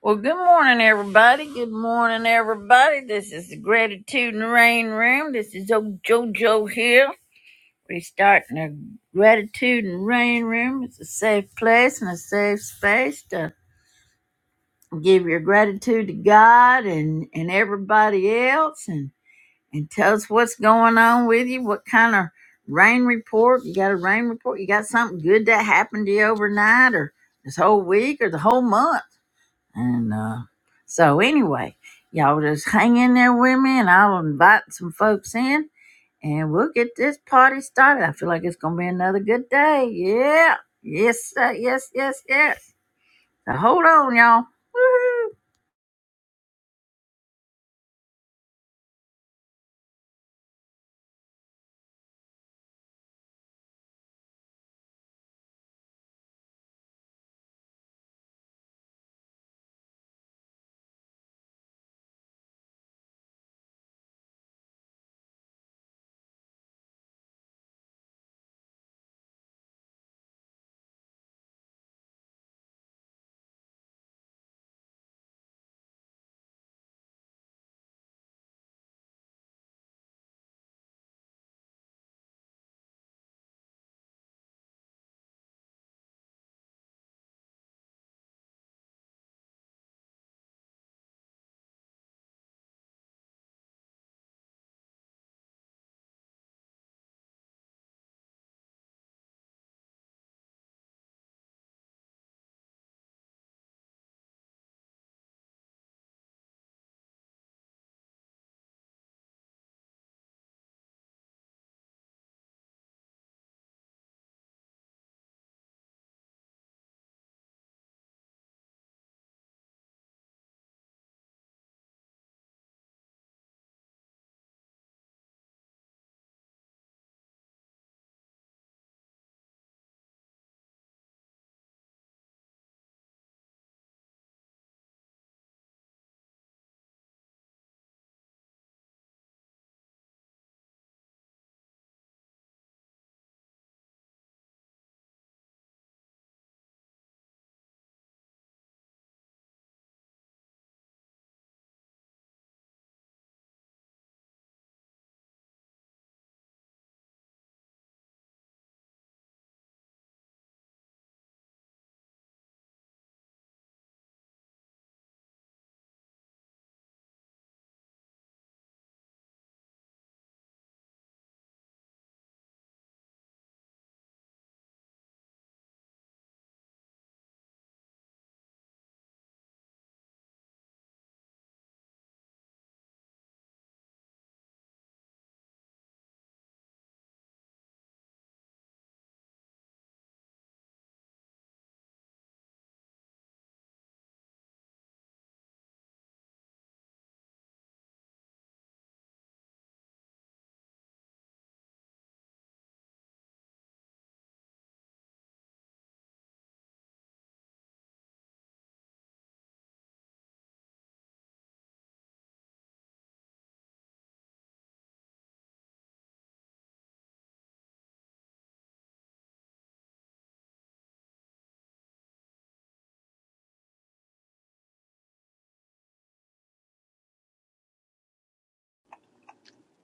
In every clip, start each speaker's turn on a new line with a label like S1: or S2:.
S1: Well, good morning, everybody. Good morning, everybody. This is the Gratitude and Rain Room. This is old JoJo here. We're starting the Gratitude and Rain Room. It's a safe place and a safe space to give your gratitude to God and, and everybody else and, and tell us what's going on with you, what kind of rain report. You got a rain report? You got something good that happened to you overnight or this whole week or the whole month? And uh, so, anyway, y'all just hang in there with me, and I'll invite some folks in, and we'll get this party started. I feel like it's gonna be another good day. Yeah, yes, uh, yes, yes, yes. So hold on, y'all. Woo-hoo.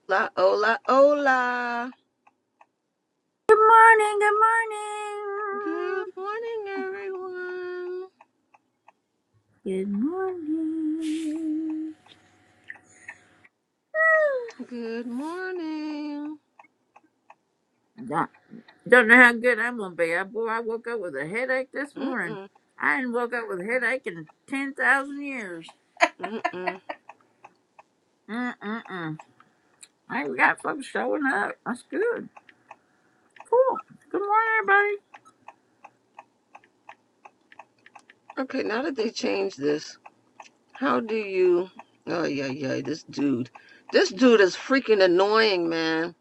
S2: Hola, hola, hola.
S1: Good morning. Good
S2: Good morning, everyone.
S1: morning. Good morning.
S2: Good morning.
S1: I Don't, don't know how good I'm gonna be. I, boy, I woke up with a headache this morning.
S2: Mm-mm,
S1: I didn't woke up with a headache in ten thousand years.
S2: mm-mm.
S1: Mm-mm-mm. Hey, we got folks showing up. That's good. Cool. Good morning, everybody.
S2: Okay, now that they changed this, how do you. Oh, yeah, yeah, this dude. This dude is freaking annoying, man.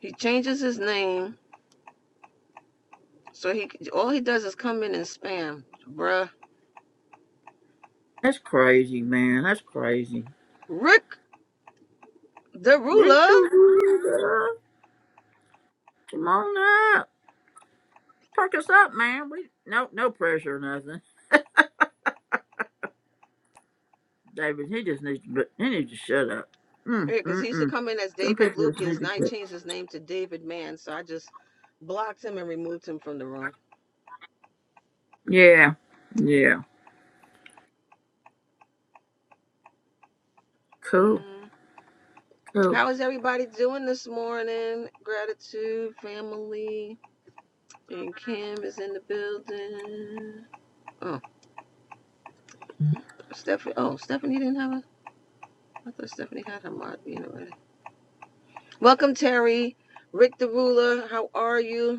S2: He changes his name, so he all he does is come in and spam. Bruh.
S1: That's crazy, man. That's crazy.
S2: Rick the
S1: Read
S2: Ruler.
S1: the room, uh, Come on up. Perk us up, man. We no no pressure or nothing. David, he just needs to he needs to shut up. Mm
S2: Because
S1: mm
S2: he used to
S1: mm.
S2: come in as
S1: Some
S2: David
S1: people just need
S2: Lucas,
S1: to
S2: now he
S1: quit.
S2: changed his name to David Mann, so I just blocked him and removed him from the room.
S1: Yeah. Yeah. Cool.
S2: Mm.
S1: Cool.
S2: How is everybody doing this morning? Gratitude, family, and Kim is in the building. Oh, Stephanie. Oh, Stephanie didn't have a. I thought Stephanie had her mod being already. Welcome, Terry. Rick the Ruler, how are you?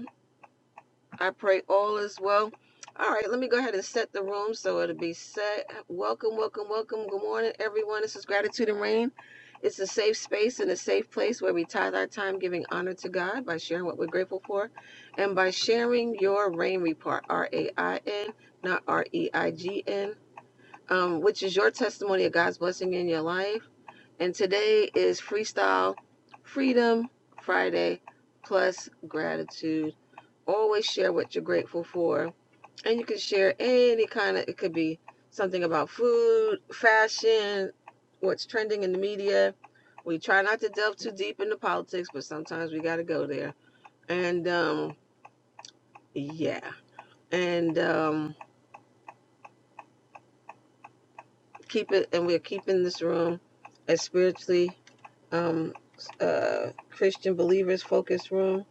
S2: I pray all is well. All right, let me go ahead and set the room so it'll be set. Welcome, welcome, welcome. Good morning, everyone. This is Gratitude and Rain. It's a safe space and a safe place where we tithe our time giving honor to God by sharing what we're grateful for and by sharing your rain report, R A I N, not R E I G N, um, which is your testimony of God's blessing in your life. And today is Freestyle Freedom Friday plus gratitude. Always share what you're grateful for. And you can share any kind of, it could be something about food, fashion, what's trending in the media. We try not to delve too deep into politics, but sometimes we got to go there. And um, yeah. And um, keep it, and we're keeping this room as spiritually um, uh, Christian believers focus room.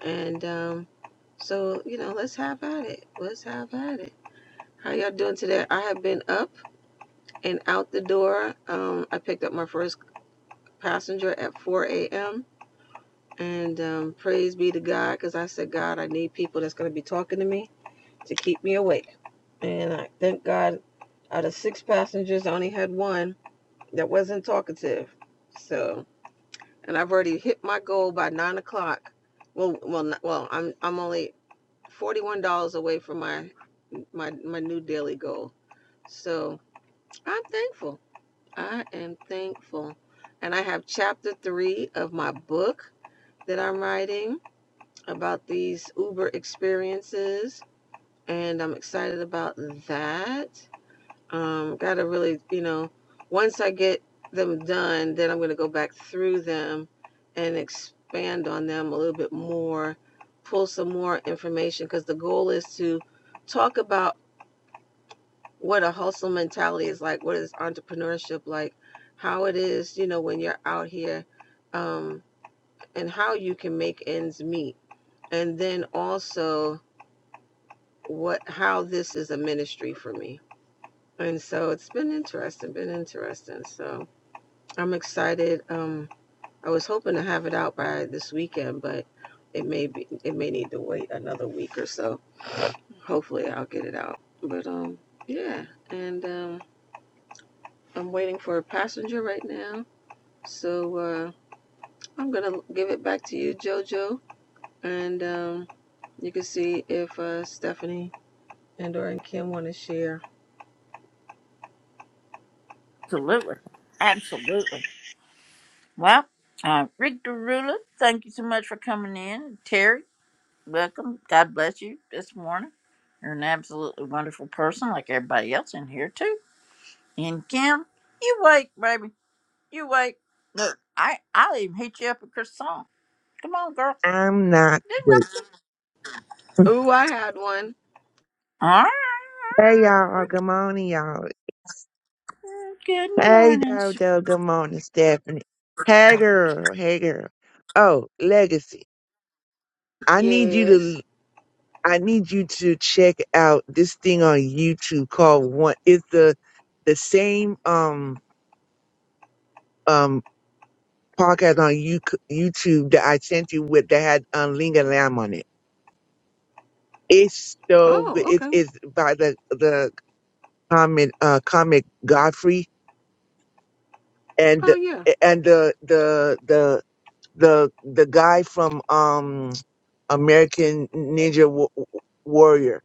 S2: And um, so, you know, let's have at it. Let's have at it. How y'all doing today? I have been up. and out the door. Um, I picked up my first passenger at 4 a.m. And um, praise be to God, because I said, God, I need people that's going to be talking to me to keep me awake. And I thank God, out of six passengers, I only had one that wasn't talkative. So, and I've already hit my goal by nine o'clock. Well, well, well, I'm I'm only forty-one dollars away from my my my new daily goal. So I'm thankful. I am thankful. And I have chapter three of my book that I'm writing about these Uber experiences. And I'm excited about that. Um, gotta really, you know, once I get them done, then I'm gonna go back through them and expand on them a little bit more, pull some more information, because the goal is to talk about what a hustle mentality is like, what is entrepreneurship like, how it is, you know, when you're out here, um, and how you can make ends meet. And then also what how this is a ministry for me. And so it's been interesting, been interesting. So I'm excited. Um I was hoping to have it out by this weekend, but it may be it may need to wait another week or so. Hopefully I'll get it out. But um yeah, and um I'm waiting for a passenger right now So uh, I'm going to give it back to you, JoJo, and um, you can see if uh, Stephanie and or Kim want to share.
S1: Absolutely. Absolutely. Well, uh, Rick Derula, thank you so much for coming in. Terry, Welcome. God bless you this morning. You're an absolutely wonderful person, like everybody else in here too. And Kim, you wait, baby. You wait. Look, I I'll even hit you up with Chris song. Come on, girl.
S3: I'm not with.
S1: Didn't
S2: Oh, I had one.
S1: I? All right.
S3: Hey
S1: all
S3: y'all, good morning y'all.
S1: right. Good
S3: Hey
S1: morning. s-
S3: Dodo, good morning Stephanie. Hey girl, hey girl. Oh, Legacy, I need you
S2: Yes.
S3: to I need you to check out this thing on YouTube called One. It's the the same um um podcast on you, YouTube that I sent you with that had um, Linga Lamb on it. It's so good.
S2: Oh,
S3: It
S2: okay.
S3: is by the the comic uh comic Godfrey
S2: Oh,
S3: and
S2: yeah.
S3: and the the the the the guy from um American Ninja Wa- Warrior.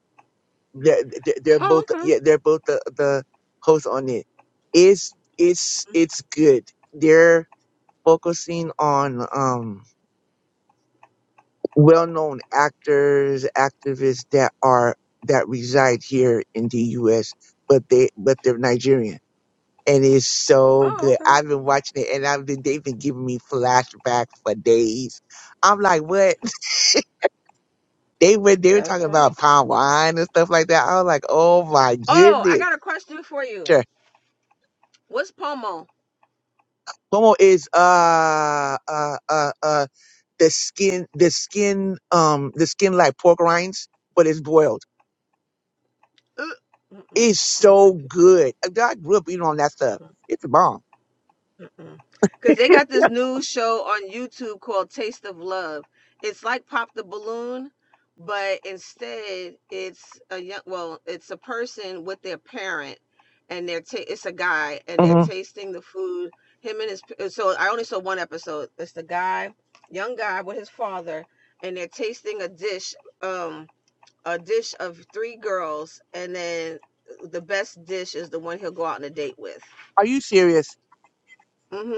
S3: They're, they're they're
S2: Oh,
S3: both
S2: okay.
S3: yeah they're both the, the hosts on it. It's it's it's good. They're focusing on um well-known actors, activists that are that reside here in the U.S. but they but they're Nigerian and it's so
S2: Oh,
S3: good.
S2: okay.
S3: I've been watching it, and I've been they've been giving me flashbacks for days. I'm like, what? They were they were
S2: That's
S3: talking
S2: funny.
S3: about palm wine and stuff like that. I was like, oh my
S2: Oh, I
S3: goodness.
S2: got a question for you.
S3: Sure.
S2: What's pomo?
S3: Como is uh uh uh uh the skin the skin um the skin like pork rinds, but it's boiled.
S2: Uh, mm-mm.
S3: It's
S2: No,
S3: so
S2: thank you.
S3: good. I grew up eating on that stuff.
S2: Mm-mm.
S3: It's a bomb.
S2: Because they got this new show on YouTube called Taste of Love. It's like Pop the Balloon, but instead it's a young, well, it's a person with their parent, and they're ta- it's a guy, and they're
S3: hmm
S2: tasting the food. Him and his so I only saw one episode. It's the guy, young guy with his father, and they're tasting a dish, um, a dish of three girls, and then the best dish is the one he'll go out on a date with.
S3: Are you serious?
S2: Mm-hmm.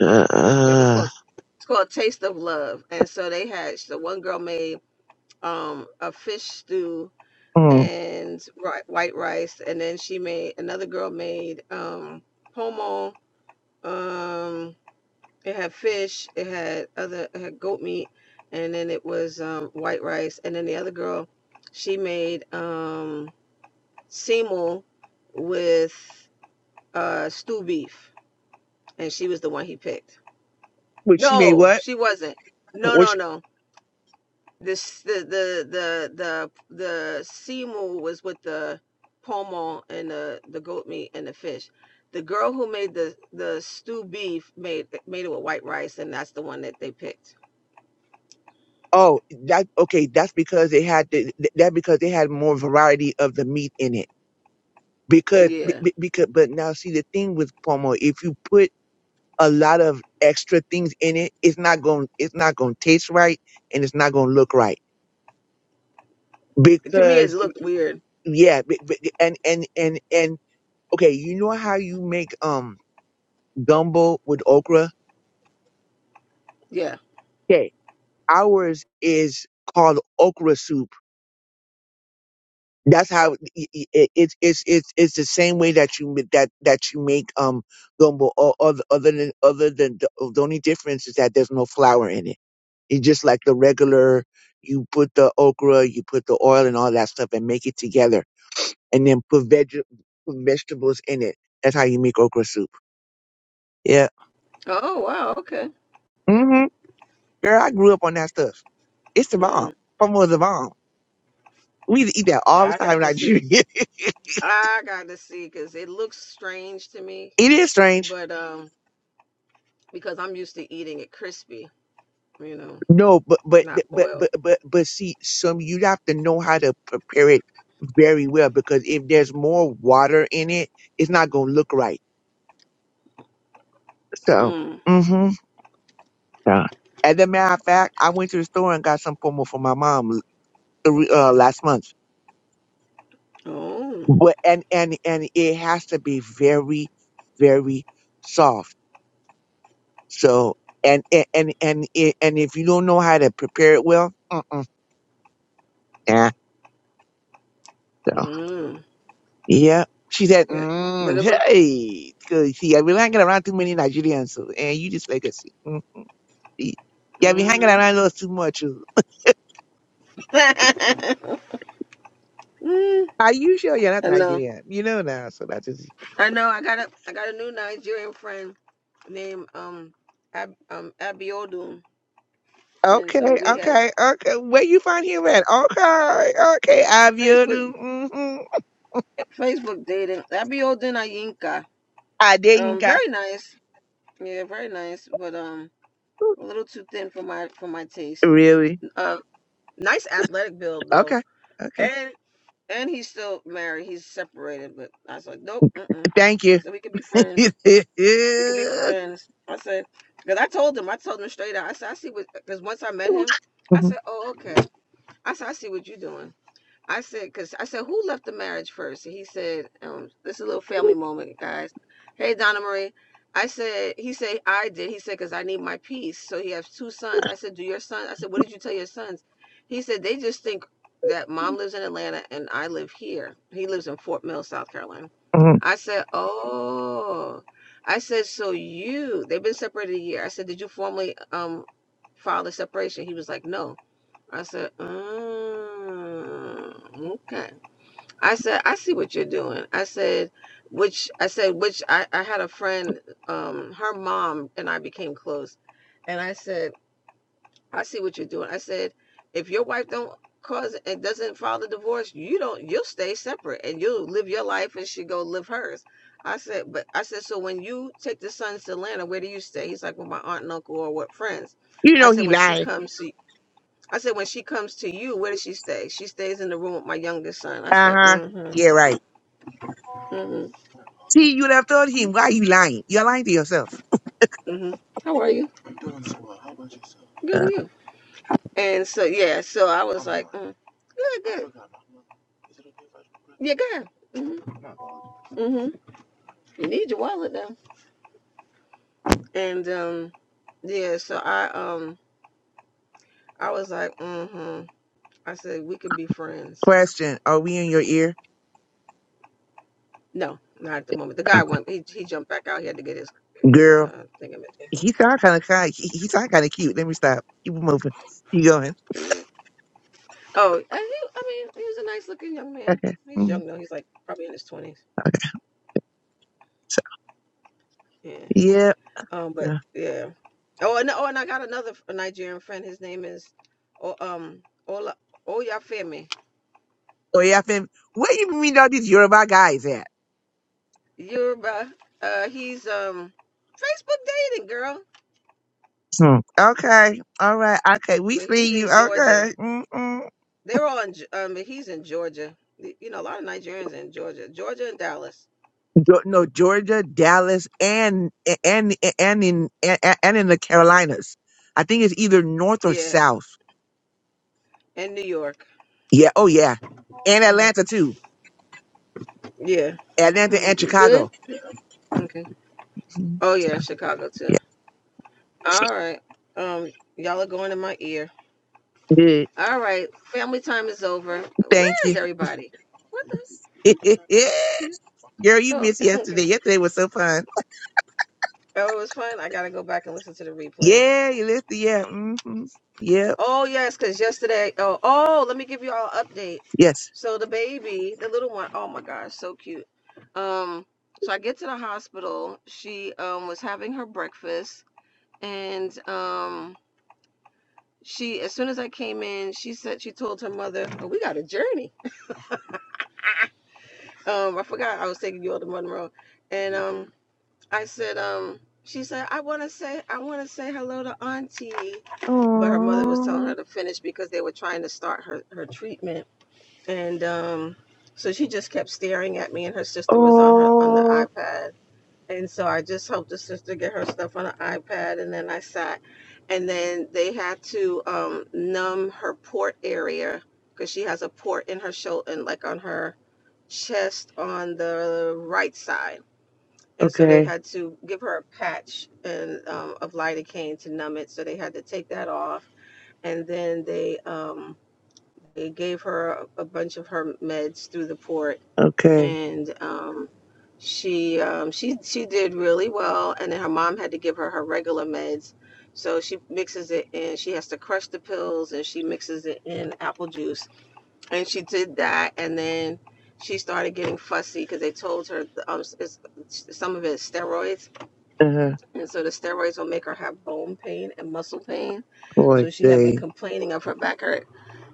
S3: Uh,
S2: Yep, it's
S3: uh,
S2: called it's called Taste of Love. And so they had the one girl made um a fish stew
S3: mm.
S2: and ri- white rice, and then she made another girl made um pomo. Um, it had fish, it had other it had goat meat, and then it was um white rice, and then the other girl she made um semel with uh stew beef, and she was the one he picked.
S3: Which she made
S2: No,
S3: what?
S2: she wasn't. No, no, no. the the the the the the sea mule was with the pomo and the the goat meat and the fish. The girl who made the the stew beef made made it with white rice, and that's the one that they picked.
S3: Oh, that okay. That's because they had the, th- that because they had more variety of the meat in it. Because be-
S2: Yeah,
S3: be- because but now see the thing with pomo, if you put a lot of extra things in it, it's not going it's not going to taste right and it's not going to look right.
S2: to me it
S3: Because
S2: looked weird.
S3: yeah, be- be- and and and and okay, you know how you make um gumbo with okra?
S2: Yeah.
S3: Okay, ours is called okra soup that's how i- i- it's it's it's it's the same way that you ma- that that you make um gumbo o- other other than other than the, the only difference is that there's no flour in it it's just like the regular you put the okra you put the oil and all that stuff and make it together and then put veg put vegetables in it that's how you make okra soup yeah
S2: Oh wow. Okay.
S3: hmm girl i grew up on that stuff it's the bomb
S2: Mm.
S3: Pomo is the bomb we used to eat that all the
S2: I
S3: time
S2: got
S3: in
S2: to see.
S3: nigeria it
S2: I got to see because it looks strange to me,
S3: is strange
S2: but um, because I'm used to eating it crispy, you know,
S3: No, but but
S2: not
S3: but
S2: boiled.
S3: but but but see, some you'd have to know how to prepare it very well because if there's more water in it, it's not gonna look right. So,
S2: Mm.
S3: mm hmm yeah. As a matter of fact, I went to the store and got some pomo for my mom l- three- uh, last month.
S2: Oh.
S3: But and and and it has to be very, very soft. So and and and and, it, and if you don't know how to prepare it well, mm-mm, nah. so.
S2: Mm.
S3: Yeah. She said,
S2: Yeah, but
S3: mm,
S2: it was.
S3: hey, because see, I've been hanging around too many Nigerians, so, and you just like us. Mm, see, yeah, I've been hanging
S2: Mm-hmm.
S3: around us too much. oh.
S2: mm,
S3: Are you sure you're not
S2: I know.
S3: Nigerian? You know now, so that's just
S2: I know. I got a I got a new Nigerian friend named um Ab, um Abiodun, and
S3: okay,
S2: so we had
S3: okay, okay. Where you find him at? Okay, okay,
S2: Facebook
S3: Abiodu. Mm-hmm.
S2: Facebook dating Abiodun Ayinka. Um,
S3: Adeyinka.
S2: very nice. Yeah, very nice, but um a little too thin for my for my taste.
S3: Really?
S2: Uh, nice athletic build though,
S3: Okay, okay.
S2: and and he's still married. He's separated, but I was like, nope. Mm-mm.
S3: Thank you.
S2: So we could be friends. We could be friends. I said, because I told him, I told him straight out. I said, I see what, because once I met him, I
S3: Mhm,
S2: said, oh, okay. I said, I see what you're doing. I said, because I said, who left the marriage first? And he said, um, this is a little family moment, guys. Hey, Donna Marie. I said, he said, I did. He said, because I need my peace. So he has two sons. I said, do your sons? I said, what did you tell your sons? He said, they just think that mom lives in Atlanta and I live here. He lives in Fort Mill, South Carolina.
S3: mhm.
S2: I said, oh. I said, so you, they've been separated a year. I said, did you formally um, file the separation? He was like, no. I said, mm, okay. I said, I see what you're doing. I said, which I said, which I, I had a friend, um, her mom and I became close. And I said, I see what you're doing. I said, if your wife don't cause it doesn't file the divorce, you don't you'll stay separate and you'll live your life and she go live hers. I said, but I said, so when you take the sons to Atlanta, where do you stay? He's like, with my aunt and uncle or what friends.
S3: You
S2: I
S3: know
S2: said,
S3: he
S2: when she
S3: lying.
S2: comes to I said, when she comes to you, where does she stay? She stays in the room with my youngest son. I
S3: Uh
S2: said,
S3: huh.
S2: mm-hmm,
S3: Yeah, right.
S2: mm-hmm,
S3: See, you'd have told him, why you lying? You're lying to yourself.
S2: mm-hmm. How are you? Good, and
S3: Uh,
S2: you? And so, yeah, so I was like, mm, good, good. Yeah, good. Mm-hmm, mm-hmm. You need your wallet, though. And, um, yeah, so I, um, I was like, mm-hmm. I said, we could be friends.
S3: question, are we in your ear?
S2: No, not at the moment. The guy
S3: Okay.
S2: went, he, he jumped back out. He had to get his, get his,
S3: Girl,
S2: uh, thing.
S3: he sound kind of kind. He, he sound kind of cute. Let me stop. Keep it moving. You going.
S2: Oh, and he, I mean, he was a nice looking young man.
S3: Okay.
S2: He's
S3: Mm,
S2: young, though. He's like probably in his 20s
S3: okay. So,
S2: Yeah.
S3: yeah.
S2: Um, but
S3: Yeah.
S2: yeah. Oh, and oh, and I got another f- Nigerian friend. His name is, oh, um, Ola Oyafemi
S3: Oh, yeah, fam. Where you mean all these Yoruba guys at?
S2: Yoruba. Uh, he's um, Facebook dating girl,
S3: Hmm. Okay. All right. Okay. We
S2: but he's
S3: see you.
S2: in Georgia.
S3: Okay. Mm-mm.
S2: They're all in. Ge- Um, but he's in Georgia. Y- You know, a lot of Nigerians in Georgia, Georgia and Dallas.
S3: Yo- No, Georgia, Dallas, and and and in and, and in the Carolinas. I think it's either north or
S2: Yeah,
S3: south.
S2: and New York.
S3: Yeah. Oh, yeah. And
S2: Mhm.
S3: Atlanta too.
S2: Yeah.
S3: Atlanta and
S2: Mhm. You good?
S3: Chicago.
S2: Okay.
S3: Mhm.
S2: Oh yeah, Chicago too.
S3: Yeah.
S2: All right. Um, y'all are going in my ear.
S3: Good.
S2: All right, family time is over.
S3: Thank
S2: Where is
S3: you.
S2: everybody? What the?
S3: Girl, you
S2: Oh,
S3: missed
S2: okay.
S3: yesterday. Yesterday was so fun.
S2: Oh, it was fun. I gotta go back and listen to the replays.
S3: Yeah, you listened. Yeah. Mm-hmm. Yep.
S2: Oh yes, because yesterday. Oh, oh, let me give you all an update.
S3: Yes.
S2: So the baby, the little one, oh my gosh, so cute. Um, so I get to the hospital. She um was having her breakfast, and um she as soon as I came in, she said she told her mother, "Oh, we got a journey." Um, I forgot I was taking you all to Monroe, and um I said, um, she said, I want to say, I want to say hello to auntie. But her mother was telling
S3: Oh.
S2: her to finish because they were trying to start her, her treatment. And, um, so she just kept staring at me and her sister was on her, on the
S3: Oh.
S2: iPad. And so I just helped the sister get her stuff on the iPad. And then I sat and then they had to, um, numb her port area because she has a port in her shoulder and like on her chest on the right side and so they
S3: Okay.
S2: had to give her a patch and um, of lidocaine to numb it. So they had to take that off, and then they um, they gave her a, bunch of her meds through the port,
S3: Okay.
S2: and um, she um, she she did really well. And then her mom had to give her her regular meds, so she mixes it in. She has to crush the pills, and she mixes it in apple juice, and she did that, and then. She started getting fussy because they told her um, it's- some of it is steroids,
S3: Uh-huh.
S2: and so the steroids will make her have bone pain and muscle pain.
S3: Good
S2: So she had been
S3: day.
S2: complaining of her back hurt.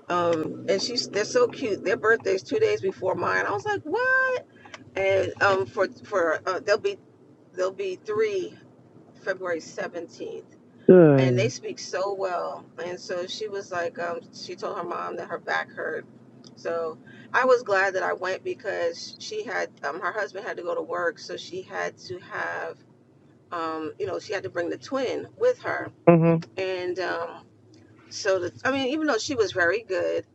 S2: Um, and she's they're so cute. Their birthday's two days before mine. I was like, what? And um, for for uh, they'll be they'll be three February seventeenth. And
S3: Good.
S2: they speak so well. And so she was like, um, she told her mom that her back hurt. So I was glad that I went because she had um, her husband had to go to work, so she had to have um, you know, she had to bring the twin with her.
S3: Mm-hmm.
S2: And um, so, the, I mean, even though she was very good,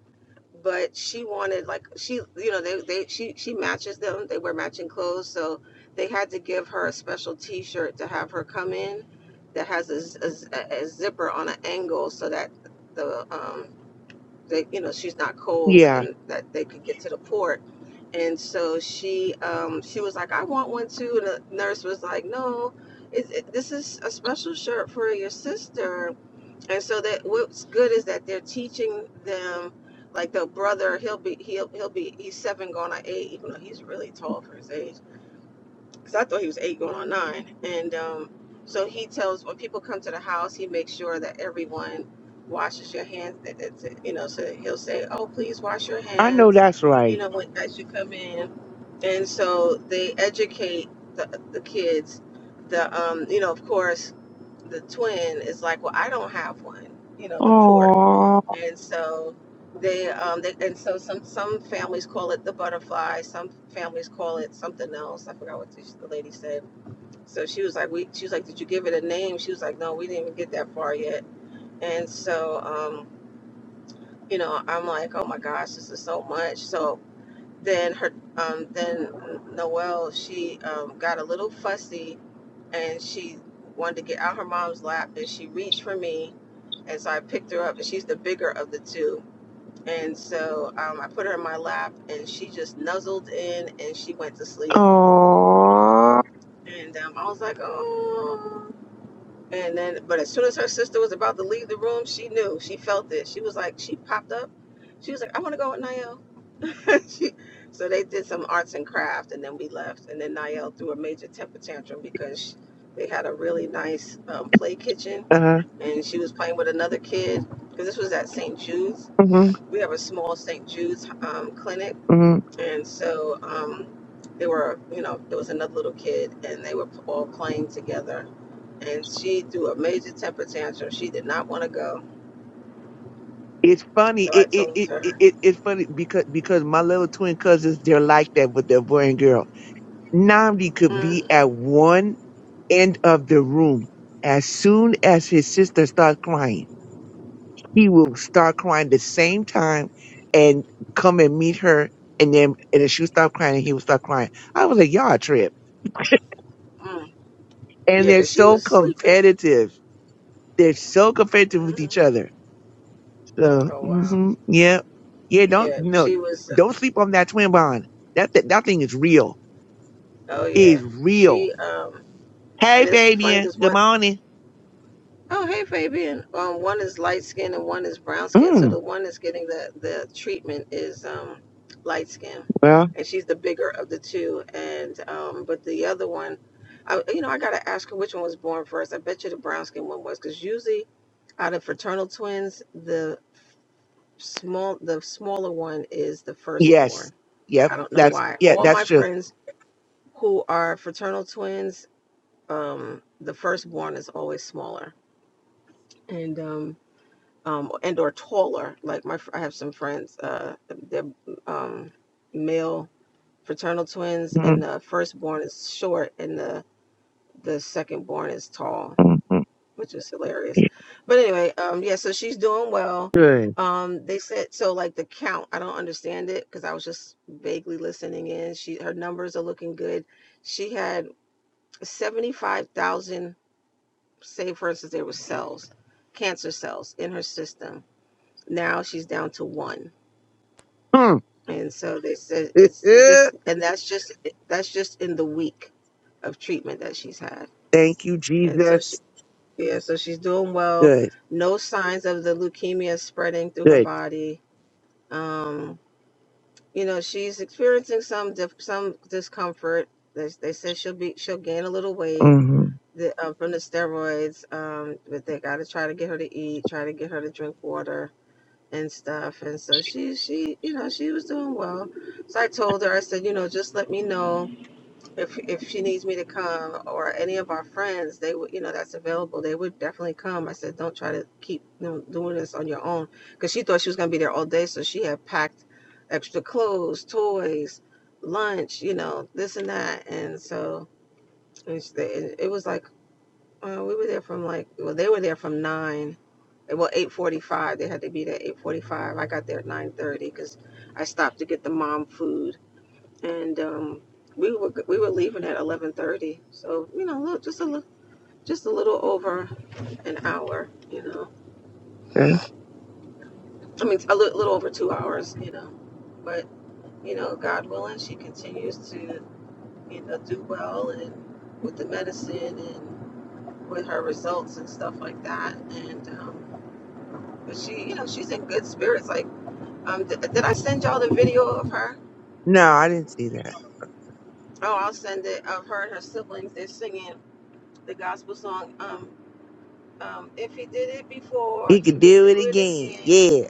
S2: but she wanted like she, you know, they, they she she matches them. They wear matching clothes, so they had to give her a special T-shirt to have her come in that has a a, a zipper on an angle so that the um, that you know she's not cold
S3: Yeah.
S2: and that they could get to the port and so she um she was like i want one too and the nurse was like no it, it, this is a special shirt for your sister and so that what's good is that they're teaching them like the brother he'll be he'll he'll be he's seven going on eight even though he's really tall for his age because I thought he was eight going on nine. And um, so he tells when people come to the house, he makes sure that everyone washes your hands. That, that's it, you know, so he'll say, "Oh, please wash your
S3: I know
S2: hands,"
S3: that's
S2: you
S3: right.
S2: know, when, as you come in. And so they educate the the kids. The um, you know, of course, the twin is like, "Well, I don't have one," you know, the port
S3: Oh.
S2: and so they um they and so some some families call it the butterfly some families call it something else i forgot what the, lady said so she was like we she was like did you give it a name she was like no we didn't even get that far yet and so um you know i'm like oh my gosh this is so much so then her um then noelle she um got a little fussy and she wanted to get out her mom's lap and she reached for me and so i picked her up and she's the bigger of the two and so um, I put her in my lap and she just nuzzled in and she went to sleep.
S3: Oh.
S2: And um, I was like, oh. And then, but as soon as her sister was about to leave the room, she knew. She felt it. She was like, she popped up. She was like, I want to go with Niall. she, so they did some arts and craft and then we left. And then Niall threw a major temper tantrum because sh they had a really nice um, play kitchen
S3: Uh-huh.
S2: and she was playing with another kid because this was at St. Jude's.
S3: Mm-hmm.
S2: We have a small St. Jude's um, clinic And so um, they were, you know, there was another little kid, and they were all playing together. And she threw a major temper tantrum. She did not want to go.
S3: It's funny.
S2: So I
S3: It it,
S2: told
S3: it it
S2: her,
S3: it- it's funny because because my little twin cousins they're like that with their boy and girl. Namdi could be
S2: mm,
S3: at one end of the room. As soon as his sister starts crying, he will start crying the same time and come and meet her. And then and then she will stop crying and he will start crying. I was like, y'all a trip.
S2: mm.
S3: And
S2: yeah,
S3: they're
S2: because she
S3: so
S2: was sleeping.
S3: competitive. They're so competitive with
S2: hmm
S3: each other So,
S2: Oh, wow.
S3: hmm yeah, yeah. Don't
S2: Yeah,
S3: no,
S2: she was,
S3: don't sleep on that twin bond. That that, that thing is real.
S2: oh,
S3: Is
S2: yeah.
S3: real.
S2: She, um,
S3: Hey,
S2: and it's funny
S3: Fabian.
S2: because
S3: Good morning.
S2: Oh, hey, Fabian. Um, one is light skin and one is brown skin. So
S3: Mm,
S2: the one that's getting the, the treatment is um, light skin,
S3: well,
S2: and she's the bigger of the two. And um, but the other one, I, you know, I gotta ask her which one was born first. I bet you the brown skin one was, because usually out of fraternal twins, the small the smaller one is the firstborn.
S3: yes, yep.
S2: I don't know
S3: That's
S2: why.
S3: yeah.
S2: All
S3: That's
S2: my
S3: true.
S2: friends who are fraternal twins, um, the firstborn is always smaller. And um, um, and or taller. Like my, I have some friends, uh, they're um, male fraternal twins, and
S3: mm
S2: the firstborn is short, and the the secondborn is tall,
S3: mm mm.
S2: which is hilarious. But anyway, um, yeah, so she's doing well.
S3: Good.
S2: Um, they said so, like the count. I don't understand it because I was just vaguely listening in. She her numbers are looking good. She had seventy five thousand, say for instance, there were cells, cancer cells in her system. Now she's down to one
S3: Mm.
S2: And so they said it's it just, and that's just that's just in the week of treatment that she's had.
S3: Thank you,
S2: And so she,
S3: Jesus.
S2: yeah, so she's doing well.
S3: Good.
S2: No signs of the leukemia spreading through her
S3: Good.
S2: body. Um, you know, she's experiencing some dif- some discomfort. They, they said she'll be she'll gain a little weight
S3: hmm
S2: the, uh, from the steroids, um, but they got to try to get her to eat, try to get her to drink water and stuff. And so she, she, you know, she was doing well. So I told her, I said, you know, just let me know if if she needs me to come or any of our friends, they would, you know, that's available. They would definitely come. I said, don't try to keep you know, doing this on your own, because she thought she was gonna be there all day. So she had packed extra clothes, toys, lunch, you know, this and that. And so and she- it was like uh, we were there from like, well, they were there from nine well, eight forty-five. They had to be there eight forty-five. I got there at nine thirty because I stopped to get the mom food, and um, we were we were leaving at eleven thirty. So you know, look, just a little, just a little over an hour. You know, I mean, a little, little over two hours. You know, but you know, God willing, she continues to you know do well and with the medicine and with her results and stuff like that, and. Um, but she, you know, she's in good spirits. Like Um, th- did I send y'all the video of her?
S3: No, I didn't see that.
S2: Oh, I'll send it of her and her siblings. They're singing the gospel song. Um, um, if he did it before,
S3: He
S2: he
S3: could
S2: could
S3: do it
S2: do it
S3: again.
S2: again.
S3: Yeah.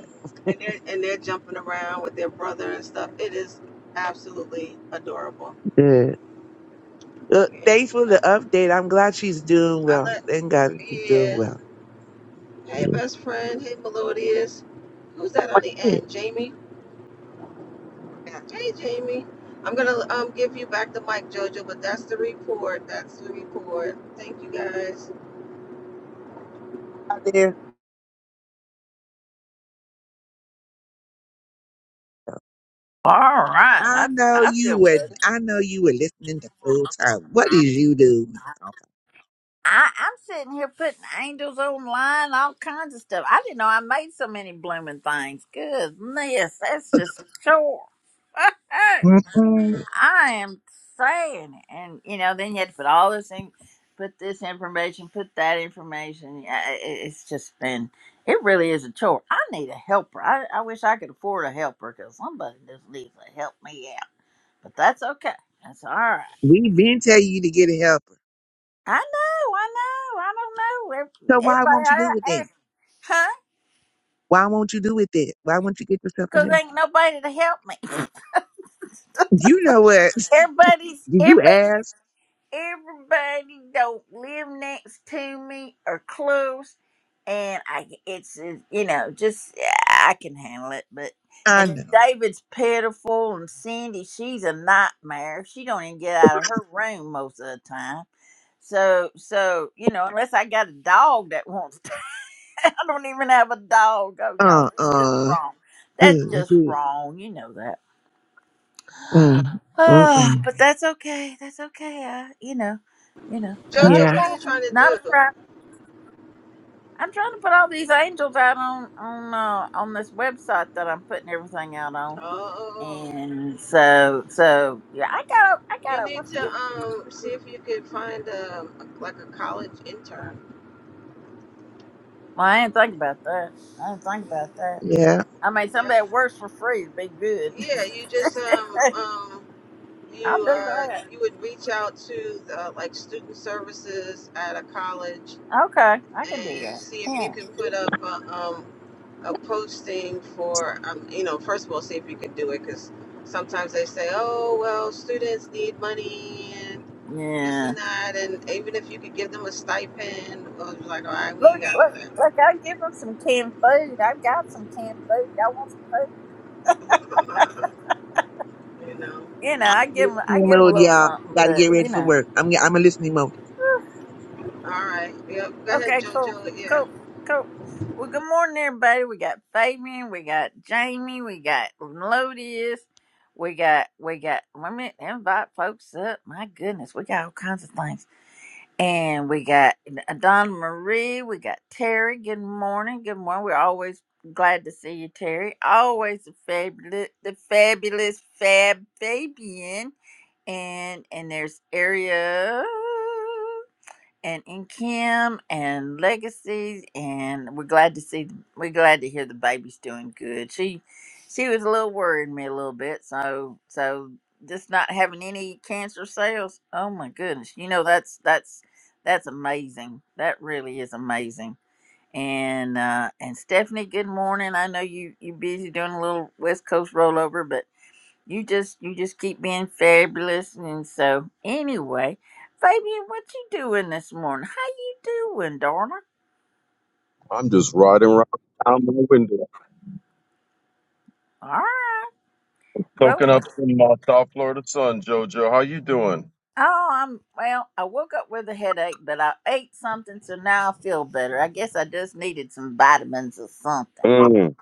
S2: And they're and they're jumping around with their brother and stuff. It is absolutely adorable.
S3: Good. Look,
S2: Yeah,
S3: thanks for
S2: I,
S3: the update. I'm glad she's doing
S2: I
S3: well.
S2: let.
S3: Thank God she's doing
S2: Yeah.
S3: well.
S2: Hey,
S3: Yeah.
S2: best friend. Hey, Melodious. Who's that on the end? Jamie.
S3: Now,
S2: Hey, Jamie. I'm gonna um give you back the mic, Jojo. But that's the report. That's the report. Thank you guys.
S3: out there.
S1: All right. I,
S3: I
S1: f-
S3: know
S1: I
S3: you
S1: feel
S3: were.
S1: better.
S3: I know you were listening the whole time. What is you doing?
S1: I, I'm sitting here putting angels online, all kinds of stuff. I didn't know I made so many blooming things. Goodness, that's just sure.
S3: Mhm.
S1: I am saying, it. and you know, then you had to put all this in, put this information, put that information. Yeah, i- i- It's just been, it really is a chore. I need a helper. I, I wish I could afford a helper because somebody just needs to help me out. But that's okay. That's all right.
S3: We been telling you to get a helper.
S1: I know, I know, I don't know. Ev-
S3: So why
S1: Everybody,
S3: won't you
S1: I,
S3: do it
S1: I,
S3: then?
S1: huh?
S3: Why won't you do it then? Why won't you get yourself a
S1: Because
S3: helper?
S1: ain't nobody to help me.
S3: You know what?
S1: Everybody's,
S3: Did you
S1: everybody's
S3: ask?
S1: everybody don't live next to me or close and i it's uh, you know just yeah, i can handle it but
S3: I
S1: and then
S3: know.
S1: david's pitiful and cindy she's a nightmare she don't even get out of her room most of the time so so you know unless i got a dog that wants to i don't even have a dog oh y'all
S3: Uh
S1: that's just
S3: uh.
S1: wrong that's just wrong you know that
S3: Mm,
S1: Oh,
S3: mm-mm.
S1: but that's okay. That's okay. Uh, you know, you know, not a
S2: Jojo,
S3: Yeah,
S2: what are you
S1: problem.
S2: trying to
S1: Not a
S2: do?
S1: problem. I'm trying to put all these angels out on on uh, on this website that I'm putting everything out on,
S2: Oh,
S1: and so so yeah, I got o- I
S2: you
S1: got over
S2: need to
S1: fifty.
S2: um see if you could find a like a college intern.
S1: Well, I didn't think about that. I didn't think about that.
S3: yeah.
S1: I mean,
S2: Yeah,
S1: somebody that works for free would be good.
S2: yeah. You just um um
S1: I'll
S2: you
S1: do
S2: uh
S1: that.
S2: you would reach out to uh, like student services at a college
S1: Okay, I can do
S2: and
S1: that.
S2: see if you
S1: Yeah.
S2: can put up a, um a posting for um you know first of all see if you can do it because sometimes they say oh well students need money and. this
S1: Yeah.
S2: and that, and even if you could give them a stipend, or you like, all right, we
S1: Look,
S2: ain't got
S1: look,
S2: all that,
S1: look, I give them some canned food. I've got some canned food. Y'all want some food?
S2: you know.
S1: You know, I give them, I give 'em a
S3: Mode,
S1: little
S3: y'all.
S1: something,
S3: Got to get
S1: but,
S3: ready
S1: you
S3: for
S1: know.
S3: work. I'm. I'm a listening mode.
S2: All right, yep. Go ahead,
S1: Okay, cool,
S2: JoJo. Yeah.
S1: cool, cool. Well, good morning, everybody. We got Fabian, we got Jamie, we got Melodious, we got, we got, let me invite folks up. My goodness, we got all kinds of things. And we got Donna Marie. We got Terry. Good morning. Good morning. We're always glad to see you, Terry. Always the fabulous, the fabulous Fab Fabian. And and there's Area and in Kim and Legacy, and we're glad to see. We're glad to hear the baby's doing good. She, she was a little worried me a little bit. So, so just not having any cancer cells. Oh my goodness! You know that's that's that's amazing. That really is amazing. And uh and Stephanie, good morning. I know you you busy doing a little West Coast rollover, but. You just you just keep being fabulous, and so anyway, Fabian, what you doing this morning? How you doing, darling?
S4: I'm just riding around out my window,
S1: All right. Well,
S4: soaking
S1: what,
S4: up some uh, South Florida sun. Jojo, how you doing?
S1: oh, I'm well. I woke up with a headache, but I ate something, so now I feel better. I guess I just needed some vitamins or something,
S4: Mm,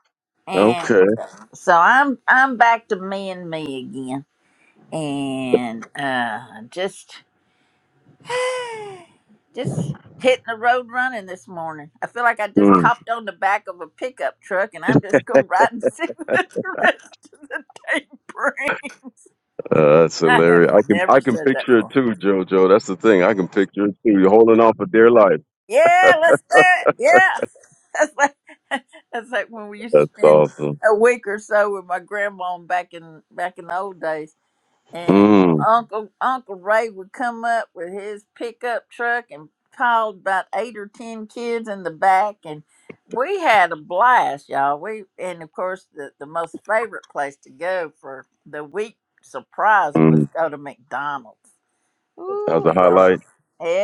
S1: and
S4: okay.
S1: so I'm I'm back to me and me again, and uh, just just hitting the road running this morning. I feel like I just
S4: Mm,
S1: hopped on the back of a pickup truck and I'm just going to ride and see what the rest of the day brings.
S4: uh, that's
S1: I
S4: hilarious. I
S1: have
S4: can I
S1: never
S4: can
S1: said that
S4: picture it
S1: before.
S4: too, Jojo. That's the thing. I can picture it too. You're holding on for dear life.
S1: Yeah, let's do it. Yeah. That's like that's like when we used to
S4: That's
S1: spend
S4: awesome.
S1: a week or so with my grandma back in back in the old days. and
S4: Mm,
S1: Uncle Uncle Ray would come up with his pickup truck and piled about eight or ten kids in the back, and we had a blast, y'all. We and of course the the most favorite place to go for the week surprise was
S4: mm.
S1: go to McDonald's.
S4: That
S1: Ooh,
S4: was
S1: we
S4: a
S1: got it.
S4: highlight.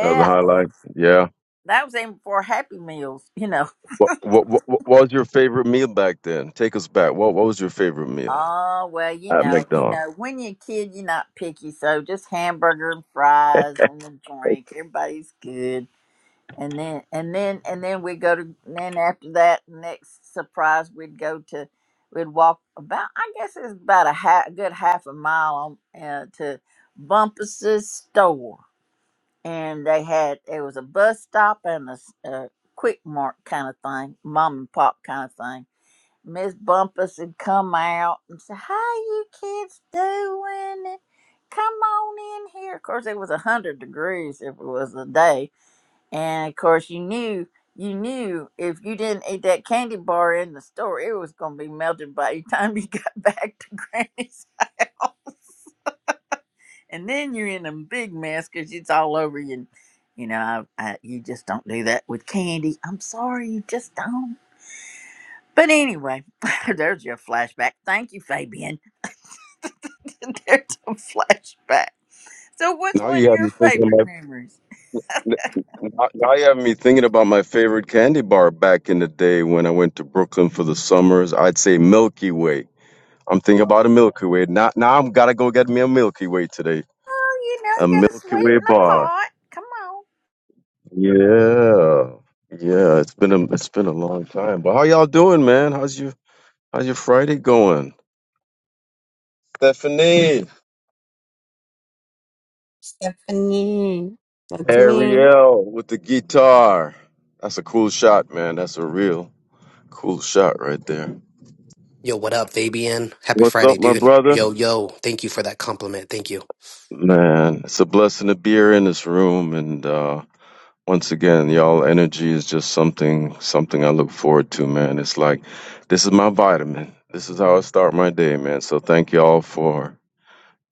S4: That was a highlight. Yeah.
S1: that was even before Happy Meals, you know.
S4: What, what, what, what was your favorite meal back then? Take us back. What What was your favorite meal
S1: Oh well, you
S4: at
S1: know, you
S4: McDonald's?
S1: know, when you're a kid, you're not picky, so just hamburger and fries and a drink. Everybody's good. and then and then and then we go to and then after that next surprise we'd go to we'd walk about i guess it's about a, half, a good half a mile on, uh, to bumpus's store and they had it was a bus stop and a, s- a quick mart kind of thing mom and pop kind of thing miss bumpus would come out and say how you kids doing come on in here of course it was a hundred degrees if it was a day and of course, you knew you knew if you didn't eat that candy bar in the store, it was going to be melted by the time you got back to Granny's house. And then you're in a big mess because it's all over you. And, you know, I, I, you just don't do that with candy. I'm sorry, you just don't. But anyway, there's your flashback. Thank you, Fabian. there's a flashback. So, what's
S4: Now
S1: one of
S4: you have
S1: your
S4: me thinking
S1: favorite memories?
S4: N- Now you have me thinking about my favorite candy bar back in the day when I went to Brooklyn for the summers. I'd say Milky Way. I'm thinking
S1: Oh,
S4: about a Milky Way. Now, now I'm gotta go get me a Milky Way today.
S1: you know,
S4: A
S1: you got a
S4: Milky
S1: sweet
S4: Way
S1: in a
S4: bar.
S1: pot. Come on.
S4: Yeah, yeah. It's been a it's been a long time. But how y'all doing, man? How's your how's your Friday going? Stephanie,
S5: Stephanie, that's me.
S4: Ariel with the guitar. That's a cool shot, man. That's a real cool shot right there.
S6: Yo, what up, Fabian? Happy
S4: What's
S6: Friday,
S4: up, my
S6: dude.
S4: brother?
S6: Yo, yo, thank you for that compliment. Thank you.
S4: Man, it's a blessing to be here in this room, and uh, once again, y'all energy is just something something I look forward to, man. It's like this is my vitamin. This is how I start my day, man. So thank y'all for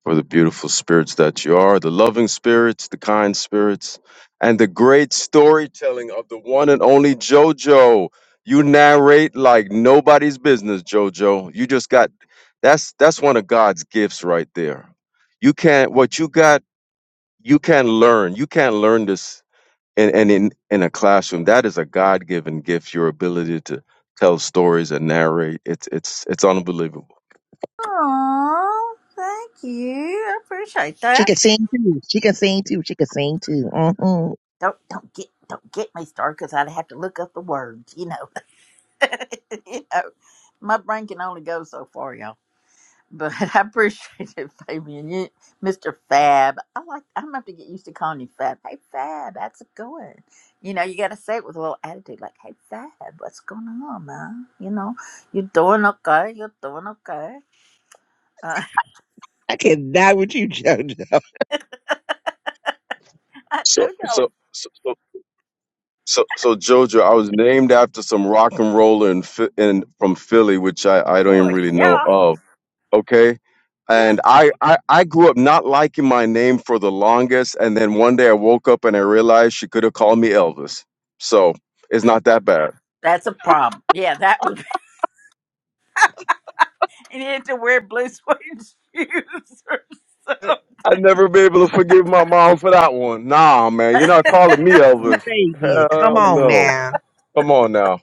S4: for the beautiful spirits that you are, the loving spirits, the kind spirits, and the great storytelling of the one and only JoJo. You narrate like nobody's business, JoJo. You just got that's that's one of God's gifts right there. You can't what you got you can learn you can learn this in and in in a classroom that is a god-given gift your ability to tell stories and narrate it's it's it's unbelievable
S1: Oh, thank you. I appreciate
S3: She
S1: that.
S3: can sing too. She can sing too. She can sing too. Mm-hmm.
S1: Don't don't get don't get me started because I'd have to look up the words. You know, you know, my brain can only go so far, y'all. But I appreciate it, Fabian. You, Mr. Fab. I like. I'm gonna have to get used to calling you Fab. Hey, Fab, how's it going? You know, you got to say it with a little attitude, like, "Hey, Fab, what's going on, man? You know, you're doing okay. You're doing okay." Uh,
S3: I cannot with you, JoJo.
S1: I
S4: so
S1: told y'all,
S4: so so so, so so jojo i was named after some rock and roller in, Phi- in from philly which i i don't even
S1: boy,
S4: really know
S1: yeah.
S4: of okay
S1: Yeah.
S4: and I, I i grew up not liking my name for the longest and then one day i woke up and i realized she could have called me elvis so it's not that bad
S1: That's a problem. Yeah, that would. Be, you need to wear blue suede shoes or something.
S4: I'd never be able to forgive my mom for that one. Nah, man, you're not calling me
S3: Who
S4: Elvis.
S3: say did? Come
S4: Hell
S3: on
S4: no.
S3: now.
S4: Come on now.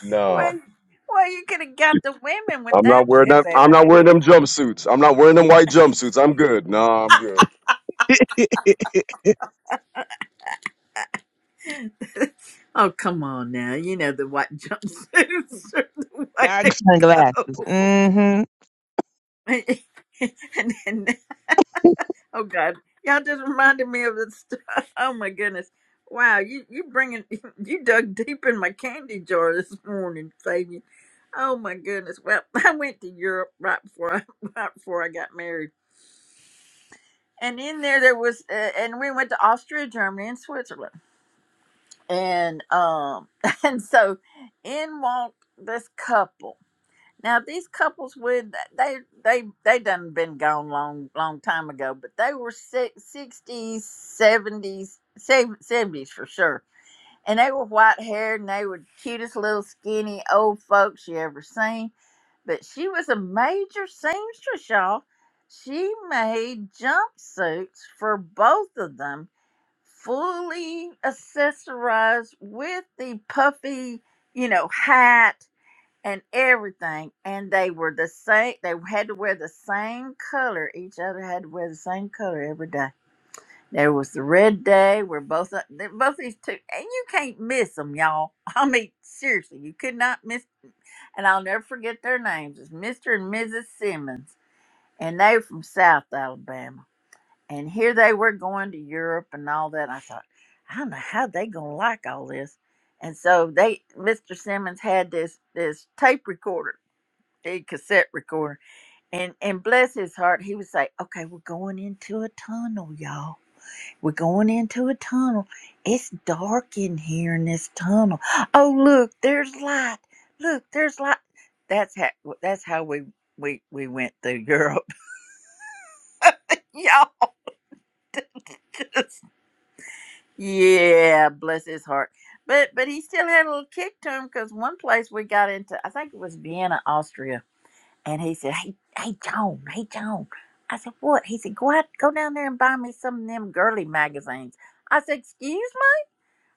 S4: Nah.
S1: well, well, you could have got the women with
S4: I'm
S1: that
S4: not
S1: one,
S4: wearing
S1: hey,
S4: that I'm
S1: baby.
S4: not wearing them jumpsuits. I'm not wearing them white jumpsuits. I'm good. Nah, I'm good.
S1: oh, come on now. You know the white jumpsuits are the way
S3: Dark
S1: to
S3: sunglasses.
S1: go.
S3: Mm. Well,
S1: and, and, Oh God, y'all just reminded me of this. St- Oh my goodness! Wow, you you bringing you dug deep in my candy jar this morning, Fabian. Oh my goodness! Well, I went to Europe right before I, right before I got married, and in there there was, uh, and we went to Austria, Germany, and Switzerland, and um, and so in walked this couple, now these couples would they they they done been gone long long time ago, but they were si- sixties, seventies, seventies for sure. And they were white haired and they were cutest little skinny old folks you ever seen. But she was a major seamstress, y'all. She made jumpsuits for both of them, fully accessorized with the puffy, you know, hat and everything and they were the same they had to wear the same color each other had to wear the same color every day there was the red day where both of- they- both these two and you can't miss them y'all i mean seriously you could not miss and i'll never forget their names it's mr and mrs simmons and they were from south alabama and here they were going to europe and all that i thought i don't know how they gonna like all this and so they mr simmons had this this tape recorder a cassette recorder and and bless his heart he would say okay we're going into a tunnel y'all we're going into a tunnel it's dark in here in this tunnel oh look there's light look there's light that's how that's how we we we went through europe y'all just yeah bless his heart but but he still had a little kick to him because one place we got into i think it was vienna austria And he said, Hey, hey, Joan, hey, Joan. I said, What? He said, Go out, go down there and buy me some of them girly magazines. I said, Excuse me?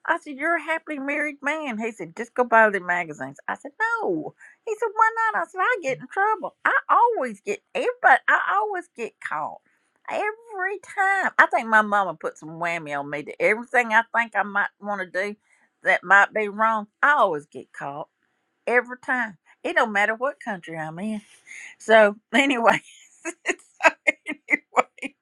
S1: I said, You're a happily married man. He said, Just go buy the magazines. I said, No. He said, Why not? I said, I get in trouble. I always get, everybody, I always get caught. Every time. I think my mama put some whammy on me to everything I think I might want to do that might be wrong. I always get caught every time. It don't matter what country I'm in. So anyway, so anyway,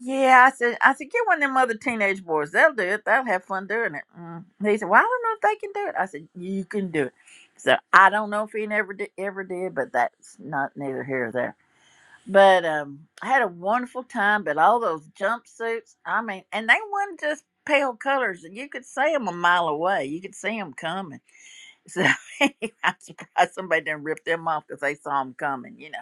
S1: yeah, I said, I said, get one of them other teenage boys. They'll do it. They'll have fun doing it. Mm. He said, well, I don't know if they can do it. I said, you can do it. So I don't know if he never did, ever did, but that's not neither here or there. But um, I had a wonderful time. But all those jumpsuits, I mean, and they weren't just pale colors. You could see them a mile away. You could see them coming. So I'm surprised somebody didn't rip them off because they saw them coming, you know.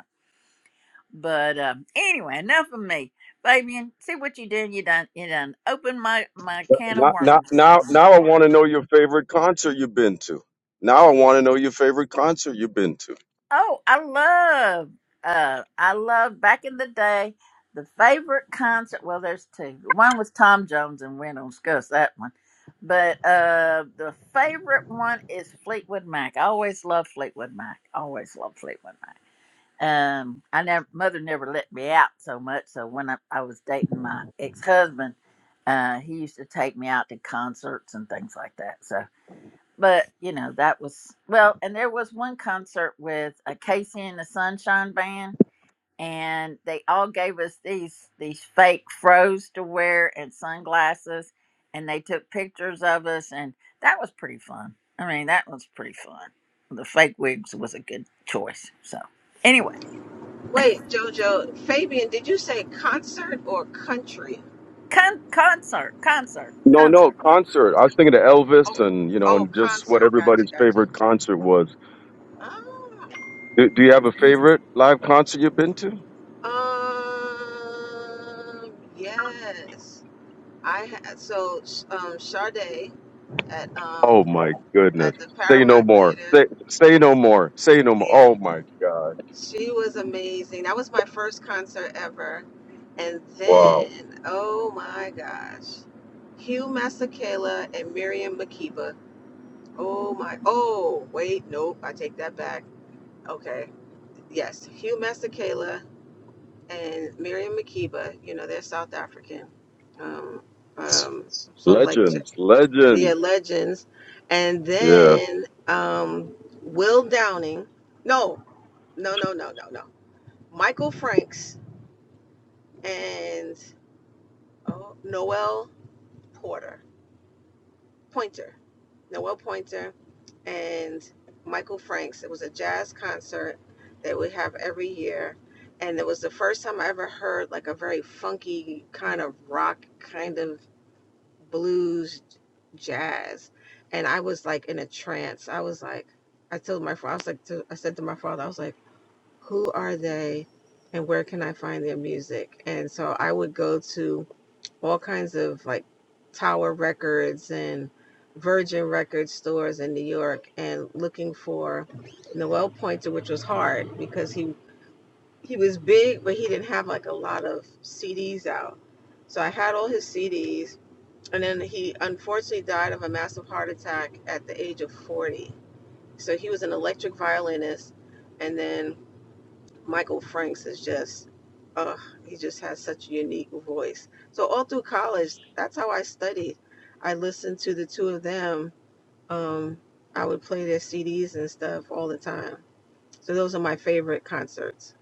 S1: But um, anyway, enough of me. Fabian, see what you did. You done you done opened my my can of
S4: Now now
S1: worms this
S4: now,
S1: morning.
S4: now I wanna know your favorite concert you've been to. Now I wanna know your favorite concert you've been to.
S1: Oh, I love uh I love back in the day the favorite concert well there's two. One was Tom Jones and we don't discuss that one. But uh the favorite one is Fleetwood Mac. I always love Fleetwood Mac. Always love Fleetwood Mac. Um, I never, mother never let me out so much. So when I, I was dating my ex husband, uh, he used to take me out to concerts and things like that. So, but you know, that was well. And there was one concert with a Casey and the Sunshine Band, and they all gave us these these fake froze to wear and sunglasses, and they took pictures of us, and that was pretty fun. I mean, that was pretty fun. The fake wigs was a good choice. So. Anyway
S2: Wait, JoJo, Fabian, did you say concert or country?
S1: Con- concert, concert,
S4: No, no
S1: concert.
S4: concert. I was thinking of
S2: Oh,
S4: Elvis, and you know,
S2: oh,
S4: and just what
S2: concert. Gotcha,
S4: everybody's
S2: gotcha.
S4: favorite concert was.
S2: Ah,
S4: Do, do you have a favorite live concert you've been to?
S2: um, yes. I had so um Sade at um
S4: Oh my
S2: at
S4: goodness!
S2: the
S4: Say no
S2: Paramount
S4: more.
S2: Theater.
S4: Say say no more. Say no more.
S2: Yeah.
S4: Oh my God!
S2: She was amazing. That was my first concert ever. And
S4: Wow.
S2: then, oh my gosh, Hugh Masekela and Miriam Makeba. Oh my, oh, wait, nope, I take that back. Okay, yes, Hugh Masekela and Miriam Makeba, you know, they're South African, um, um, s- sort of like, j-
S4: Legends,
S2: yeah,
S4: legends.
S2: legends. And
S4: Yeah.
S2: then um, Will Downing, no, no, no, no, no, no, Michael Franks and oh, Noel Porter, Pointer, Noel Pointer, and Michael Franks. It was a jazz concert that we have every year, and it was the first time I ever heard like a very funky kind of rock, kind of blues jazz, and I was like in a trance. I was like, I told my father, I was like, to, I said to my father, I was like, who are they? And where can I find their music? And so I would go to all kinds of like Tower Records and Virgin Records stores in New York and looking for Noel Pointer, which was hard because he he was big, but he didn't have like a lot of CDs out. So I had all his CDs, and then he unfortunately died of a massive heart attack at the age of 40. So he was an electric violinist, and then Michael Franks is just, uh, he just has such a unique voice. So all through college, that's how I studied. I listened to the two of them. Um, I would play their CDs and stuff all the time. So those are my favorite concerts.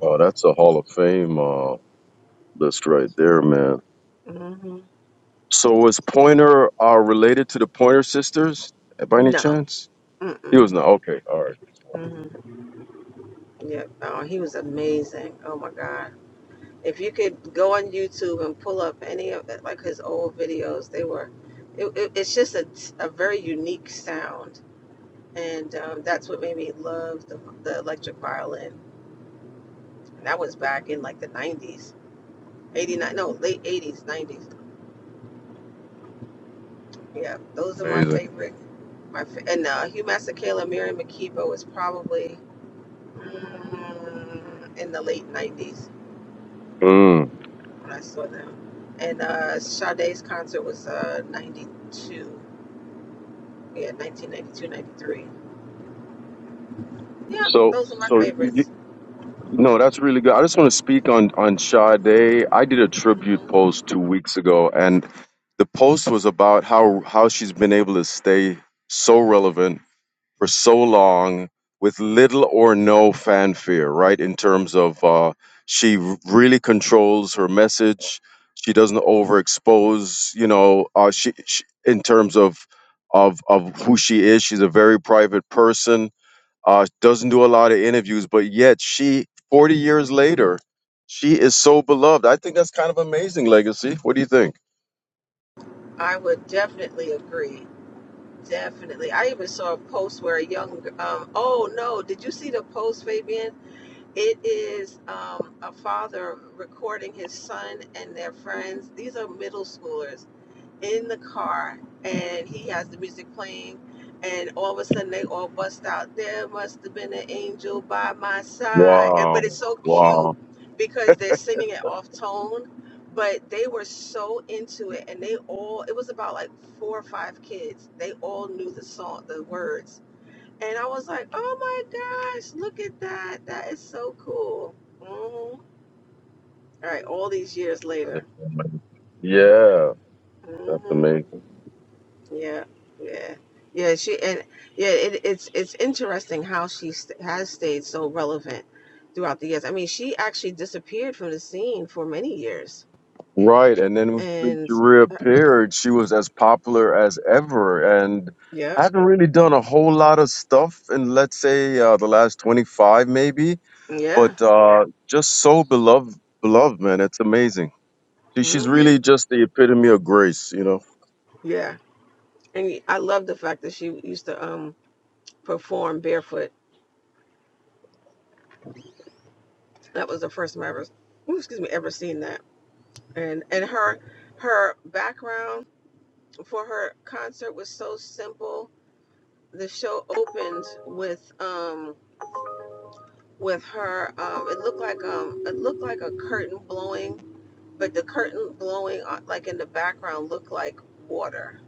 S4: Oh, that's a Hall of Fame uh, list right there, man.
S2: hmm
S4: So was Pointer uh, related to the Pointer Sisters uh, by any
S2: No.
S4: chance? He
S2: Mm-mm.
S4: was not. Okay. All right.
S2: hmm Yep. Oh, he was amazing. Oh my God. If you could go on YouTube and pull up any of it, like his old videos, they were, it, it, it's just a, a very unique sound and um, that's what made me love the, the electric violin. And that was back in like the '90s, '89, no, late '80s, '90s. Yeah, those are my
S4: Amazing.
S2: favorite. My fa- and uh, Hugh Masekela, Miriam Makeba was probably mm, in the late '90s
S4: Mm.
S2: when I saw them. And uh, Sade's concert was uh, '92. Yeah, 1992, 93. Yeah,
S4: So,
S2: those are my
S4: so you,
S2: favorites.
S4: No, that's really good. I just want to speak on on Sade. I did a tribute
S2: hmm
S4: post two weeks ago, and the post was about how how she's been able to stay so relevant for so long with little or no fanfare, right? In terms of uh, she really controls her message. She doesn't overexpose, you know. Uh, she, she in terms of of of who she is, she's a very private person uh, doesn't do a lot of interviews, but yet she, 40 years later, she is so beloved. I think that's kind of amazing legacy. What do you think?
S2: I would definitely agree Definitely. I even saw a post where a young, um, oh no, did you see the post, Fabian? It is um, a father recording his son and their friends. These are middle schoolers in the car and he has the music playing and all of a sudden they all bust out there must have been an angel by my side and, but it's
S4: Wow.
S2: so cute
S4: Wow.
S2: because they're singing it off tone but they were so into it and they all it was about like four or five kids they all knew the song the words and i was like oh my gosh look at that that is so cool Mhm. all right all these years later
S4: Yeah. That's
S2: hmm
S4: amazing.
S2: Yeah, yeah, yeah. She and yeah, it, it's it's interesting how she st has stayed so relevant throughout the years. I mean, she actually disappeared from the scene for many years,
S4: Right. And then when she
S2: and
S4: she
S2: uh,
S4: reappeared, she was as popular as ever and
S2: yep,
S4: hadn't really done a whole lot of stuff in, let's say, uh, the last 25 maybe,
S2: yeah,
S4: but uh, just so beloved, beloved, man. It's amazing. She, she's
S2: mm-hmm,
S4: really just the epitome of grace, you know?
S2: yeah. And y- I love the fact that she used to um perform barefoot. That was the first time I ever, ooh, excuse me, ever seen that. And and her her background for her concert was so simple. The show opened with um. with her. Um, it looked like um, it looked like a curtain blowing, but the curtain blowing uh, like in the background looked like water,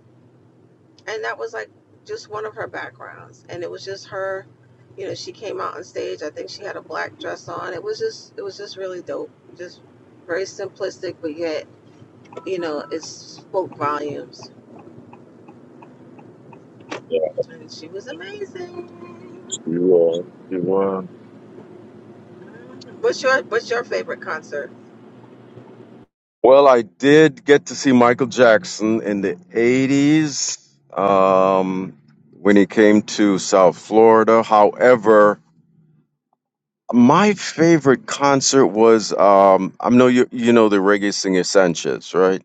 S2: and that was like just one of her backgrounds, and it was just her. You know, she came out on stage. I think she had a black dress on. It was just it was just really dope. Just very simplistic, but yet you know it spoke volumes. And she was amazing.
S4: You are. You are.
S2: What's your What's your favorite concert?
S4: Well, I did get to see Michael Jackson in the 80s um, when he came to South Florida. However, my favorite concert was um, I know you you know the reggae singer Sanchez, right?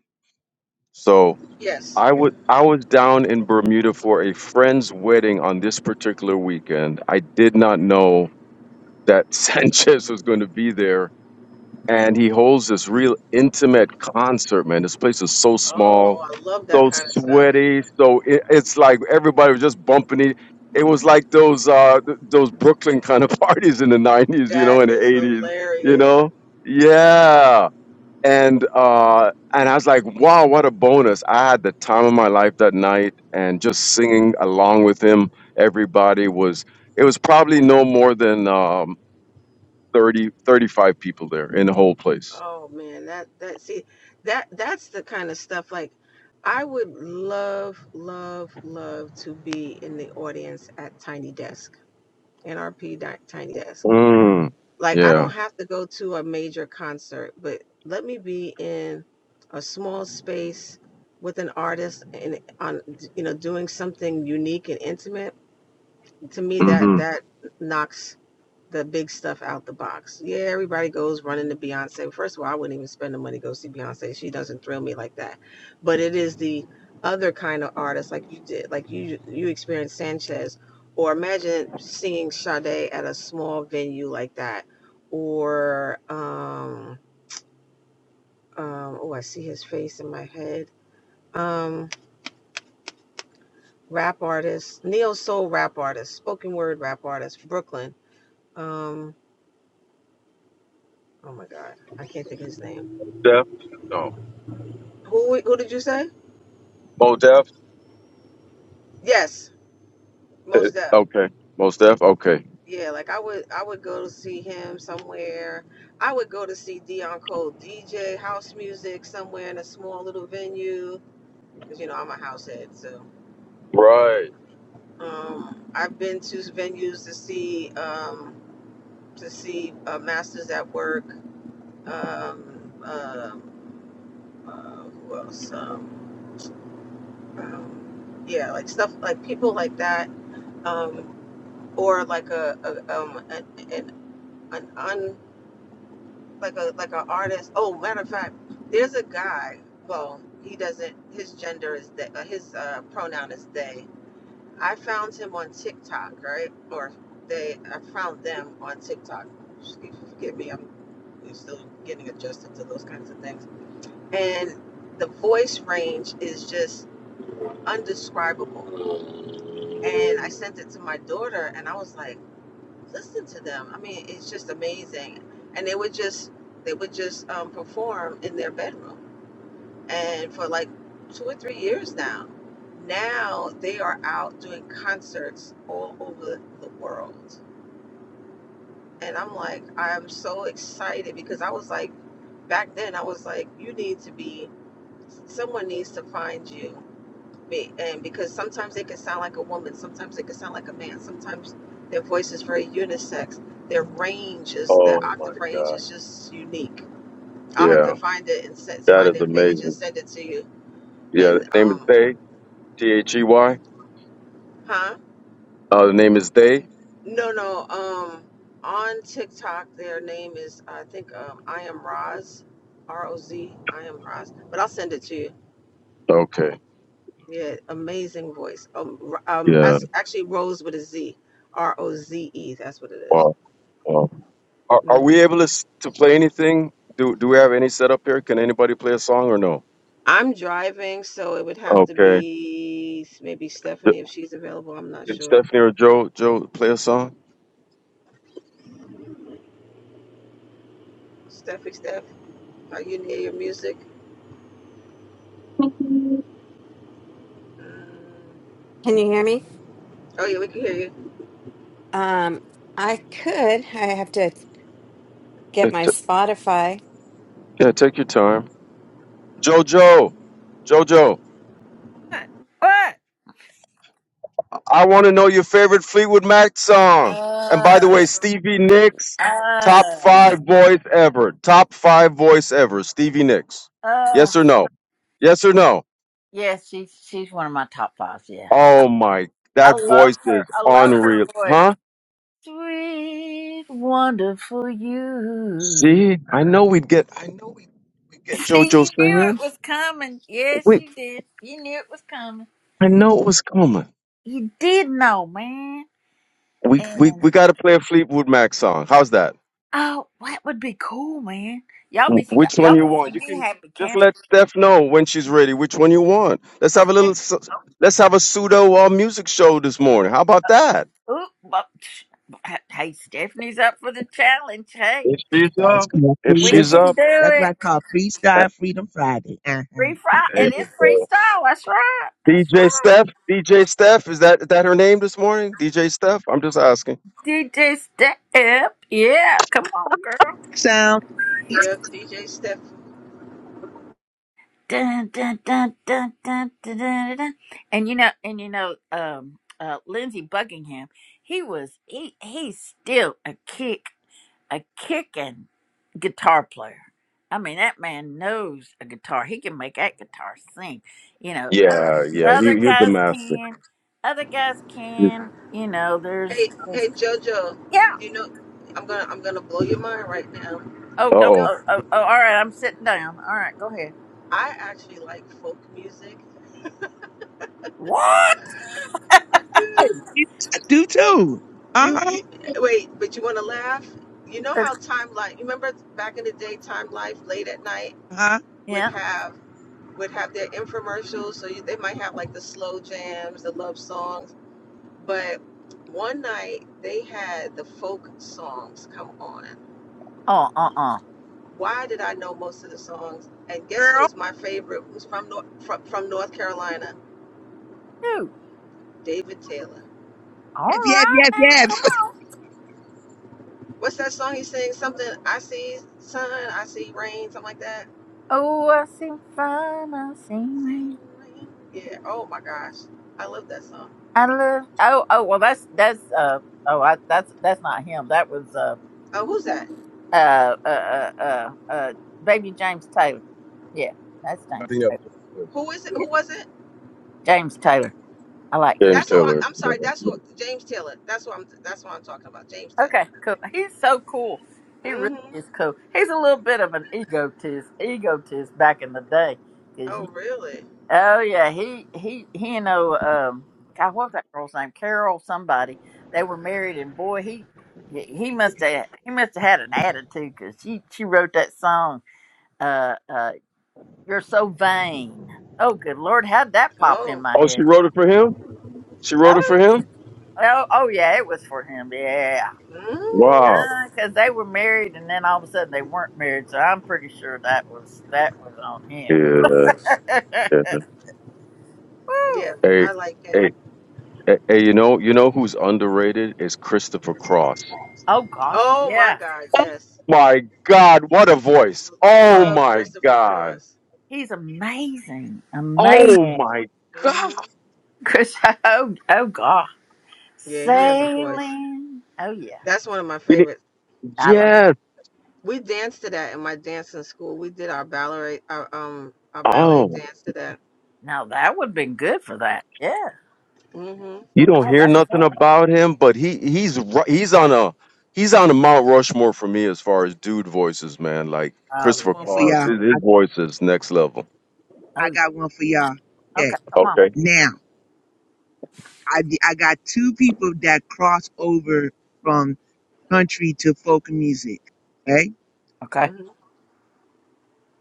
S4: So
S2: Yes.
S4: I would I was down in Bermuda for a friend's wedding on this particular weekend. I did not know that Sanchez was going to be there and he holds this real intimate concert, man. This place is so
S2: Oh,
S4: small,
S2: I love that
S4: so
S2: kind of stuff.
S4: sweaty, so it, it's like everybody was just bumping it. It was like those uh th- those Brooklyn kind of parties in the '90s, you know,
S2: That
S4: in the
S2: is
S4: '80s, you
S2: hilarious.
S4: know. Yeah, and uh and I was like, wow, what a bonus! I had the time of my life that night, and just singing along with him. Everybody was. It was probably no more than um, 30, thirty-five people there in the whole place
S2: Oh man, that that see that that's the kind of stuff like I would love love love to be in the audience at Tiny Desk, NRP Di- Tiny Desk.
S4: Mm,
S2: Like I
S4: yeah.
S2: don't have to go to a major concert, but let me be in a small space with an artist and on you know doing something unique and intimate. To me that
S4: Mm-hmm.
S2: that knocks the big stuff out the box. Yeah, everybody goes running to Beyonce. First of all, I wouldn't even spend the money to go see Beyonce. She doesn't thrill me like that. But it is the other kind of artist, like you did, like you you experienced Sanchez, or imagine seeing Sade at a small venue like that, or um, um oh I see his face in my head. Um, rap artist, neo soul rap artist, spoken word rap artist, Brooklyn. Um, oh my God, I can't think of his name
S4: Def? No.
S2: Who who did you say?
S4: Mo Def?
S2: Yes,
S4: Eh,
S2: most deaf.
S4: okay. Most Def? Okay.
S2: Yeah, like I would I would go to see him somewhere. I would go to see Dion Cole DJ house music somewhere in a small little venue because you know I'm a house head. So
S4: Right.
S2: um, I've been to venues to see um, to see uh, Masters at Work. Um, um uh, who else? Um, um, yeah, like stuff like people like that, um, or like a, a um, an, an an like a like an artist. Oh, matter of fact, there's a guy. Well, he doesn't. His gender is they. Uh, his uh, pronoun is they. I found him on TikTok, right? Or they. I found them on TikTok. Excuse, forgive me. I'm, I'm still getting adjusted to those kinds of things. And the voice range is just undescribable. And I sent it to my daughter, and I was like listen to them. I mean, it's just amazing. And they would just they would just um, perform in their bedroom, and for like two or three years now. Now they are out doing concerts all over the world, and I'm like, I'm so excited because I was like, back then I was like, you need to be, someone needs to find you me and because sometimes they can sound like a woman sometimes they can sound like a man sometimes their voice is very unisex their range is
S4: Oh
S2: their
S4: my
S2: octave range
S4: God.
S2: is just unique i'll have to
S4: Yeah.
S2: find it and set,
S4: That
S2: find
S4: is
S2: their page and
S4: amazing.
S2: send it to you
S4: Yeah. The
S2: and
S4: name is
S2: um
S4: They? T H E Y?
S2: huh
S4: Uh, the name is They?
S2: no no um on tiktok their name is i think um i am roz r-o-z i am roz but i'll send it to you
S4: Okay.
S2: yeah amazing voice um, um
S4: Yeah.
S2: that's actually rose with a z r-o-z-e that's what it is
S4: Wow. Wow. Are, are
S2: Mhm.
S4: we able to, s- to play anything? Do Do we have any setup here? Can anybody play a song or no?
S2: I'm driving, so it would have to
S4: Okay.
S2: be maybe
S4: Th-
S2: Stephanie if she's available. I'm not
S4: Can
S2: sure.
S4: Stephanie or Joe Joe play a song?
S2: Steffi, Steph, are you near your music? Mm.
S5: Can you hear me?
S2: Oh yeah, we can hear you.
S5: Um, I could. I have to get
S4: Yeah,
S5: my
S4: t-
S5: Spotify.
S4: yeah, take your time. Jojo. Jojo.
S1: What? What?
S4: I want to know your favorite Fleetwood Mac song. And by the
S1: Uh,
S4: way, Stevie Nicks, top
S1: uh,
S4: five voice ever. Top five voice ever. Stevie Nicks.
S1: uh.
S4: Yes or no? Yes or no?
S1: Yeah, she's she's one of my top fives. Yeah,
S4: Oh my,
S1: I
S4: that
S1: love
S4: voice
S1: her.
S4: is
S1: I love her
S4: unreal.
S1: voice.
S4: Huh?
S1: Sweet, wonderful you.
S4: See, I know we'd get, I know we'd, we'd get
S1: See, you
S4: JoJo
S1: knew it
S4: singing.
S1: was coming. Yes,
S4: We,
S1: you did. You knew it was coming.
S4: I know it was coming.
S1: You did know, man.
S4: We, we,
S1: And
S4: we got to play a Fleetwood Mac song. How's that?
S1: oh, that would be cool, man. Y'all be
S4: Wh- Which one
S1: y'all
S4: you
S1: be
S4: want?
S1: seeing
S4: You
S1: me
S4: can
S1: happy
S4: just
S1: camp.
S4: let Steph know when she's ready. Which one you want? Let's have a little. s- Let's have a pseudo uh, music show this morning. How about that?
S1: Ooh, but, hey, hey, Stephanie's up for the challenge. Hey,
S4: If she's
S3: it's
S4: up,
S3: called
S4: if
S1: we
S3: freedom.
S4: she's
S1: can do
S4: up,
S3: That's what I
S1: it.
S3: call
S4: uh,
S3: freestyle Freedom Friday.
S1: Free fry.
S3: Uh-huh.
S4: hey,
S1: It is
S4: uh,
S1: freestyle. That's right. That's
S4: DJ
S1: right.
S4: Steph, DJ Steph, is that is that her name this morning? DJ Steph. I'm just asking.
S1: DJ Step. Yeah, come on, girl.
S3: Sound
S2: Yeah, DJ Steph.
S1: Dun, dun, dun, dun, dun, dun, dun, dun. And you know, and you know, um, uh, Lindsey Buckingham. He was he he's still a kick a kicking guitar player. I mean, that man knows a guitar. He can make that guitar sing. You know, other,
S4: Yeah, yeah, he,
S1: other
S4: he's a
S1: guys
S4: master.
S1: can, other guys
S4: Uh
S1: can. You know, there's,
S2: Hey,
S1: there's
S2: hey JoJo.
S1: yeah.
S2: You know, I'm gonna I'm gonna blow your mind right now.
S1: Oh,
S2: You
S1: don't.
S4: oh,
S2: know,
S1: Oh, oh, oh, all right. I'm sitting down. All right, go ahead.
S2: I actually like folk music.
S1: What?
S2: I
S3: good.
S2: do.
S3: I do too.
S2: You
S3: Uh-huh.
S2: you wait, but you want to laugh? You know how Time Life? You remember back in the day, Time Life late at night
S3: Uh-huh.
S2: would
S1: Yeah.
S2: have. would have their infomercials. So you, they might have like the slow jams, the love songs. But one night they had the folk songs come on.
S1: Oh, uh, uh.
S2: Why did I know most of the songs? And guess who
S3: Girl.
S2: is my favorite? Who's from North, from, from North Carolina?
S1: Dude.
S2: David Taylor.
S1: All
S3: Yes, yes,
S1: right
S3: yes,
S1: now. Come
S3: yes.
S1: on.
S2: What's that song he sings? Something I see sun, I see rain, something like that.
S1: Oh, I see fun. I see
S2: See
S1: rain.
S2: rain. Yeah. Oh my gosh, I love that song.
S1: I love. Oh, oh. Well, that's that's uh. Oh, I, that's that's not him. That was uh.
S2: Oh, who's that?
S1: uh, uh, uh, uh, uh, baby James Taylor. Yeah, that's
S4: I
S1: James
S4: think
S1: Taylor.
S4: that's
S2: Who is it?
S1: Yeah,
S2: Who was it?
S1: James Taylor. I like him.
S4: James
S2: That's who I,
S4: Taylor.
S2: I'm
S4: Yeah.
S2: sorry. That's who James Taylor. That's what I'm. That's what I'm talking about. James Taylor.
S1: Okay, cool. He's so cool. He really
S2: hmm
S1: is cool. He's a little bit of an egotist, egotist back in the day. Cause
S2: Oh
S1: you,
S2: really?
S1: oh yeah, he he he and oh um, God, what was that girl's name? Carol somebody. They were married, and boy, he he must have he must have had an attitude because she she wrote that song. uh, uh, You're so vain. Oh, good Lord, how'd that pop in
S2: Oh.
S1: my
S4: Oh, she
S1: head?
S4: wrote it for him. She wrote it
S1: Oh,
S4: for him.
S1: oh, oh yeah, it was for him. Yeah.
S4: Wow.
S2: mm
S1: Because they were married, and then all of a sudden they weren't married, so I'm pretty sure that was that was on him.
S4: Yeah. yeah.
S2: Yeah,
S1: Woo.
S4: Hey,
S2: I like
S4: hey.
S2: him.
S4: And, and you know, you know who's underrated is Christopher Cross.
S1: oh gosh,
S2: Oh my
S1: yeah,
S2: God. Yes.
S4: My God, what a voice!
S2: L-
S4: Oh
S2: love
S4: my
S2: Christopher
S4: God!
S2: Cross.
S1: he's amazing, amazing.
S4: Oh my
S2: hmm
S4: God!
S1: Chris, oh, oh gosh,
S2: Yeah, he has a voice.
S1: sailing. Oh yeah,
S2: That's one of my
S4: You need-
S2: favorites.
S1: I love.
S4: Yes.
S2: We danced to that in my dancing school. We did our ballet, our um, our ballet
S4: Oh,
S2: dance to that.
S1: Now that would have been good for that. Yeah.
S2: hmm
S4: you don't
S1: Oh,
S4: hear
S1: that's. Cool.
S4: nothing about him, but he he's ri- he's on a he's on a Mount Rushmore for me as far as dude voices, man. Like
S1: Oh
S4: Christopher
S3: one
S1: yeah.
S3: for
S4: Cross,
S3: y'all.
S4: his, his
S3: I,
S4: voice is next level.
S1: Oh
S3: I
S1: yeah.
S3: got one for y'all.
S1: Okay,
S3: Okay.
S1: come on.
S4: Okay.
S3: Now, I, d- I got two people that cross over from country to folk music. Okay.
S1: Okay.
S2: hmm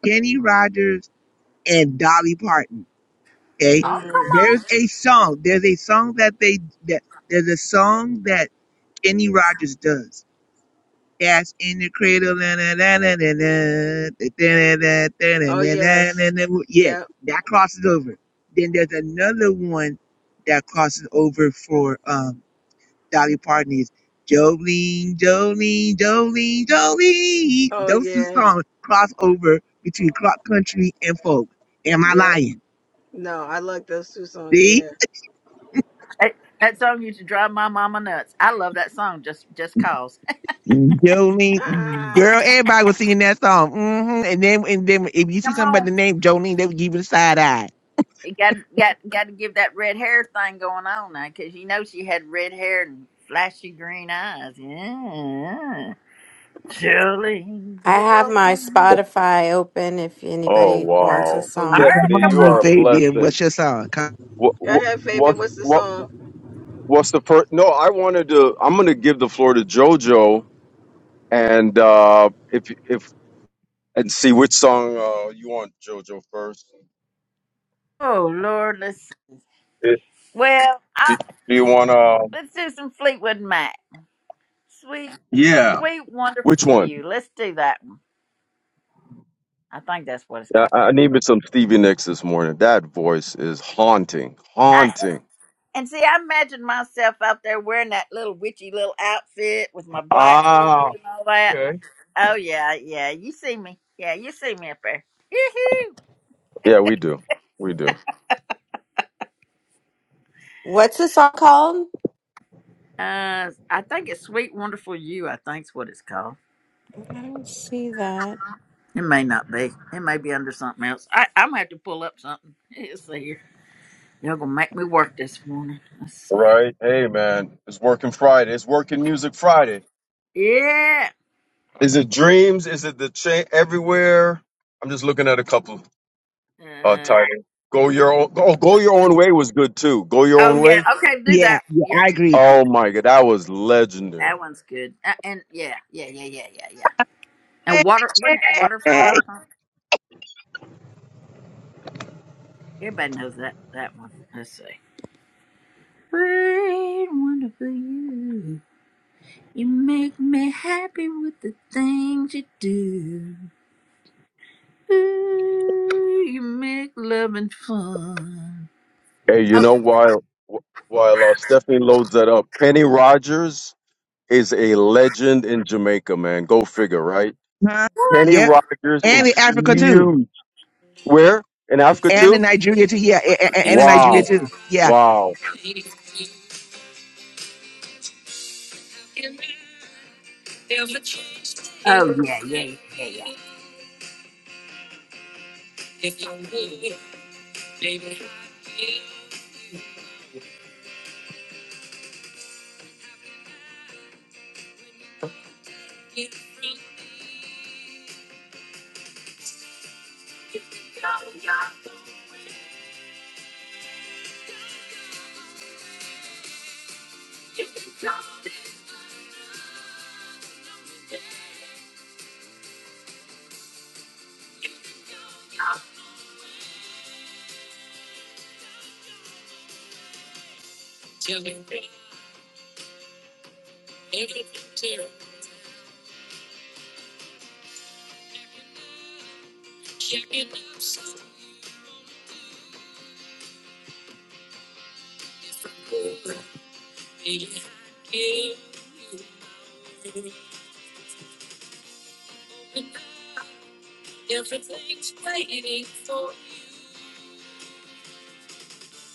S3: Kenny Rogers and Dolly Parton. okay
S1: Oh, come
S2: hmm
S1: on.
S3: there's a song there's a song that they that there's a song that kenny rogers does Cats in the cradle na, na, na, na, na, na, da, da, da, da,
S2: Oh
S3: na, na,
S2: yes.
S3: na, na, na. yeah
S2: Yep.
S3: that crosses over then there's another one that crosses over for um dolly parton is jolene jolene jolene jolene
S2: Oh
S3: those two
S2: yeah.
S3: songs cross over between clock country and folk am i
S2: Yep.
S3: lying
S2: No, I like those two songs.
S3: see
S2: Yeah.
S1: That, that song used to drive my mama nuts. I love that song just just cause.
S3: Jolene,
S2: Ah,
S3: girl, everybody was singing that song. hmm And then, and then, if you see
S1: Come on.
S3: somebody named Jolene, they would give you the side eye.
S1: It got got got to give that red hair thing going on now cuz you know she had red hair and flashy green eyes. Yeah. Jolene,
S5: I have my
S1: Jolene.
S5: Spotify open if
S4: Oh
S5: anybody wants a
S4: wow,
S3: Oh,
S1: All
S5: song.
S1: right,
S3: come
S4: Stephanie,
S1: come
S3: on,
S4: you
S3: little
S4: are a
S1: on.
S3: baby, and
S4: blessing.
S3: what's your song? Come-
S4: What
S2: Y'all have Fabian.
S4: what
S2: what's the
S4: what?
S2: song?
S4: What's the first? No, I wanted to. I'm going to give the floor to JoJo, and uh, if if and see which song uh, you want JoJo first.
S1: Oh Lord, let's
S4: Eh,
S1: Well,
S4: Do,
S1: I,
S4: do you want to?
S1: let's do some Fleetwood Mac. Sweet,
S4: Yeah.
S1: sweet,
S4: Which
S1: wonderful
S4: one?
S1: you. Let's do that one. I think that's what it's
S4: Yeah, I I needed some Stevie Nicks this morning. That voice is haunting,
S1: called.
S4: haunting.
S1: And see, I imagine myself out there wearing that little witchy little outfit with my black hair
S4: Ah,
S1: and all that.
S4: okay.
S1: Oh yeah, yeah. You see me. Yeah, you see me up there. yoo
S4: Yeah, we do, we do.
S5: What's the song called?
S1: Uh I think it's Sweet Wonderful You, I think's what it's called.
S5: I don't see that.
S1: It may not be. It may be under something else. I, I'm gonna have to pull up something. Let's see here. Y'all gonna make me work this morning. Let's see.
S4: Right. Hey, man, it's working Friday. It's working music Friday.
S1: Yeah.
S4: Is it dreams? Is it the chain everywhere? I'm just looking at a couple. Oh,
S1: Uh,
S4: Titan. Go your own. Oh, go your own way was good too. Go your
S1: oh
S4: own
S1: yeah,
S4: way.
S1: okay, do
S3: yeah,
S1: that.
S3: yeah,
S1: Yeah,
S3: I agree.
S4: Oh my god, that was legendary.
S1: that one's good. Uh, and yeah, yeah, yeah, yeah, yeah, yeah. And water wasn't it waterfall
S3: Eh,
S1: or something? Everybody knows that that one. Let's see. Great, wonderful you. You make me happy with the things you do. Ooh, you make loving fun.
S4: Hey, you
S1: Oh,
S4: know why? While uh, Stephanie loads that up, Kenny Rogers is a legend in Jamaica, man. Go figure, right?
S3: huh?
S1: what?
S4: Kenny
S3: Yep,
S4: Rogers
S3: and
S4: is
S3: in Africa too,
S4: huge. Where in Africa
S3: and
S4: too?
S3: in Nigeria too. Yeah, a- a- a- and in Nigeria
S4: Wow,
S3: too. Yeah,
S4: wow.
S1: Oh, yeah, yeah, yeah, yeah, yeah.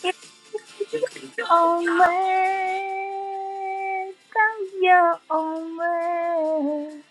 S1: It's always go your own way.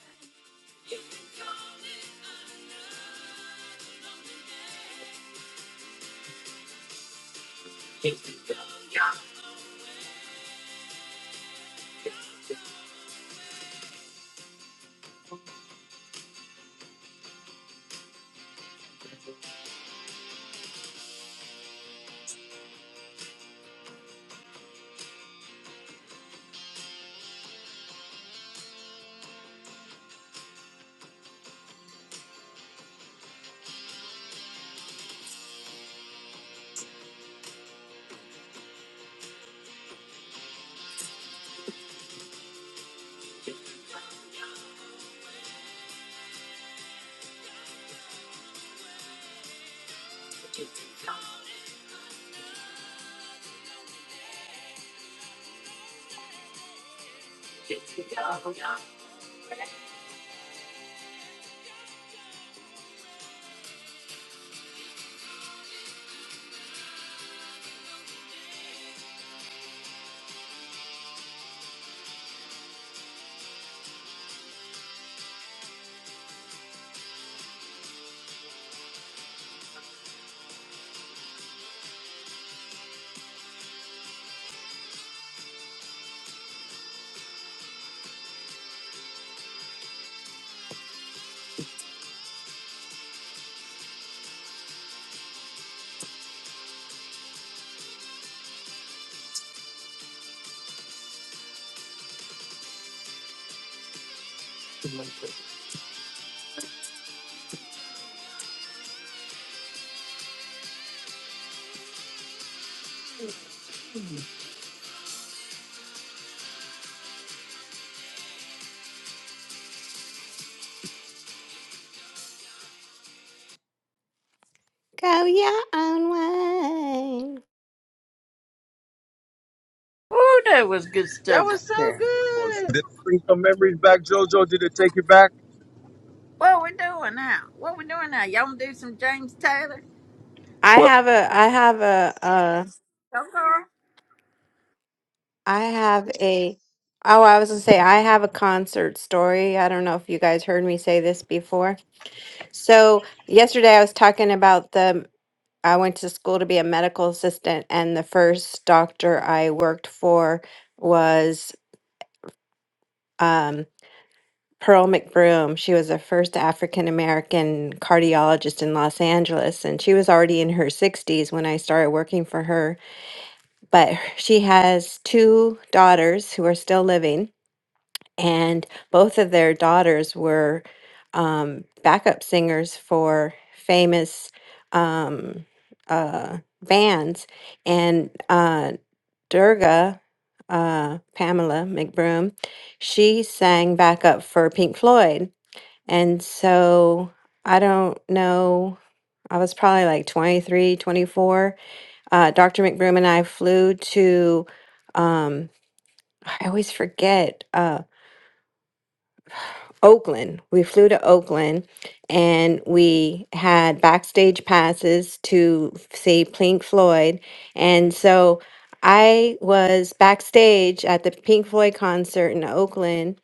S5: Go your own way.
S1: Ooh, that was good
S2: That
S1: stuff right
S2: was so
S1: there.
S4: Was
S2: good.
S4: did it bring some memories back, Jojo? Did it take you back?
S1: What we doing now? What we doing now? Y'all want to do some James Taylor?
S5: I
S4: What?
S5: have a I have a uh
S1: Go, girl.
S5: I have a oh I was gonna say I have a concert story. I don't know if you guys heard me say this before. So yesterday I was talking about the I went to school to be a medical assistant, and the first doctor I worked for was um, Pearl McBroom. She was the first African American cardiologist in Los Angeles, and she was already in her 60s when I started working for her. But she has two daughters who are still living, and both of their daughters were um, backup singers for famous um, uh, bands and uh, Durga, uh, Pamela McBroom, she sang backup for Pink Floyd. And so I don't know, I was probably like 23, 24. Uh, Dr. McBroom and I flew to, um, I always forget. uh, Oakland. We flew to Oakland and we had backstage passes to f- see Pink Floyd. And so I was backstage at the Pink Floyd concert in Oakland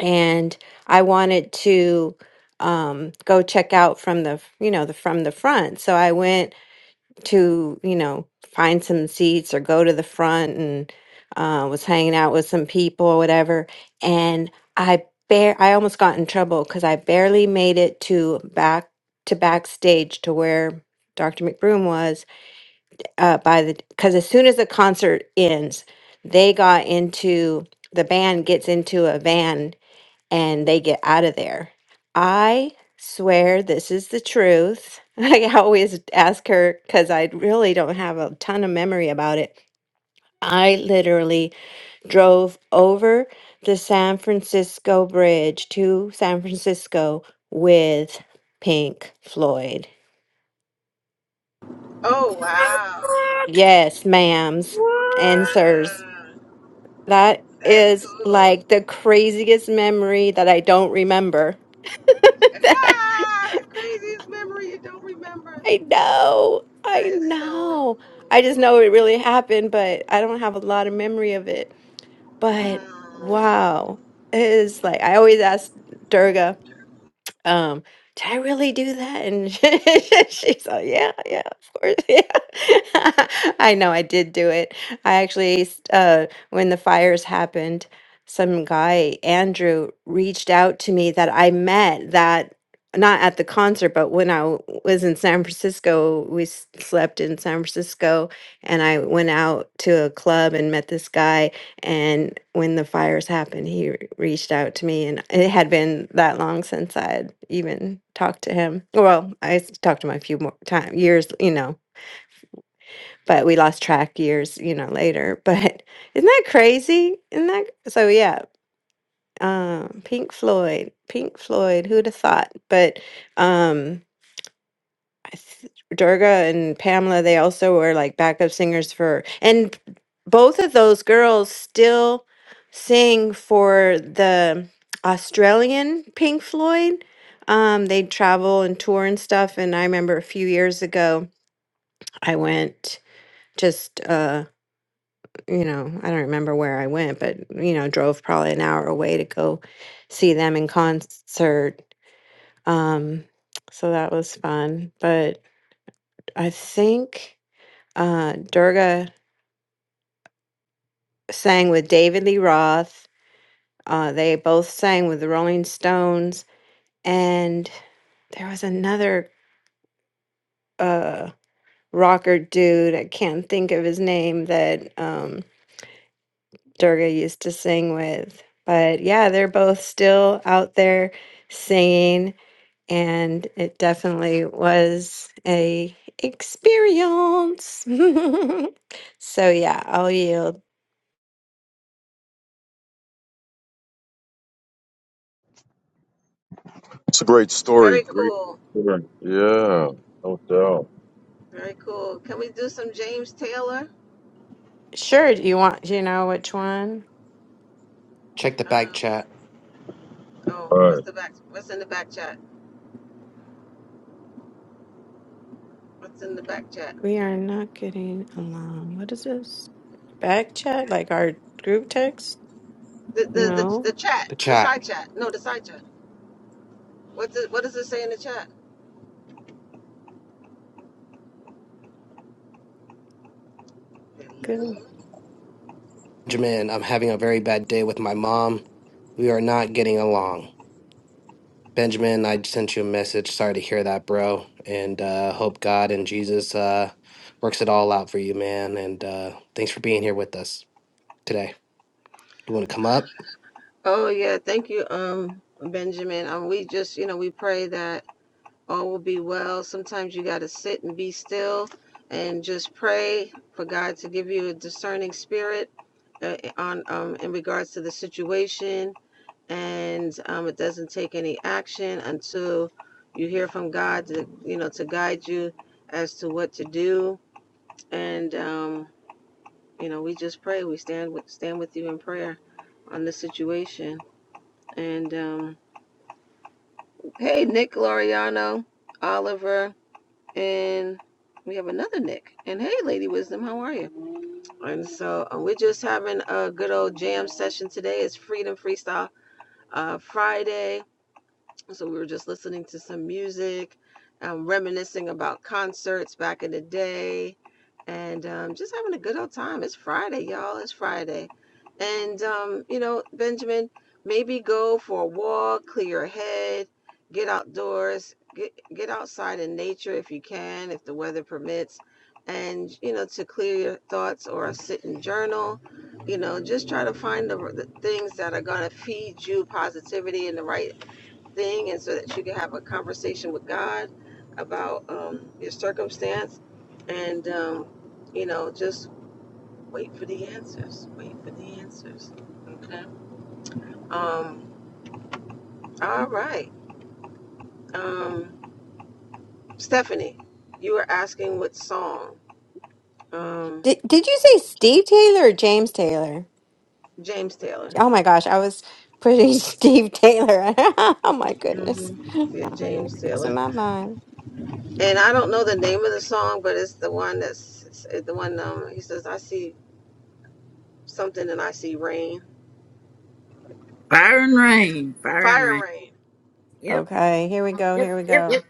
S5: and I wanted to um go check out from the f- you know the from the front so i went to you know find some seats or go to the front and uh, was hanging out with some people or whatever and i bare i almost got in trouble because i barely made it to back to backstage to where dr mcbroom was uh, by the because as soon as the concert ends they got into the band gets into a van and they get out of there. I swear this is the truth. I always ask her because I really don't have a ton of memory about it. I literally drove over the San Francisco Bridge to San Francisco with Pink Floyd.
S2: Oh wow.
S1: What?
S5: Yes, ma'ams and sirs.
S2: Wow.
S5: That
S2: That's
S5: is
S2: cool.
S5: like the craziest memory that I don't remember.
S2: Ah, the craziest memory you don't remember.
S5: I know. I
S2: That is so
S5: know. I just
S2: cool.
S5: know it really happened, but I don't have a lot of memory of it. But
S2: Mm,
S5: wow. It is like I always ask Durga um, did I really do that? And she's like, yeah, yeah, of course, yeah. I know I did do it. I actually, s- uh, when the fires happened, some guy, Andrew, reached out to me that I met that not at the concert, but when I w- was in San Francisco, we s- slept in San Francisco and I went out to a club and met this guy and when the fires happened, he re- reached out to me, and it had been that long since I had even talked to him. Well, I s- talked to him a few more times, years, you know, but we lost track years, you know, later. But isn't that crazy? Isn't that so? Yeah, um, Pink Floyd, Pink Floyd. Who'd have thought? But um, I th- Durga and Pamela, they also were like backup singers for, and both of those girls still sing for the Australian Pink Floyd. Um, they travel and tour and stuff. And I remember a few years ago, I went just, uh, you know, I don't remember where I went, but, you know, drove probably an hour away to go see them in concert. Um, so that was fun. But I think. uh, Durga sang with David Lee Roth. Uh, they both sang with the Rolling Stones, and there was another uh, rocker dude. I can't think of his name that um, Durga used to sing with. But yeah, they're both still out there singing, and it definitely was a experience. so yeah, I'll yield.
S4: It's a great story.
S2: very
S4: Great
S2: cool.
S4: story. Yeah, no doubt. All
S2: Very cool. Can we do some James Taylor?
S5: Sure, do you want? Do you know which one?
S6: Check the back
S2: Um,
S6: chat,
S2: oh, what's
S4: right.
S2: the back what's in the back chat? What's in the back chat?
S5: We are not getting along. What is this? Back chat? Like our group text?
S2: The the the,
S5: No.
S2: the chat,
S6: the
S2: the
S6: chat.
S2: side chat. No, the side chat. What's it what does it say in the chat?
S5: Good.
S2: Hello.
S6: Benjamin, I'm having a very bad day with my mom. We are not getting along. Benjamin, I sent you a message. Sorry to hear that, bro. And uh, hope God and Jesus uh, works it all out for you, man. And uh, thanks for being here with us today. You want to come up?
S2: Oh yeah, thank you, um, Benjamin. Um, we just, you know, we pray that all will be well. Sometimes you got to sit and be still, and just pray for God to give you a discerning spirit uh, on um in regards to the situation, and um, it doesn't take any action until you hear from God to, you know, to guide you as to what to do. And um, you know, we just pray. We stand with stand with you in prayer on the situation, and um. Hey, Nick Loriano, Oliver, and we have another Nick. And hey, Lady Wisdom, how are you? And so uh, we're just having a good old jam session today. It's Freedom Freestyle uh, Friday so we were just listening to some music, um, reminiscing about concerts back in the day, and um, just having a good old time. It's Friday, y'all. It's Friday, and um, you know, Benjamin, maybe go for a walk, clear your head, get outdoors, get get outside in nature if you can, if the weather permits, and you know, to clear your thoughts or sit and journal. You know, just try to find the, the things that are gonna feed you positivity in the right thing and so that you can have a conversation with God about um, your circumstance and um, you know just wait for the answers wait for the answers okay um all right um Stephanie you were asking what song um
S5: Did, did you say Steve Taylor or James Taylor?
S2: James Taylor
S5: Oh my gosh, I was putting Steve Taylor. oh my goodness.
S2: hmm
S5: I'm
S2: yeah
S5: like
S2: James
S5: losing
S2: Taylor
S5: my mind.
S2: and I don't know the name of the song but it's the one that's it's the one um he says I see something and I see rain
S1: Fire and rain. Fire and
S2: fire
S1: rain.
S2: rain
S1: Yep.
S5: Okay, here we go.
S1: Yep.
S5: Here we
S1: Yep.
S5: go.
S1: Yep.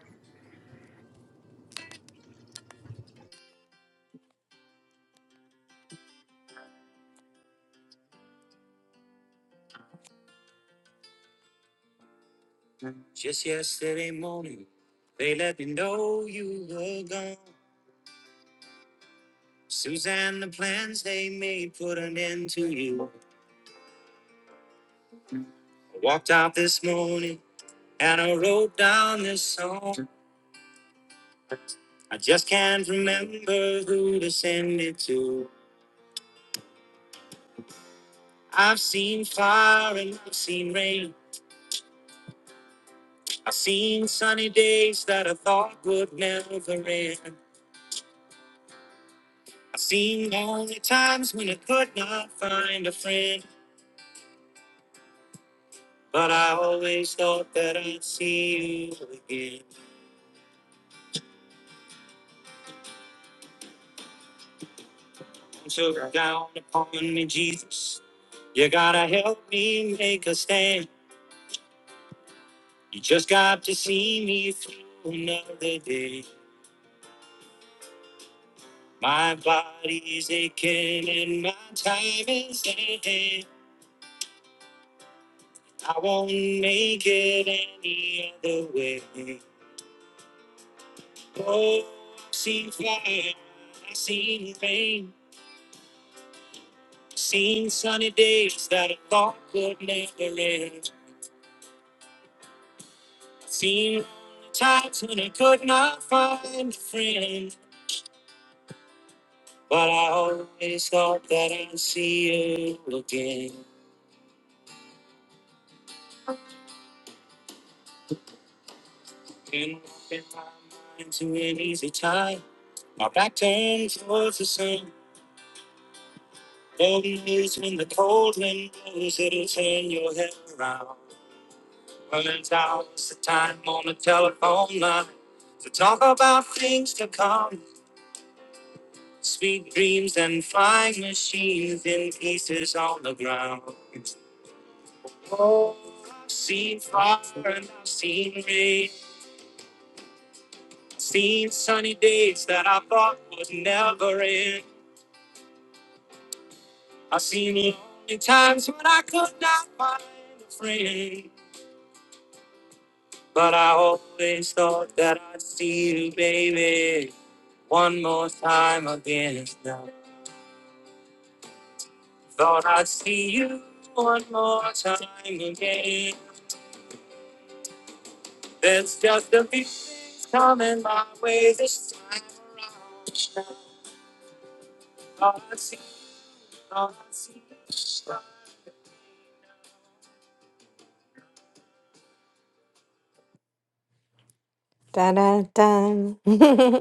S5: Da da da.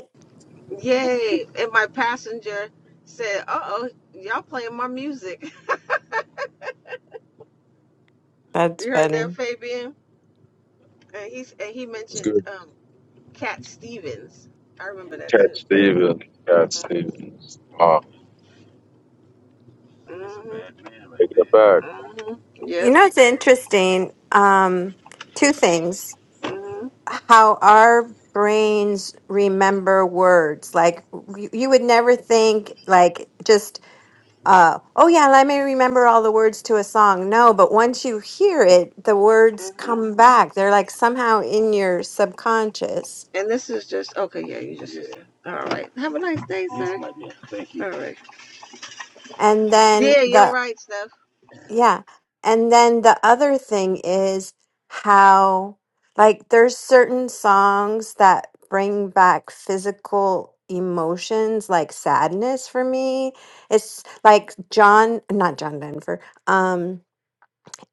S2: Yay. And my passenger said, Uh oh, y'all playing my music.
S5: That's
S2: You heard that,
S5: funny.
S2: Fabian? And he's and he
S4: it's good.
S2: mentioned um Cat Stevens. I remember that
S4: Cat
S2: too. Cat Stevens.
S4: Stevens, Cat
S2: Mhm.
S4: Stevens. Wow.
S2: That's a Mhm. bad man right
S4: Taking it back.
S2: there. Mhm.
S5: You know,
S2: Yep.
S5: it's interesting. Um, two things.
S2: Mhm.
S5: How our brains remember words. Like you, you would never think, like just, uh, oh yeah, let me remember all the words to a song. No, but once you hear it, the words
S2: Mhm.
S5: come back. They're like somehow in your subconscious.
S2: And this is just okay. Yeah, you just. Yeah. All right. Have a nice day, You sir. Yes, my Thank you. All right.
S5: And then
S2: Yeah, you're
S5: the
S2: right, Steph.
S5: Yeah. And then the other thing is how, like, there's certain songs that bring back physical emotions, like sadness for me. It's like John, not John Denver, um,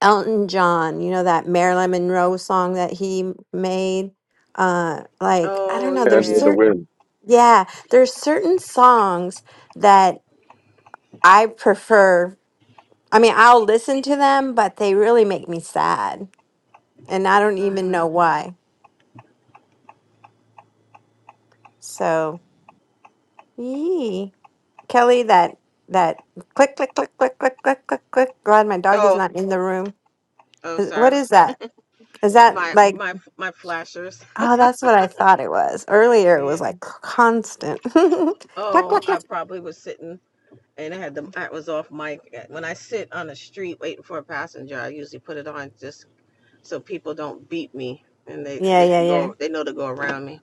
S5: Elton John, you know, that Marilyn Monroe song that he made. Uh, like, I don't
S2: Oh
S5: know,
S4: Hand
S5: there's
S4: in
S2: yeah.
S4: the
S5: certain,
S4: wind.
S5: yeah, there's certain songs that I prefer I mean, I'll listen to them, but they really make me sad, and I don't even know
S2: Mhm.
S5: why. So, yee. Kelly, that that click click click click click click click click. Glad my dog is
S2: Oh.
S5: not in the room.
S2: Oh,
S5: Is- What
S2: sorry.
S5: is that? Is that
S2: My
S5: like?
S2: my my flashers.
S5: Oh, that's what I thought it was. Earlier, it was
S2: Yeah.
S5: like constant. click
S2: Oh,
S5: click
S2: I
S5: click.
S2: probably was sitting and I had the I was off mic. Eh, When I sit on the street waiting for a passenger, I usually put it on just so people don't beat me and they
S5: Yeah,
S2: they
S5: yeah,
S2: can
S5: yeah.
S2: go they know to go around me.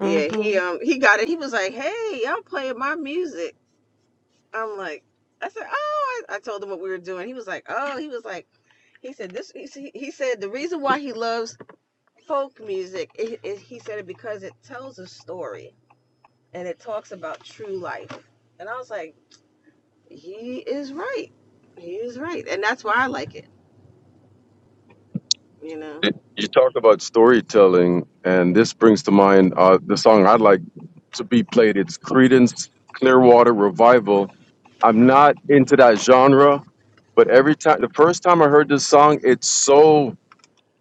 S2: Yeah, he um he got it. He was like, "Hey, y'all playing my music." I'm like, I said, "Oh," I, I told him what we were doing. He was like, "Oh," he was like, he said this. He, s- he said the reason why he loves folk music. It, it, he said it because it tells a story and it talks about true life. And I was like. He is right. He is right. And that's why I like it, you know.
S4: It, you talked about storytelling, and this brings to mind uh, the song I'd like to be played. It's Creedence Clearwater Revival. I'm not into that genre, but every time, the first time I heard this song, it's so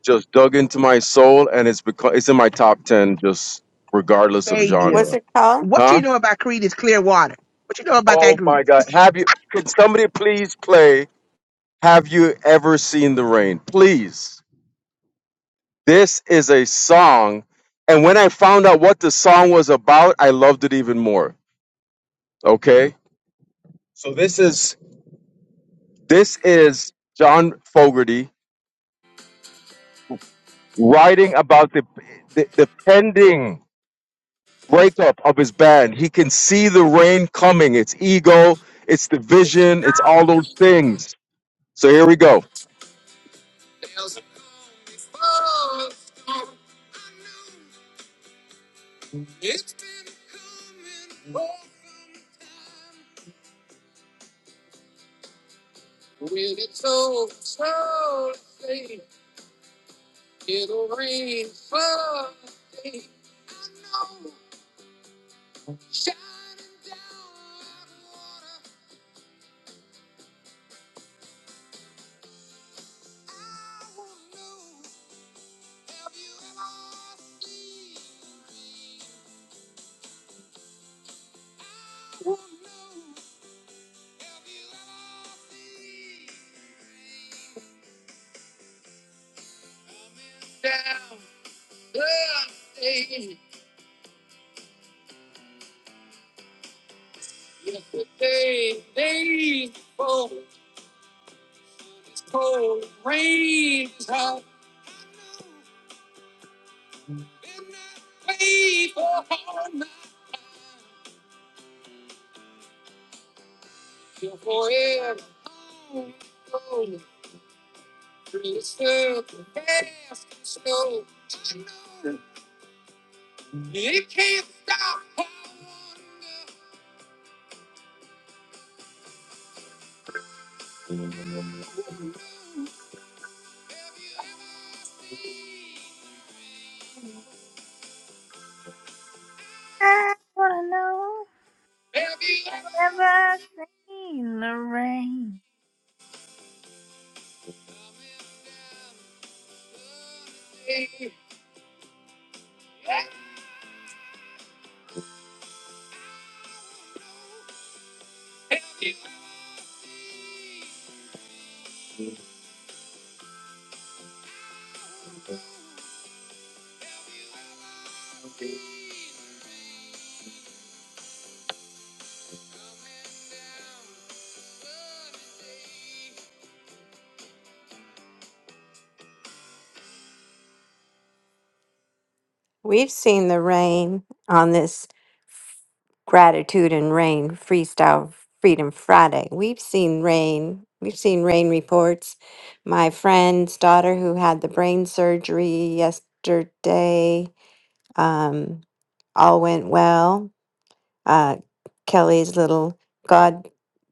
S4: just dug into my soul, and it's because it's in my top ten, just regardless of
S3: baby,
S5: What's
S4: genre.
S5: it called?
S3: what you
S4: Huh?
S3: know about Creed is Clearwater. What you know about that
S4: Oh
S3: group?
S4: my God! Have you? Could somebody please play? Have you ever seen the rain? Please. This is a song. And when I found out what the song was about, I loved it even more. Okay? So this is this is John Fogerty writing about the the, the pending breakup of his band. He can see the rain coming. It's ego, it's division, it's all those things. So here we go.
S1: I wanna know. Have I seen the rain?
S5: We've seen the rain on this gratitude and rain freestyle Freedom Friday. We've seen rain. We've seen rain reports. My friend's daughter, who had the brain surgery yesterday, um, all went well. Uh, Kelly's little god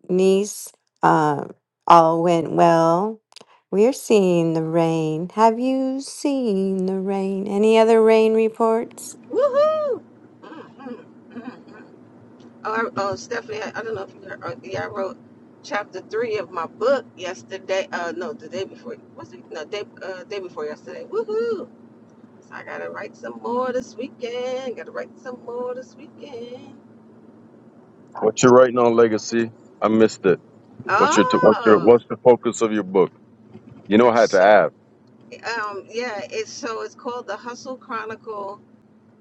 S5: niece, uh, all went well. We're seeing the rain. Have you seen the rain? Any other rain reports?
S2: Woohoo! Mhm, mhm. Oh, I, oh, Stephanie, I, I don't know if you heard. uh, Yeah, I wrote chapter three of my book yesterday. Uh, no, the day before. What's it? No, day uh, day before yesterday. Woohoo! So I gotta write some more this weekend. Gotta write some more this weekend.
S4: What you're writing on legacy? I missed it. What's your t- what's your
S2: Oh,
S4: what's the focus of your book? You know I had to
S2: so
S4: ask.
S2: um, yeah. It's so it's called the Hustle Chronicle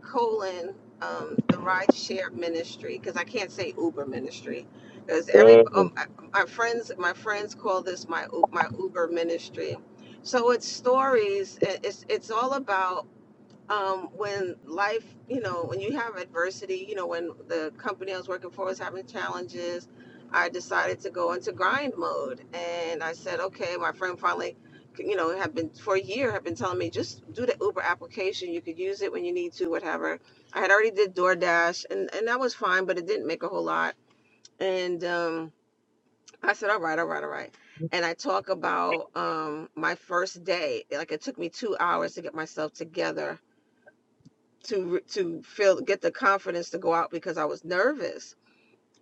S2: colon um, the rideshare ministry because I can't say Uber ministry because every
S4: Uh,
S2: um, I- my friends my friends call this my U- my Uber ministry. So it's stories. i- It's it's all about um, when life, you know, when you have adversity, you know, when the company I was working for was having challenges, I decided to go into grind mode. And I said, okay, my friend finally, you know, had been for a year, had been telling me just do the Uber application. You could use it when you need to, whatever. I had already did DoorDash and, and that was fine, but it didn't make a whole lot. And um, I said, all right, all right, all right. And I talk about um, my first day. Like it took me two hours to get myself together to to feel get the confidence to go out because I was nervous.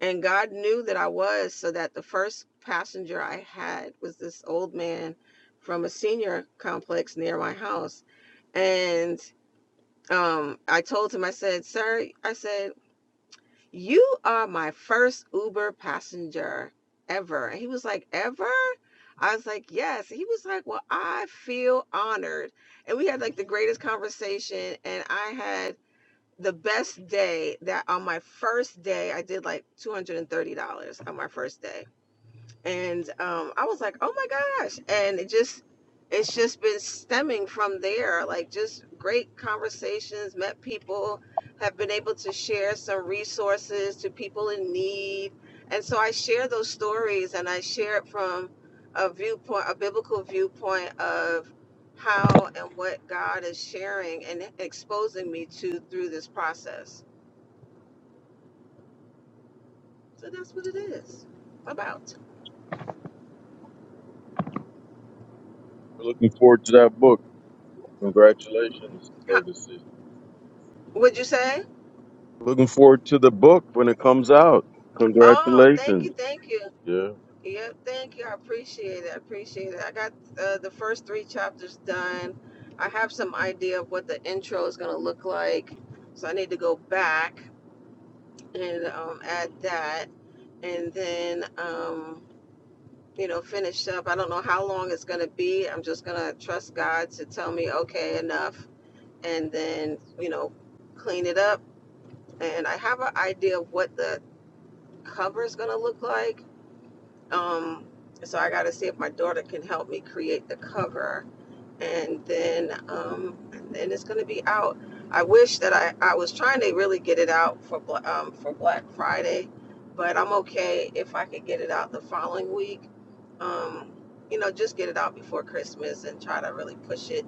S2: And God knew that I was, so that the first passenger I had was this old man from a senior complex near my house. And um, I told him, I said, "Sir, I said you are my first Uber passenger ever." And he was like, "Ever?" I was like, "Yes." He was like, "Well, I feel honored." And we had like the greatest conversation, and I had the best day that on my first day I did like $230 on my first day and um, I was like, "Oh my gosh!" And it just, it's just been stemming from there. Like just great conversations, met people, have been able to share some resources to people in need, and so I share those stories, and I share it from a viewpoint, a biblical viewpoint of how and what God is sharing and exposing me to through this process. So that's what it is about.
S4: looking forward to that book. Congratulations,
S2: How,
S4: Legacy.
S2: would you say?
S4: Looking forward to the book when it comes out.
S2: Oh, thank
S4: Congratulations.
S2: you, thank you.
S4: Yeah.
S2: Yeah, thank you. I appreciate it. I appreciate it. I got uh, the first three chapters done. I have some idea of what the intro is going to look like. So I need to go back and um, add that and then, um, you know, finish up. I don't know how long it's going to be. I'm just going to trust God to tell me, okay, enough. And then, you know, clean it up. And I have an idea of what the cover is going to look like Um, so I gotta see if my daughter can help me create the cover, and then um, and then it's gonna be out. I wish that I, I was trying to really get it out for Bla- um, for Black Friday, but I'm okay if I could get it out the following week. Um, you know, just get it out before Christmas and try to really push it.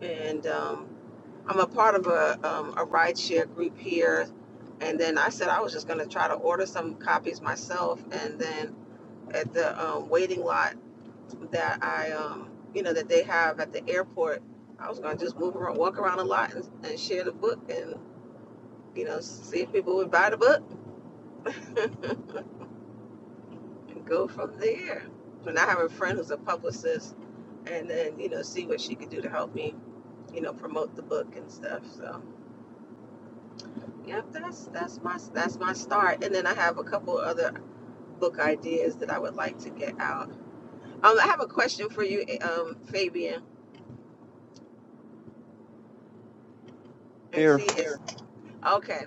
S2: And um, I'm a part of a um, a rideshare group here, and then I said I was just gonna try to order some copies myself, and then at the um, waiting lot that I, um, you know, that they have at the airport. I was gonna just move around, walk around a lot, and, and share the book, and you know, see if people would buy the book, and go from there. And I have a friend who's a publicist, and then you know, see what she could do to help me, you know, promote the book and stuff. So, yep, that's that's my that's my start. And then I have a couple other book ideas that I would like to get out. Um, I have a question for you, um, Fabian, and
S4: Here.
S2: see if Okay.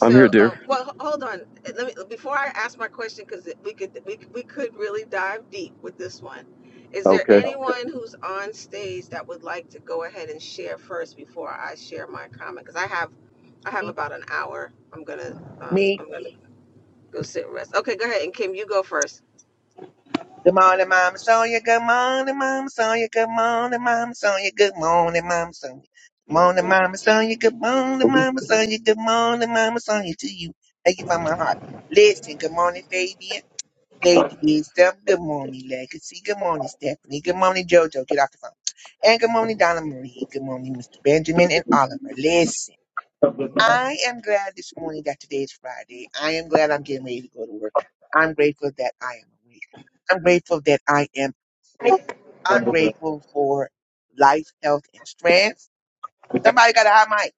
S4: I'm here,
S2: uh,
S4: dear.
S2: well, h- hold on. Let me before I ask my question because we could we we could really dive deep with this one. Is there
S4: Okay.
S2: anyone who's on stage that would like to go ahead and share first before I share my comment? Because I have I have about an hour. I'm gonna um,
S3: Me,
S2: I'm gonna go sit and rest. Okay, go ahead and Kim, you go first.
S3: Good morning, Mama Sonia. Good morning, Mama Sonia. Good morning, Mama Sonia. Good morning, Mama Sonia. Good morning, Mama Sonia. Good morning, Mama Sonia. Good morning, Mama Sonia. To you. Thank you from my heart. Listen, good morning, Fabian. Lady Wisdom. Good morning, Legacy. Good morning, Stephanie. Good morning, JoJo. Get off the phone. And good morning, Donna Marie. Good morning, Mr. Benjamin and Oliver. Listen. I am glad this morning that today is Friday. I am glad I'm getting ready to go to work. I'm grateful that I am awake. I'm grateful that I am. I'm grateful for life, health, and strength. Somebody got a hot mic.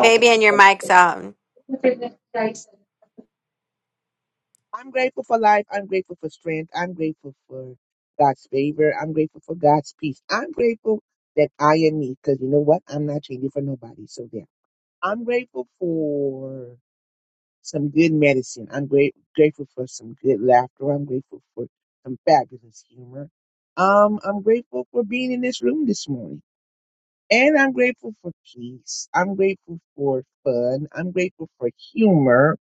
S5: Baby, and your mic's on.
S3: I'm grateful for life. I'm grateful for strength. I'm grateful for God's favor. I'm grateful for God's peace. I'm grateful that I am me because you know what? I'm not changing for nobody. So there. I'm grateful for some good medicine. I'm great, grateful for some good laughter. I'm grateful for some fabulous humor. Um, I'm grateful for being in this room this morning. And I'm grateful for peace. I'm grateful for fun. I'm grateful for humor.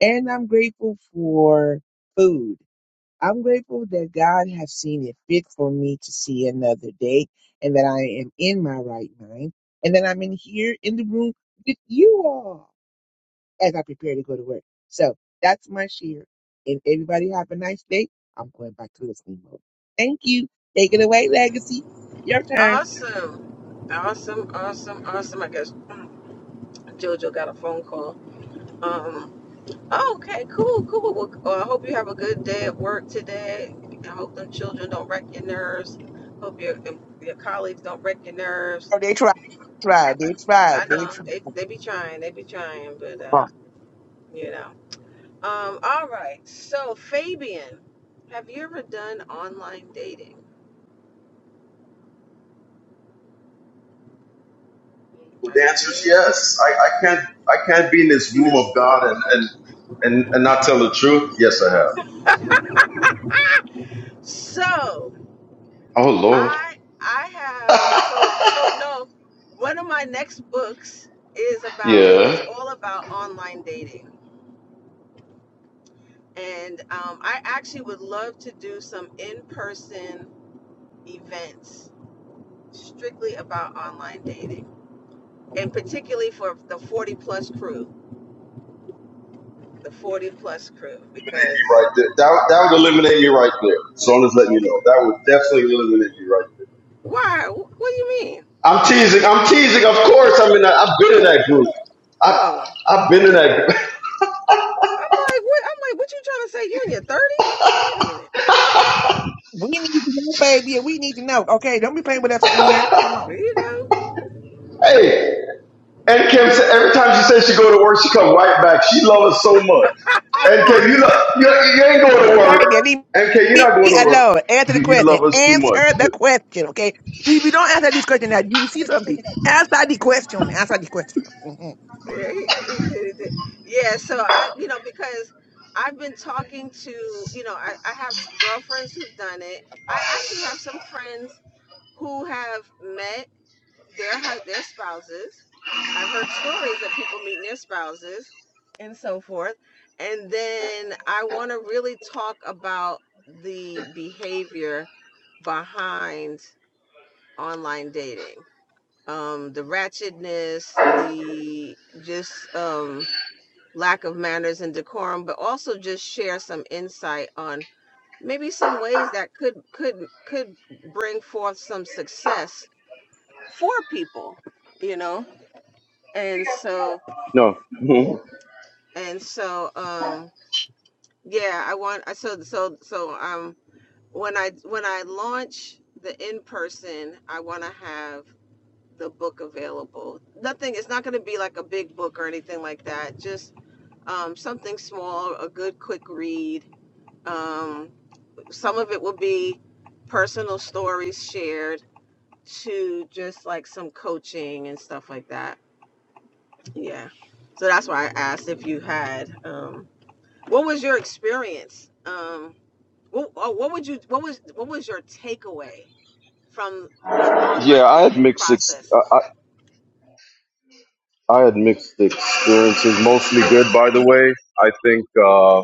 S3: And I'm grateful for food. I'm grateful that God has seen it fit for me to see another day and that I am in my right mind and that I'm in here in the room with you all as I prepare to go to work. So that's my share. And everybody have a nice day. I'm going back to listening mode. Thank you. Take it away, Legacy. Your turn.
S2: Awesome, awesome, awesome, awesome. I guess mm, JoJo got a phone call. Oh, okay, cool, cool. Well, well, I hope you have a good day at work today. I hope them children don't wreck your nerves. Hope your your colleagues don't wreck your nerves.
S3: Oh, they tried. Tried. They
S2: I
S3: tried. They
S2: know
S3: tried.
S2: they they be trying, they be trying, but uh, you know. Um, all right. So Fabian, have you ever done online dating?
S4: Well,
S2: Are
S4: the
S2: you
S4: answer is
S2: there?
S4: yes. I, I can't I can't be in this room of God and, and, and, and not tell the truth. Yes, I have.
S2: So
S4: Oh Lord.
S2: I I have so so no. One of my next books is about it's
S4: yeah.
S2: all about online dating. And um, I actually would love to do some in person events strictly about online dating, and particularly for the 40 plus crew, the 40 plus crew, because
S4: Right there. That, that would eliminate me right there. So I'm just letting you know. That would definitely eliminate me right
S2: why? What do you mean?
S4: I'm teasing. I'm teasing. Of course, I'm in. That, I've been in that group.
S2: Oh, I'm
S4: I've I've been in that group.
S2: like, what? I'm like, what you trying to say? You in your 30s? Wait a minute.
S3: We need to go, baby, up here. Come on.
S2: You know?
S4: hey, and Kim said every time she says she go to work, she come right back. She loves us so much.
S3: I
S4: And Kim, you love you, you ain't going to
S3: want
S4: work.
S3: baby,
S4: And Kim, you're
S3: leave
S4: not
S3: me
S4: going to work.
S3: alone. Answer the
S4: You, you
S3: question.
S4: love us too much.
S3: Answer the question. If you don't answer this question now, you will see something. Answer.
S2: Yeah, Yeah, so I, you know, because I've been talking to, you know, I, I have some girlfriends who've done it. I actually have some friends who have met their their spouses. I've heard stories of people meeting their spouses and so forth. And then I want to really talk about the behavior behind online dating. Um, the ratchetness, the just um, lack of manners and decorum, but also just share some insight on maybe some ways that could could could bring forth some success for people you know and so
S4: No. Mhm.
S2: and so um yeah i want i so so so um when i when i launch the in person i want to have the book available nothing it's not going to be like a big book or anything like that just um something small a good quick read um some of it will be personal stories shared to just like some coaching and stuff like that Yeah. So that's why I asked if you had um what was your experience? Um what, oh, what would you what was what was your takeaway from the
S4: Yeah,
S2: online
S4: I had
S2: dating
S4: mixed. Ex- I,
S2: process?
S4: I I had mixed experiences. Mostly good, by the way. I think. uh,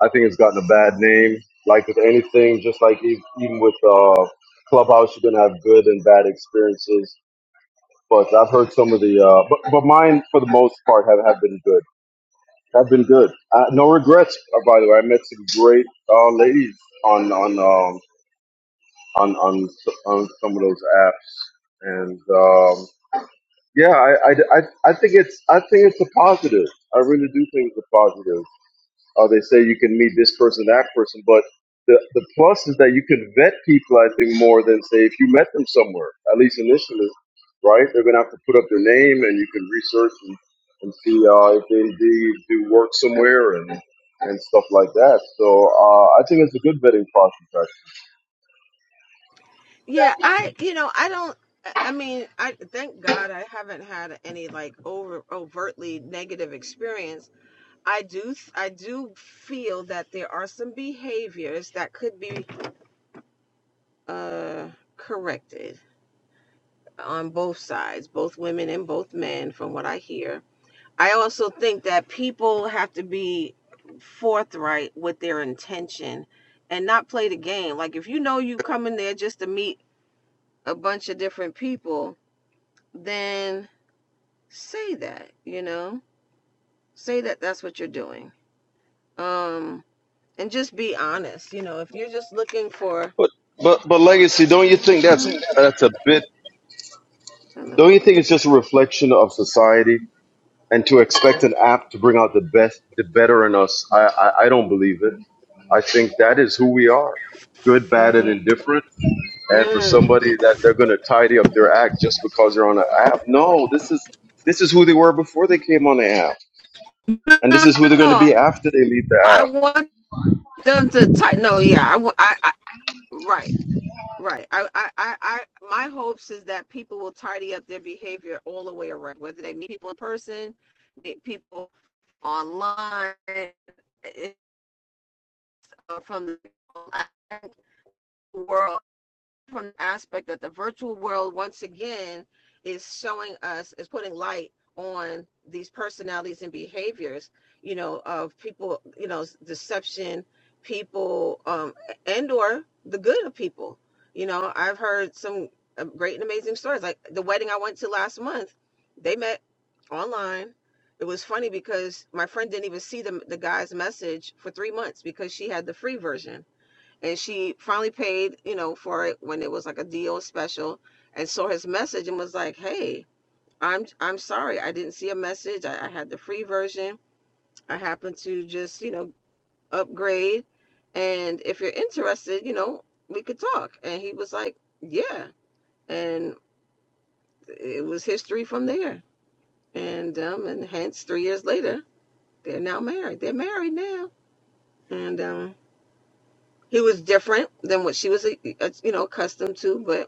S4: I think it's gotten a bad name. Like with anything, just like e- even with uh, Clubhouse, you're gonna have good and bad experiences. But I've heard some of the, uh, but, but mine for the most part have, have been good. Have been good. Uh, no regrets. Uh, by the way, I met some great uh, ladies on on um, on on s- on some of those apps, and um, yeah, I, I, I, I think it's I think it's a positive. I really do think it's a positive. Uh, they say you can meet this person, that person, but the, the plus is that you can vet people, I think, more than say if you met them somewhere, at least initially, right? They're going to have to put up their name and you can research and, and see uh, if they indeed do work somewhere and, and stuff like that. So uh, I think it's a good vetting process, actually.
S2: Yeah, I you know, I don't I I mean, I thank God I haven't had any like over overtly negative experience. I do I do feel that there are some behaviors that could be uh corrected on both sides, both women and both men, from what I hear. I also think that people have to be forthright with their intention and not play the game. Like if you know you come in there just to meet a bunch of different people, then say that, you know? Say that that's what you're doing. Um and just be honest, you know, if you're just looking for
S4: But but but legacy, don't you think that's
S2: Mm,
S4: that's a bit? Don't you think it's just a reflection of society? and to expect an app to bring out the best, the better in us, I, I, I don't believe it. I think that is who we are good, bad, and
S2: mm.
S4: indifferent. And for somebody that they're going to tidy up their act just because they're on an app, no, this is this is who they were before they came on the app, and this
S2: No,
S4: is who they're
S2: no,
S4: going to be after they leave the
S2: I
S4: app.
S2: want them to type. No, yeah, I, I, Right, right. I, I, I, I, my hopes is that people will tidy up their behavior all the way around, whether they meet people in person, meet people online, it- uh, from the world from the aspect that the virtual world once again is showing us is putting light on these personalities and behaviors you know of people you know deception people um and or the good of people you know i've heard some uh, great and amazing stories like the wedding i went to last month they met online it was funny because my friend didn't even see the, the guy's message for three months because she had the free version and she finally paid you know for it when it was like a deal special and saw his message and was like hey i'm i'm sorry i didn't see a message i, I had the free version i happened to just you know upgrade and if you're interested you know we could talk and he was like yeah and it was history from there and um and hence three years later they're now married they're married now and um he was different than what she was uh, you know accustomed to but.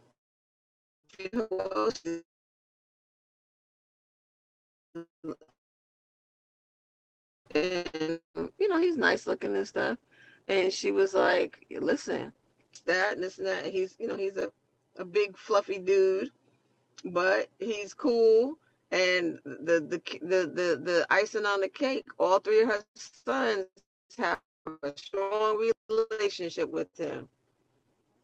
S2: who else is- and you know he's nice looking and stuff and she was like listen that and this and that and he's you know he's a, a big fluffy dude but he's cool and the the the the, the icing on the cake all three of her sons have a strong relationship with him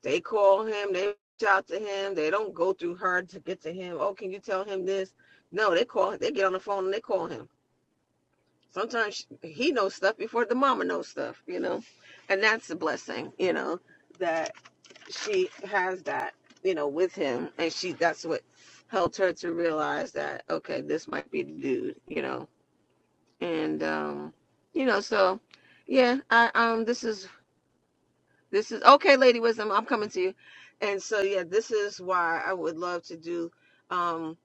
S2: they call him they reach out to him they don't go through her to get to him oh can you tell him this no they call they get on the phone and they call him sometimes he knows stuff before the mama knows stuff, you know, and that's a blessing, you know, that she has that, you know, with him, and she that's what helped her to realize that okay, this might be the dude, you know, and um, you know, so yeah, I um, this is this is okay, Lady Wisdom, I'm coming to you, and so yeah, this is why I would love to do um.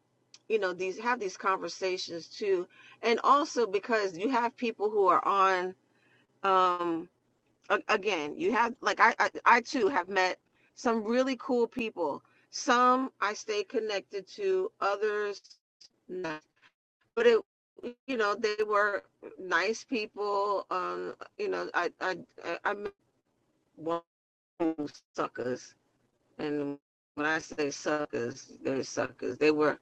S2: You know, these have these conversations too. And also because you have people who are on um again you have like I, I i too have met some really cool people some i stay connected to others not. but it you know they were nice people um you know i i i I met one suckers and when I say suckers, they're suckers. They were,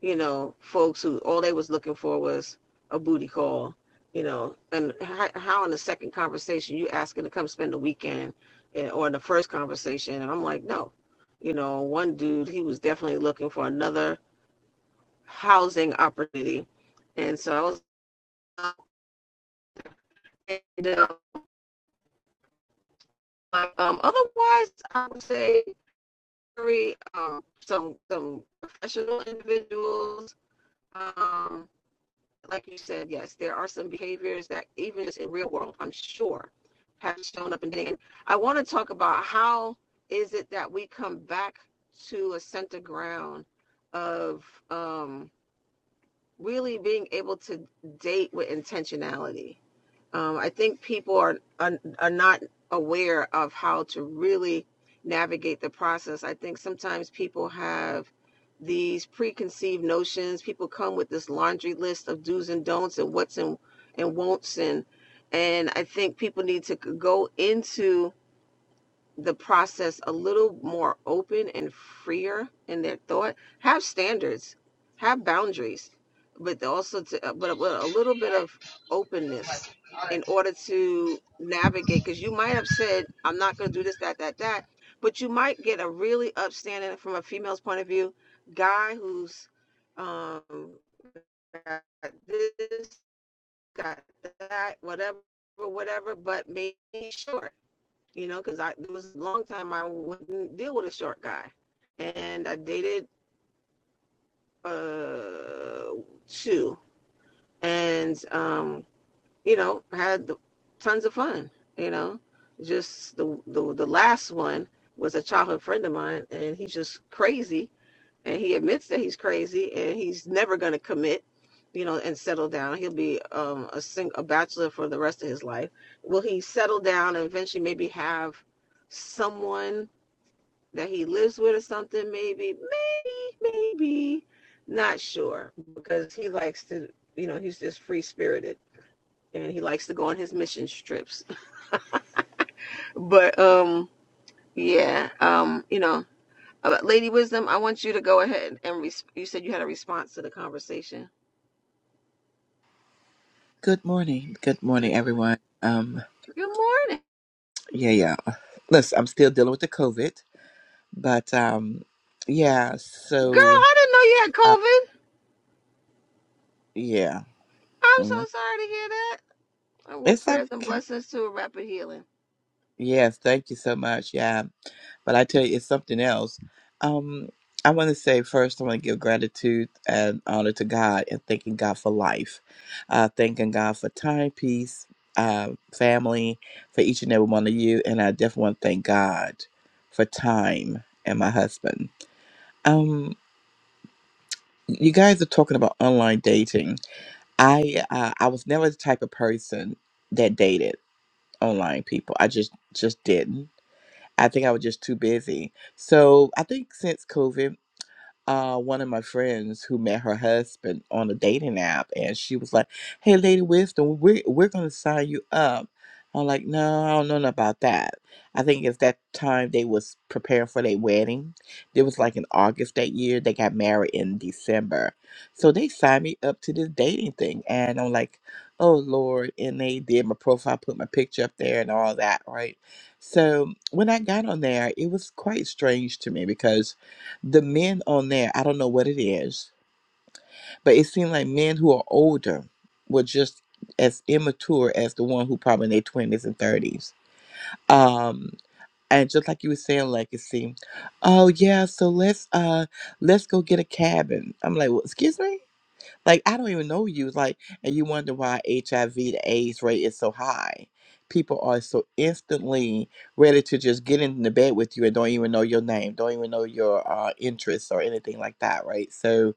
S2: you know, folks who all they was looking for was a booty call, you know. And how, how in the second conversation you asking to come spend the weekend, eh, or in the first conversation, and I'm like, no, you know, one dude he was definitely looking for another housing opportunity, and so I was, and, uh, um, otherwise I would say three um some some professional individuals um like you said, yes, there are some behaviors that even just in real world, I'm sure, have shown up. And then I want to talk about how is it that we come back to a center ground of um, really being able to date with intentionality um, I think people are, are are not aware of how to really navigate the process. I think sometimes people have these preconceived notions. People come with this laundry list of do's and don'ts and what's and and won'ts and and I think people need to go into the process a little more open and freer in their thought have standards have boundaries but they also to, uh, but, with a little bit of openness in order to navigate because you might have said i'm not going to do this that that that but you might get a really upstanding from a female's point of view guy who's um got this got that whatever whatever but made short you know, because I there was a long time I wouldn't deal with a short guy, and I dated uh two, and um, you know, had tons of fun. You know, just the, the the last one was a childhood friend of mine, and he's just crazy, and he admits that he's crazy, and he's never going to commit. You know, and settle down. He'll be um, a sing- a bachelor for the rest of his life. Will he settle down and eventually maybe have someone that he lives with or something maybe maybe maybe not sure because he likes to you know he's just free spirited and he likes to go on his mission trips but um yeah um you know uh, lady wisdom i want you to go ahead and res- you said you had a response to the conversation
S7: Good morning. Good morning, everyone. Um,
S2: good morning
S7: yeah, yeah. Listen, I'm still dealing with the COVID, but um, yeah.
S2: girl
S7: So,
S2: i didn't know you had
S7: uh,
S2: covid
S7: yeah,
S2: i'm so
S7: mm,
S2: sorry to hear that i will
S7: it's
S2: prayers and
S7: okay.
S2: blessings to a rapid healing
S7: Yes, thank you so much. Yeah, but I tell you, it's something else. Um, I want to say first, I want to give gratitude and honor to God and thanking God for life, uh, thanking God for time, peace, uh, family, for each and every one of you, and I definitely want to thank God for time and my husband Um, you guys are talking about online dating. I uh, I was never the type of person that dated online people. I just just didn't. I think I was just too busy. So I think since COVID uh, one of my friends who met her husband on a dating app, and she was like, "Hey, Lady Wisdom, we're we're gonna sign you up." I'm like, "No, I don't know nothing about that." I think it's that time they was preparing for their wedding. It was like in August that year. They got married in December, so they signed me up to this dating thing, and I'm like, "Oh Lord!" And they did my profile, put my picture up there, and all that, right? So when I got on there, it was quite strange to me because the men on there, I don't know what it is, but it seemed like men who are older were just as immature as the one who probably in their twenties and thirties. Um, and just like you were saying, legacy. Oh yeah, so let's uh let's go get a cabin. I'm like, well, excuse me. Like, I don't even know you. Like, and you wonder why HIV, the AIDS rate is so high. People are so instantly ready to just get in the bed with you and don't even know your name, don't even know your uh, interests or anything like that, right? So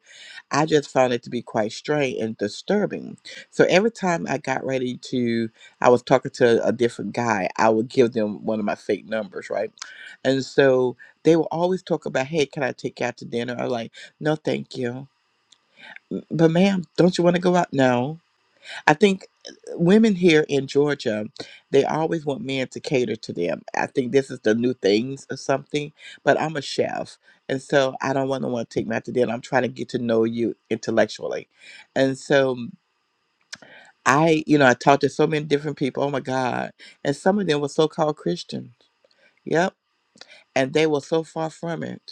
S7: I just found it to be quite strange and disturbing. So every time I got ready to, I was talking to a different guy, I would give them one of my fake numbers, right? And so they will always talk about, hey, can I take you out to dinner? I'm like, no, thank you but ma'am, don't you want to go out? No. I think uh, women here in Georgia, they always want men to cater to them. I think this is the new things or something, but I'm a chef. And so I don't want to want to take me out to dinner. I'm trying to get to know you intellectually. And so I, you know, I talked to so many different people. Oh my God. And some of them were so called Christians. Yep. And they were so far from it.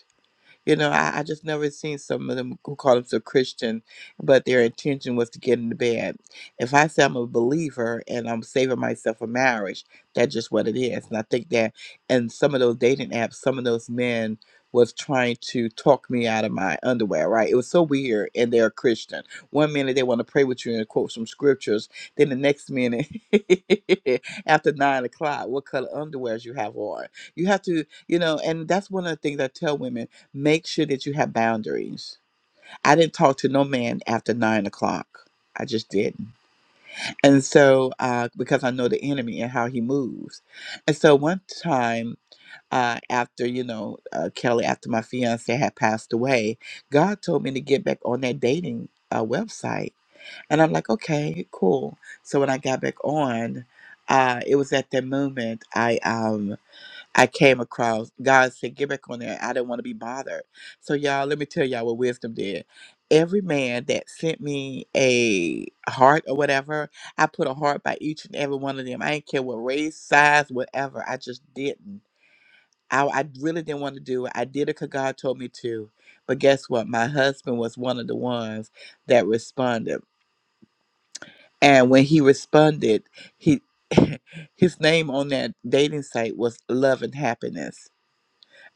S7: You know, I, I just never seen some of them who call themselves Christian, but their intention was to get into bed. If I say I'm a believer and I'm saving myself for marriage, that's just what it is. And I think that in some of those dating apps, some of those men was trying to talk me out of my underwear, right? It was so weird and they're a Christian. One minute they want to pray with you and quote some scriptures. Then the next minute after nine o'clock, what color underwears you have on. You have to, you know, and that's one of the things I tell women Make sure that you have boundaries. I didn't talk to no man after nine o'clock. I just didn't. And so, uh, because I know the enemy and how he moves. And so, one time, uh, after, you know, uh, Kelly, after my fiance had passed away, God told me to get back on that dating uh, website. And I'm like, okay, cool. So, when I got back on, uh, it was at that moment I. Um, I came across. God said, get back on there. I didn't want to be bothered. So, y'all, let me tell y'all what wisdom did. Every man that sent me a heart or whatever, I put a heart by each and every one of them. I didn't care what race, size, whatever. I just didn't. I, I really didn't want to do it. I did it because God told me to. But guess what? My husband was one of the ones that responded. And when he responded, he his name on that dating site was Love and Happiness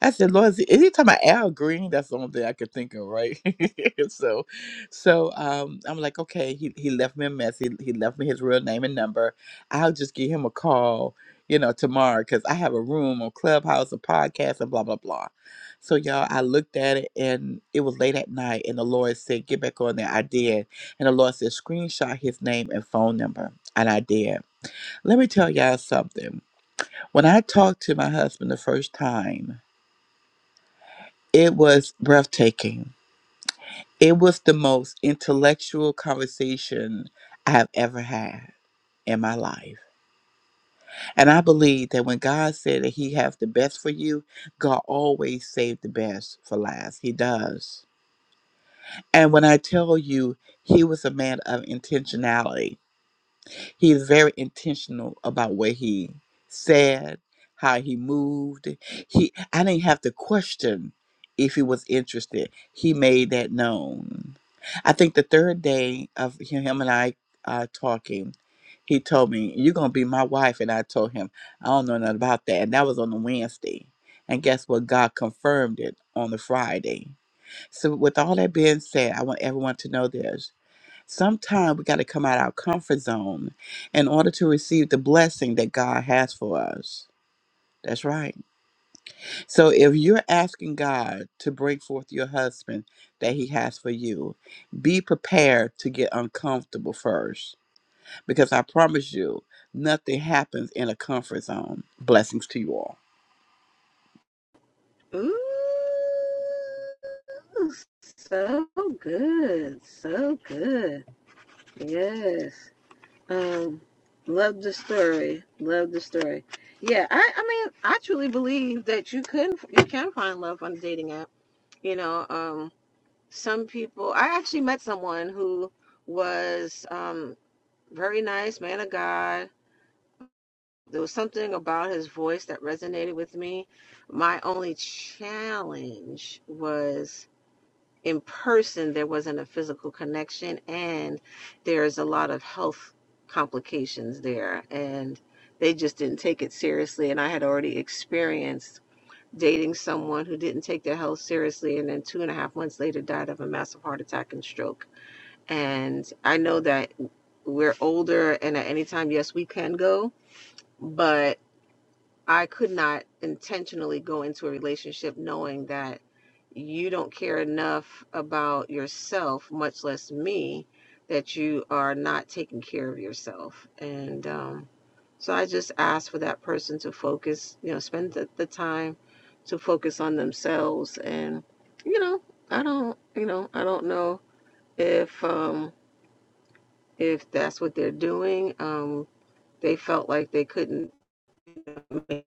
S7: I said, Lord, is anytime I Al Green, that's the only thing I could think of, right? so, so um, I'm like, okay, he, he left me a message. He left me his real name and number. I'll just give him a call, you know, tomorrow because I have a room on Clubhouse, a podcast, and blah, blah, blah. So, y'all, I looked at it and it was late at night, and the Lord said, get back on there. I did. And the Lord said, screenshot his name and phone number. And I did. Let me tell y'all something. When I talked to my husband the first time, it was breathtaking. It was the most intellectual conversation I have ever had in my life. And I believe that when God said that He has the best for you, God always saved the best for last. He does. And when I tell you, He was a man of intentionality He is very intentional about what he said, how he moved. He I didn't have to question if he was interested. He made that known. I think the third day of him him and I uh, talking, he told me, You're gonna be my wife and I told him, I don't know nothing about that. And that was on the Wednesday. And guess what? God confirmed it on the Friday. So with all that being said, I want everyone to know this. Sometimes we got to come out our comfort zone in order to receive the blessing that God has for us. That's right. So if you're asking God to bring forth your husband that he has for you, be prepared to get uncomfortable first because I promise you, nothing happens in a comfort zone. Blessings to you all.
S2: Ooh, so good, so good. Yes. Um, love the story. Love the story. Yeah, I, I mean, I truly believe that you can you can find love on a dating app. You know, um, some people. I actually met someone who was um very nice, man of God. There was something about his voice that resonated with me. My only challenge was in person there wasn't a physical connection and there's a lot of health complications there and they just didn't take it seriously and i had already experienced dating someone who didn't take their health seriously and then two and a half months later died of a massive heart attack and stroke and i know that we're older and at any time yes we can go but. I could not intentionally go into a relationship knowing that you don't care enough about yourself, much less me, that you are not taking care of yourself. And um, so I just ask for that person to focus, you know, spend the, the time to focus on themselves. And, you know, I don't, you know, I don't know if, um, if that's what they're doing. Um, they felt like they couldn't make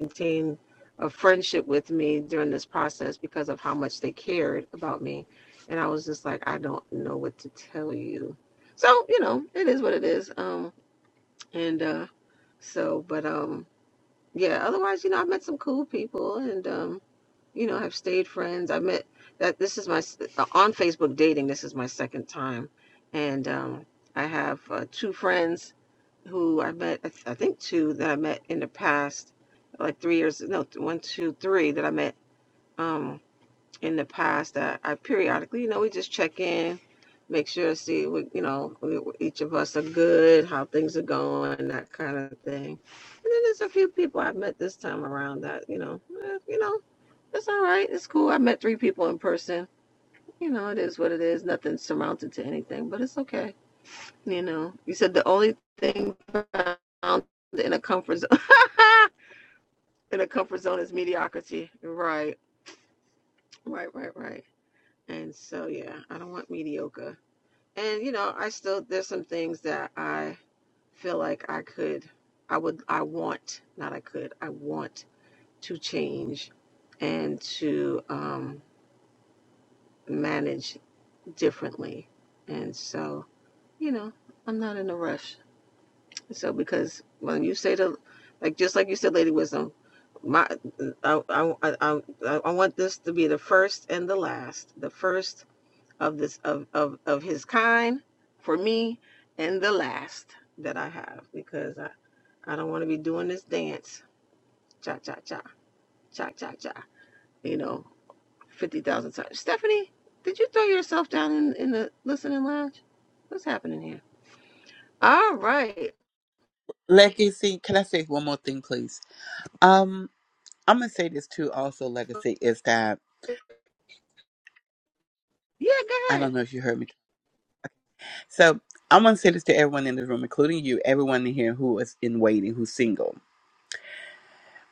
S2: maintain a friendship with me during this process because of how much they cared about me. And I was just like, I don't know what to tell you. So, you know, it is what it is. Um and uh so but um yeah, otherwise, you know, I've met some cool people and um, you know, have stayed friends. I met that this is my on Facebook dating, this is my second time. And um I have uh, two friends who I met, I th- I think two that I met in the past, like three years, no, th- one, two, three that I met um, in the past that I periodically, you know, we just check in, make sure to see what, you know, we, each of us are good, how things are going, that kind of thing. And then there's a few people I've met this time around that, you know, eh, you know, it's all right, it's cool. I met three people in person. You know, it is what it is. Nothing surmounted to anything, but it's okay you know, you said the only thing found in a comfort zone in a comfort zone is mediocrity. Right, right, right, right. And so yeah, I don't want mediocre. And you know, I still there's some things that I feel like I could, I would, I want, not I could, I want to change and to um, manage differently. And so you know, I'm not in a rush. So because when you say the like just like you said, Lady Wisdom, my I I I, I want this to be the first and the last, the first of this of of of his kind for me, and the last that I have because I I don't want to be doing this dance cha cha cha cha cha cha you know fifty thousand times. Stephanie, did you throw yourself down in in the listening lounge? What's happening here? All right,
S7: Legacy, can I say one more thing, please? Um, I'm gonna say this too. Also, legacy is that
S2: yeah,
S7: I
S2: go ahead.
S7: don't know if you heard me So I'm going to say this to everyone in the room, including you, everyone in here who is in waiting, who's single.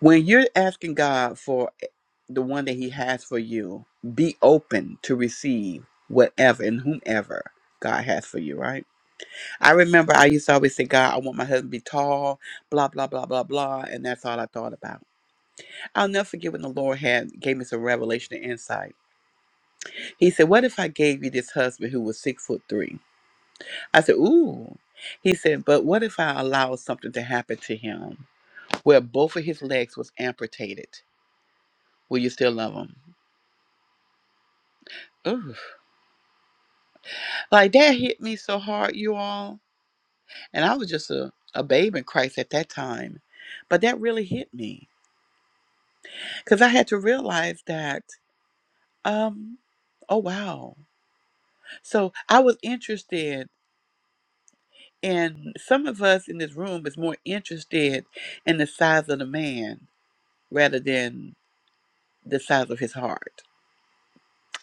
S7: When you're asking God for eh, the one that He has for you, be open to receive whatever and whomever God has for you, right? I remember I used to always say, God, I want my husband to be tall, blah, blah, blah, blah, blah. And that's all I thought about. I'll never forget when the Lord had gave me some revelation and insight. He said, What if I gave you this husband who was six foot three? I said, Ooh. He said, But what if I allow something to happen to him where both of his legs was amputated? Will you still love him? Ooh. Like that hit me so hard, you all. And I was just a, a babe in Christ at that time. But that really hit me because I had to realize that, um, oh, wow. So I was interested in some of us in this room is more interested in the size of the man rather than the size of his heart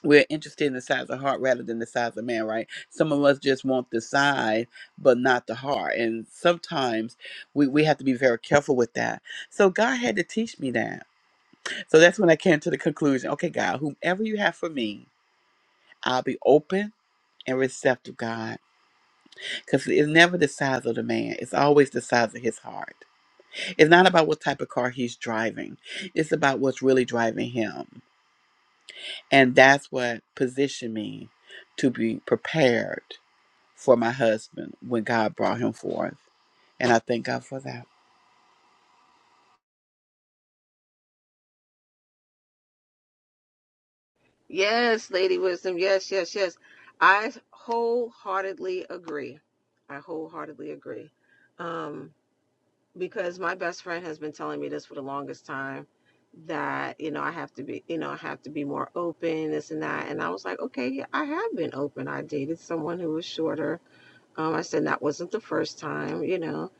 S7: we're interested in the size of heart rather than the size of man, right? Some of us just want the size, but not the heart. And sometimes we, we have to be very careful with that. So God had to teach me that. So that's when I came to the conclusion okay, God, whomever you have for me, I'll be open and receptive, God. Because it's never the size of the man, it's always the size of his heart. It's not about what type of car he's driving, it's about what's really driving him. And that's what positioned me to be prepared for my husband when God brought him forth. And I thank God for that.
S2: Yes, Lady Wisdom. Yes, yes, yes. I wholeheartedly agree. I wholeheartedly agree. Um, because my best friend has been telling me this for the longest time that, you know, I have to be, you know, I have to be more open, this and that. And I was like, okay, yeah, I have been open. I dated someone who was shorter um, I said that wasn't the first time, you know.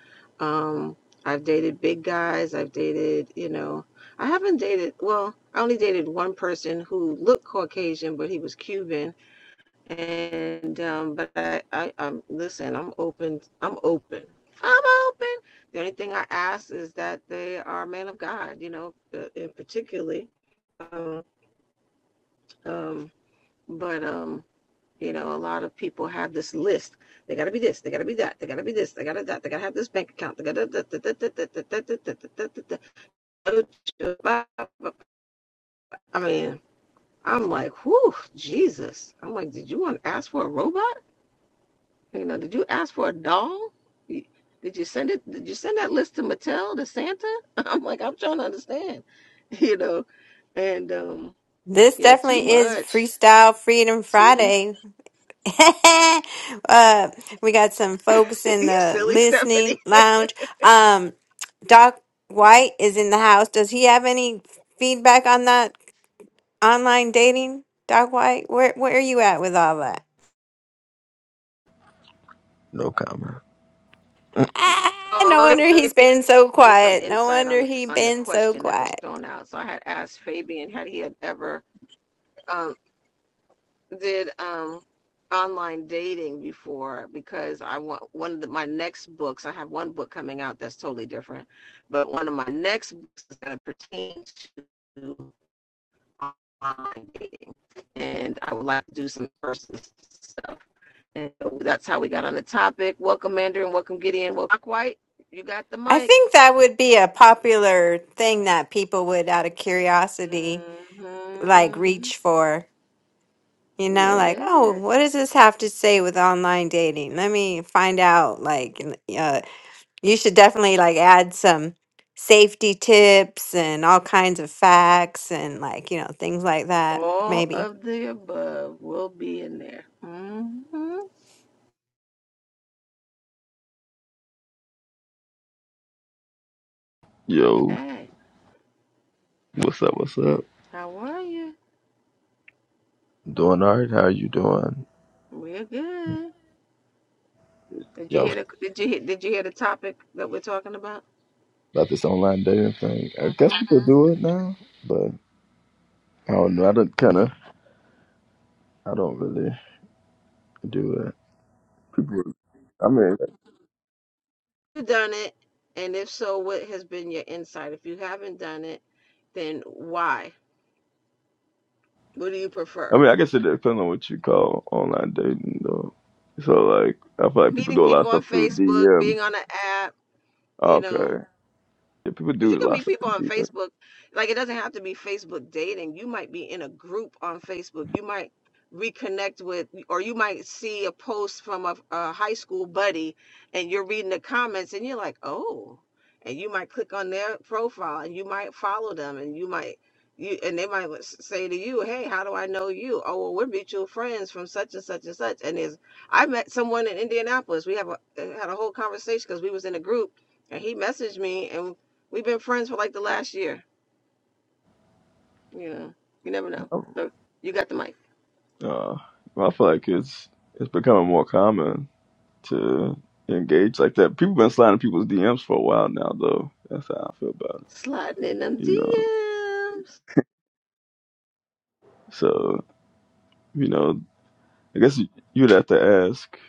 S2: Um, I've dated big guys. I've dated, you know, I haven't dated, well, I only dated one person who looked Caucasian, but he was Cuban. And, um, but I, I, I'm, listen, I'm open. I'm open. I'm open. The only thing I ask is that they are men of God, you know, uh, in particularly. Um, um, but, um, you know, a lot of people have this list. They got to be this. They got to be that. They got to be this. They got to that. They got to have this bank account. They got to. I mean, I'm like, whew, Jesus. I'm like, did you want to ask for a robot? You know, did you ask for a doll? Did you send it? Did you send that list to Mattel to Santa? I'm like, I'm trying to understand. You know, and um,
S5: This
S2: yeah, too
S5: definitely is
S2: much.
S5: Freestyle Freedom
S2: Too.
S5: Friday. uh, we got some folks in
S2: you
S5: the
S2: silly, Stephanie.
S5: listening lounge. Um, Doc White is in the house. Does he have any feedback on that online dating? Doc White, where where are you at with all that?
S8: No comment.
S5: Ah, no
S2: Oh,
S5: wonder he's
S2: okay.
S5: been so
S2: him some
S5: quiet. No
S2: insight
S5: wonder
S2: on
S5: he
S2: on the
S5: been so
S2: question that was
S5: quiet.
S2: thrown out. So I had asked Fabian had he had ever um, did um, online dating before because I want one of the, my next books. I have one book coming out that's totally different, but one of my next books is going to pertain to online dating, and I would like to do some personal stuff. And so that's how we got on the topic. Welcome, Mandarin. Welcome, Gideon. Welcome, Black White. You got the
S5: I
S2: mic.
S5: think that would be a popular thing that people would, out of curiosity, like
S2: hmm
S5: reach for you know like oh
S2: Yeah.
S5: what does this have to say with online dating let me find out like n- uh, you should definitely like add some safety tips and all kinds of facts and like you know things like that
S2: All
S5: maybe
S2: of the above will be in there. Mm-hmm.
S8: Yo,
S2: Hey,
S8: what's up? What's up?
S2: how are you?
S8: Doing alright? How are you doing?
S2: We're good. Did you
S8: Yo,
S2: hear the did you hear, did you hear the topic that we're talking about?
S8: about this online dating thing. I guess
S2: Mm.
S8: people do it now, but I don't know. I don't kind of. I don't really do it. People. I mean,
S2: You done it, and if so, what has been your insight? If you haven't done it, then why? What do you
S8: I
S2: prefer?
S8: mean, I guess it depends on what you call online dating, though. So like, I feel like people
S2: Meeting
S8: do a lot of
S2: people on
S8: stuff through
S2: Facebook,
S8: DMs.
S2: being on an app, you
S8: Okay,
S2: know.
S8: yeah, people
S2: Because
S8: do
S2: you
S8: a
S2: can
S8: lot of
S2: meet
S8: stuff
S2: people on
S8: through
S2: Facebook. Like it doesn't have to be Facebook dating. You might be in a group on Facebook. You might reconnect with, or you might see a post from a, a high school buddy and you're reading the comments and you're like, oh. And you might click on their profile and you might follow them and you might. You, and they might s- say to you, "Hey, how do I know you? Oh, well, we're mutual friends from such and such and such." And there's, I met someone in Indianapolis. We have a, had a whole conversation because we was in a group, and he messaged me, and We've been friends for like the last year. You know, you never know.
S8: DMs.
S2: So you got the mic.
S8: Uh, I feel like it's it's becoming more common. to engage like that. People been sliding people's DMs for a while now, though. That's how I feel about
S2: Sliding in them
S8: it. You know,
S2: DMs.
S8: so you know, I guess you- you'd have to ask.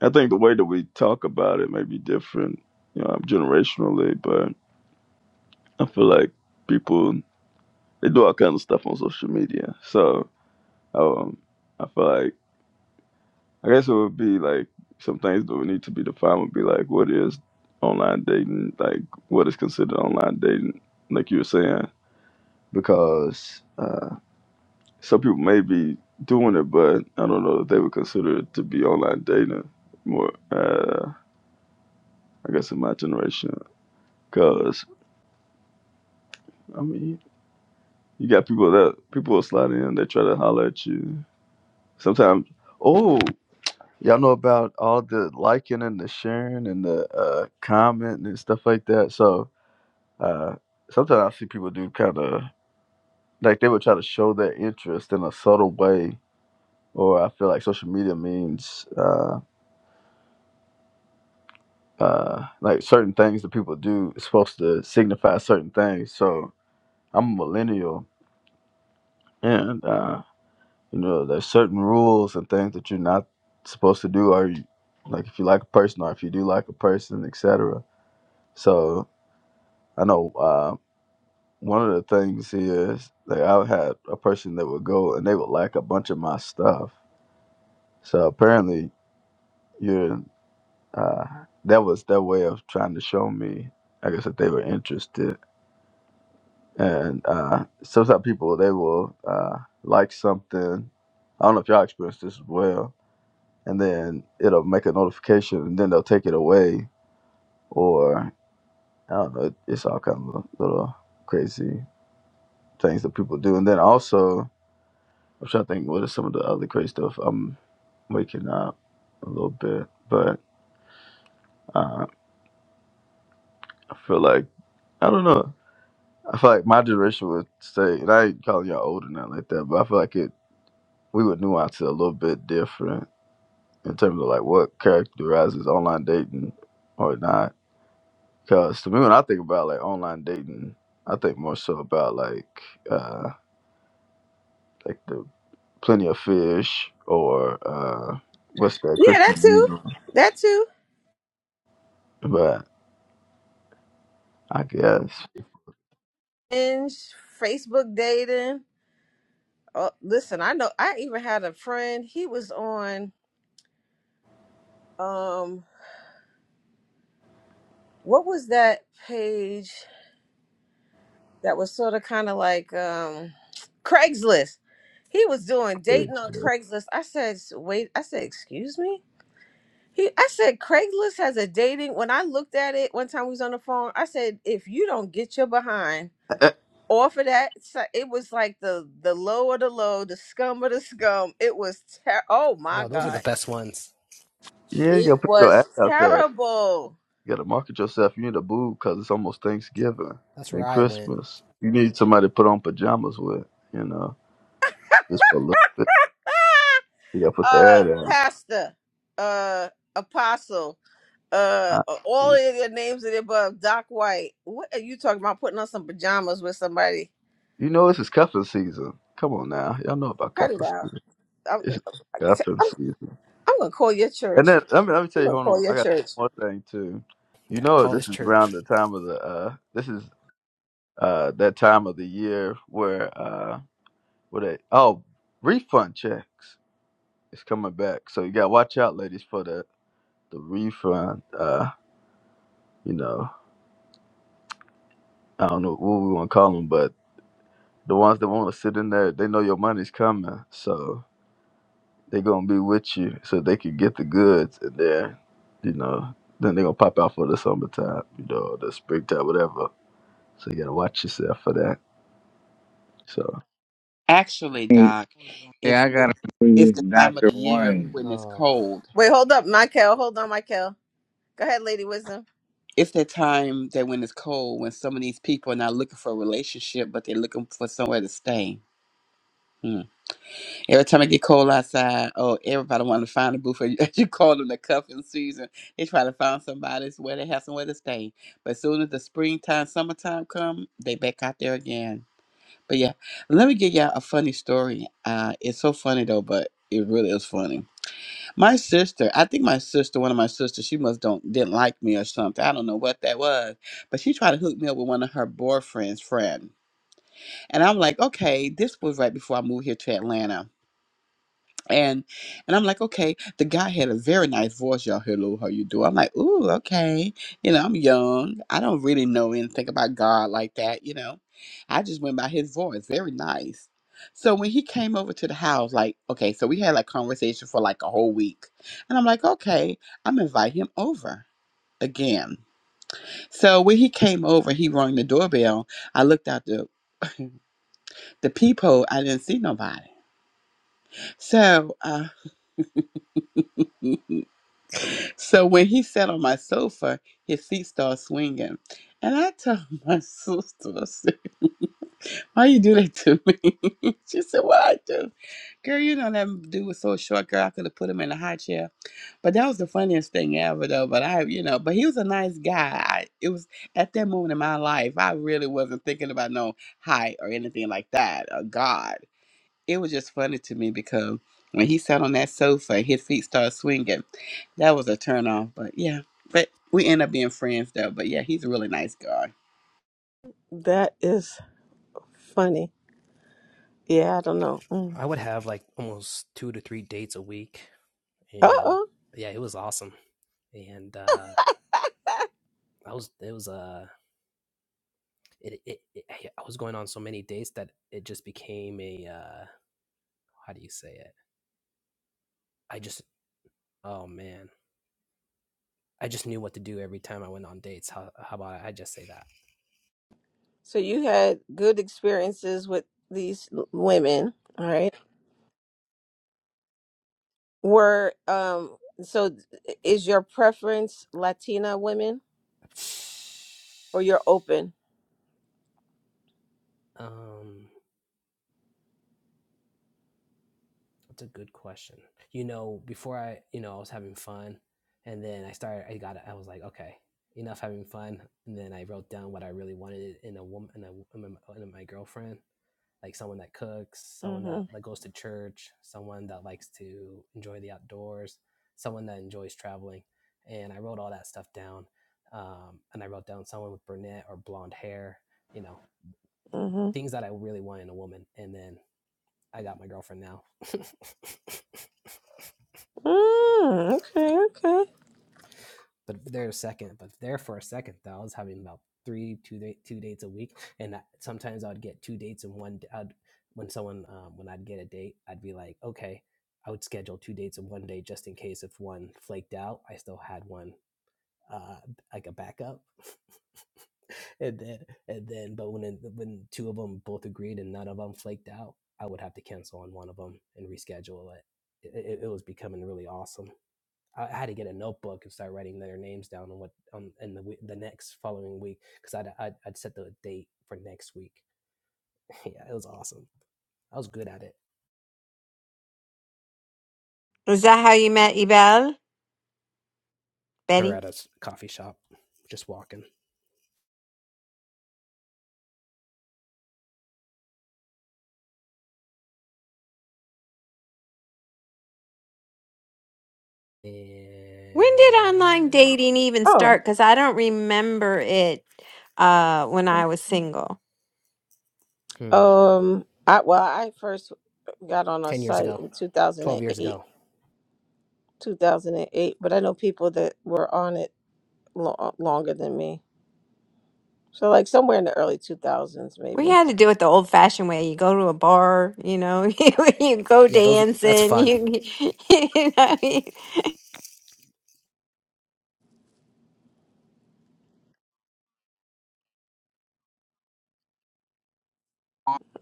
S8: I think the way that we talk about it may be different, you know, generationally, but I feel like people they do all kinds of stuff on social media. So um, I feel like I guess it would be like some things that would need to be defined would be like what is online dating, like what is considered online dating, like you were saying because uh, some people may be doing it, but I don't know if they would consider it to be online dating. More, uh, I guess, in my generation, because I mean, you got people that people will slide in, they try to holler at you. Sometimes, oh, y'all know about all the liking and the sharing and the uh, comment and stuff like that. So uh, sometimes I see people do kind of like they would try to show their interest in a subtle way, or I feel like social media means. Uh, uh like certain things that people do is supposed to signify certain things so i'm a millennial and uh you know there's certain rules and things that you're not supposed to do or you, like if you like a person or if you do like a person etc so i know uh one of the things is like i had a person that would go and they would like a bunch of my stuff so apparently you're uh that was their way of trying to show me i guess that they were interested And uh, sometimes people they will uh, like something. I don't know if y'all experience this as well. And then it'll make a notification, and then they'll take it away, or I don't know. It's all kind of little crazy things that people do. And then also, I'm trying to think what are some of the other crazy stuff. I'm waking up a little bit, but uh, I feel like I don't know. I feel like my generation would say, and I ain't calling y'all old or nothing like that, but I feel like it. We would nuance it a little bit different in terms of like what characterizes online dating or not. Because to me, when I think about like online dating, I think more so about like uh, like the Plenty of Fish or uh, what's that
S2: Yeah,
S8: Christian
S2: that too.
S8: Music.
S2: That too.
S8: But I guess
S2: And Facebook dating. Oh, listen, I know I even had a friend. He was on um what was that page that was sort of kind of like um Craigslist. He was doing dating on Craigslist. I said, "Wait." I said, "Excuse me?" He, I said Craigslist has a dating. When I looked at it one time, we was on the phone. I said, if you don't get your behind off of that, so it was like the the low of the low, the scum of the scum. It was ter- oh my
S6: No, those are the
S2: god,
S6: best ones.
S8: yeah, you
S2: it
S8: gotta put your
S2: was
S8: ad out there.
S2: terrible.
S8: You gotta market yourself. You need a boo because it's almost Thanksgiving
S6: That's where
S8: and
S6: I went.
S8: Christmas. You need somebody to put on pajamas with, you know, just for a little bit. You gotta put the
S2: Uh,
S8: ad
S2: pastor, uh, apostle, uh,
S8: out.
S2: all of their names of the above. Doc White. What are you talking about? Putting on some pajamas with somebody?
S8: You know this is cuffing season. Come on now, y'all know about
S2: Cut it
S8: cuffing
S2: out.
S8: season.
S2: I'm,
S8: It's
S2: I'm,
S8: cuffing season.
S2: I'm gonna call your
S8: And
S2: church.
S8: then let me let me tell
S2: I'm
S8: you.
S2: gonna
S8: Hold on,
S2: call your
S8: I got
S2: church.
S8: one more thing too. You
S6: Yeah,
S8: know
S6: college
S8: this is around the
S6: church.
S8: time of the uh this is uh that time of the year where uh what they oh refund checks is coming back. So you got to watch out, ladies, for the the refund. Uh, you know I don't know what we want to call them, but the ones that want to sit in there, they know your money's coming. So. they gonna be with you so they can get the goods and then you know then they gonna pop out for the summertime you know the springtime whatever so you gotta watch yourself for that So.
S7: Actually,
S9: Hey,
S7: Doc,
S9: yeah,
S7: it's
S9: I gotta agree
S7: it's the
S9: with
S7: time of
S9: Dr.
S7: the year
S9: One.
S7: when it's
S6: Oh,
S7: cold.
S2: Wait, hold up, Michael. Hold on, Michael. Go ahead, Lady Wisdom.
S7: It's the time that when it's cold, when some of these people are not looking for a relationship, but they're looking for somewhere to stay. Hmm. Every time it get cold outside, oh, everybody want to find a booth. Or you call them the cuffing season. They try to find somebody where they have somewhere to stay. But as soon as the springtime, summertime come, they back out there again. But yeah, let me give y'all a funny story. Uh, it's so funny though, but it really is funny. My sister, I think my sister, one of my sisters, she must don't didn't like me or something. I don't know what that was, but she tried to hook me up with one of her boyfriend's friend, and I'm like, okay, this was right before I moved here to Atlanta and and I'm like, okay, the guy had a very nice voice, y'all. Hello, how you do? I'm like, ooh, okay. You know, I'm young. I don't really know anything about God like that, you know. I just went by his voice. Very nice. So when he came over to the house, like, okay, so we had like conversation for like a whole week. And I'm like, okay, I'm invite him over again. So when he came over, he rang the doorbell. I looked out the the peephole, I didn't see nobody. So uh So when he sat on my sofa, his feet started swinging. And I told my sister, I said, why you do that to me? she said, what I do? Girl, you know that dude was so short, girl, I could have put him in a high chair. But that was the funniest thing ever, though. But I, you know, but he was a nice guy. I, it was at that moment in my life, I really wasn't thinking about no height or anything like that, or God it was just funny to me because when he sat on that sofa and his feet started swinging, that was a turn off. But yeah, but we end up being friends though. But yeah, he's a really nice guy.
S2: That is funny. Yeah, I don't know. Mm.
S6: I would have like almost two to three dates a week.
S2: Uh
S6: and
S2: oh.
S6: yeah, it was awesome. And uh, I was it was
S2: So you had good experiences with these l- women, all right? Were um. So is your preference Latina women? or you're open. Mhm. Mhm. Mm, okay. Okay.
S6: yeah, it was awesome. I was good at it.
S5: is that how you met Ibel
S6: Her
S5: Betty
S6: at a coffee shop, just walking.
S5: when did online
S6: And
S5: dating even
S2: Oh.
S5: start because I don't remember it uh when I was single
S6: hmm,
S2: Um. I well, I first got on a
S6: ten years
S2: site
S6: ago,
S2: in
S6: twelve years
S2: 2008.
S6: ago.
S2: 2008, but I know people that were on it lo- uh, longer than me. So, like somewhere in the early 2000s,
S5: We
S2: maybe.
S5: had to do it the old fashioned way. You go to a bar, you know, you, you go
S6: Yeah, those that's
S5: dancing.
S6: fun.
S5: You, you know, you-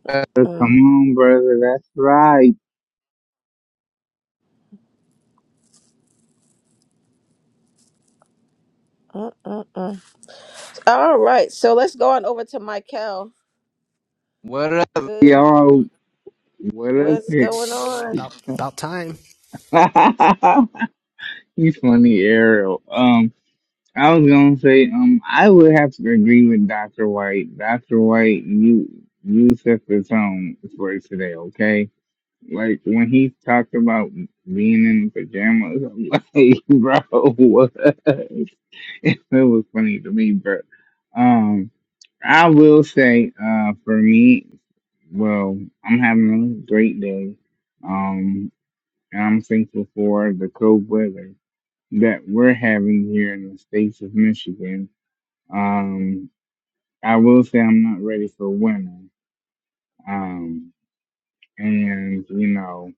S9: Uh, Come
S2: Mm,
S9: on, brother. That's right.
S2: mm, mm, mm. All right, so let's go on over to Michael.
S9: What up?
S2: Good,
S9: Y'all, what up
S2: what's
S9: here?
S2: going on?
S6: About about time.
S9: you funny, Ariel. Um, I was gonna say, um, I would have to agree with Dr. White. Dr. White, you you set the tone for today, okay? Like when he talked about being in pajamas, I'm like, bro, what? It was funny to me, bro. Um, I will say, uh, for me, well, I'm having a great day. Um, and I'm thankful for the cold weather that we're having here in the states of Michigan. Um, I will say I'm not ready for winter. Um, and you know.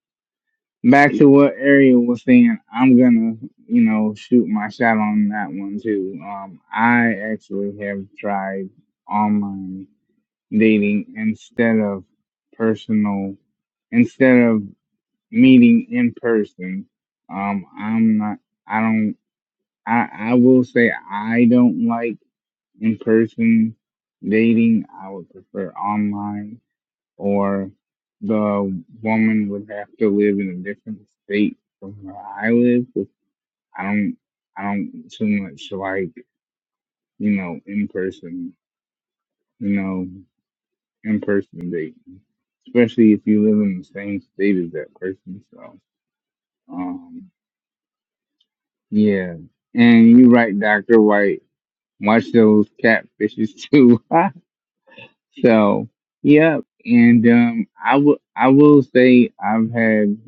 S9: back to what Ariel was saying, I'm gonna, you know, shoot my shot on that one too. Um, I actually have tried online dating instead of personal, instead of meeting in person. Um, I'm not, I don't, I, I will say I don't like in person dating. I would prefer online or the woman would have to live in a different state from where I live. 'cause I don't, I don't too much like you know in person, you know in person dating, especially if you live in the same state as that person. So, um, yeah, and you're right, Doctor White. Watch those catfishes too. so, yep. And um, I will, I will say I've had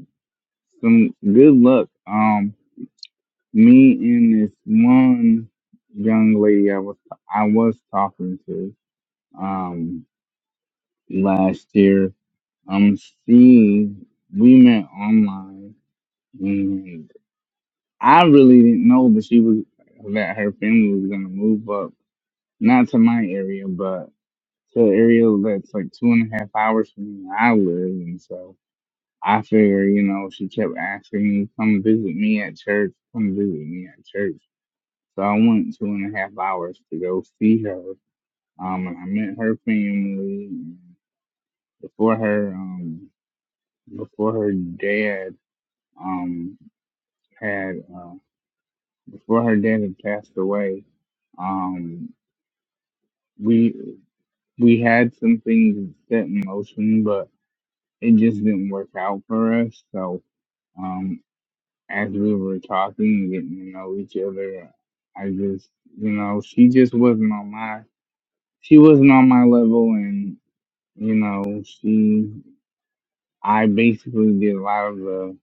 S9: some good luck. Um, Me and this one young lady I was I was talking to um last year. Um, she we met online, and I really didn't know, but she was that her family was gonna move up, not to my area, but to an area that's like two and a half hours from where I live, and so I figure, you know, she kept asking me, "Come visit me at church. Come visit me at church." So I went two and a half hours to go see her. Um, and I met her family before her um before her dad um had uh before her dad had passed away. Um, we we had some things set in motion, but it just didn't work out for us. So um, as we were talking, getting to know each other, I just you know she just wasn't on my she wasn't on my level You know, she, I basically did a lot of the,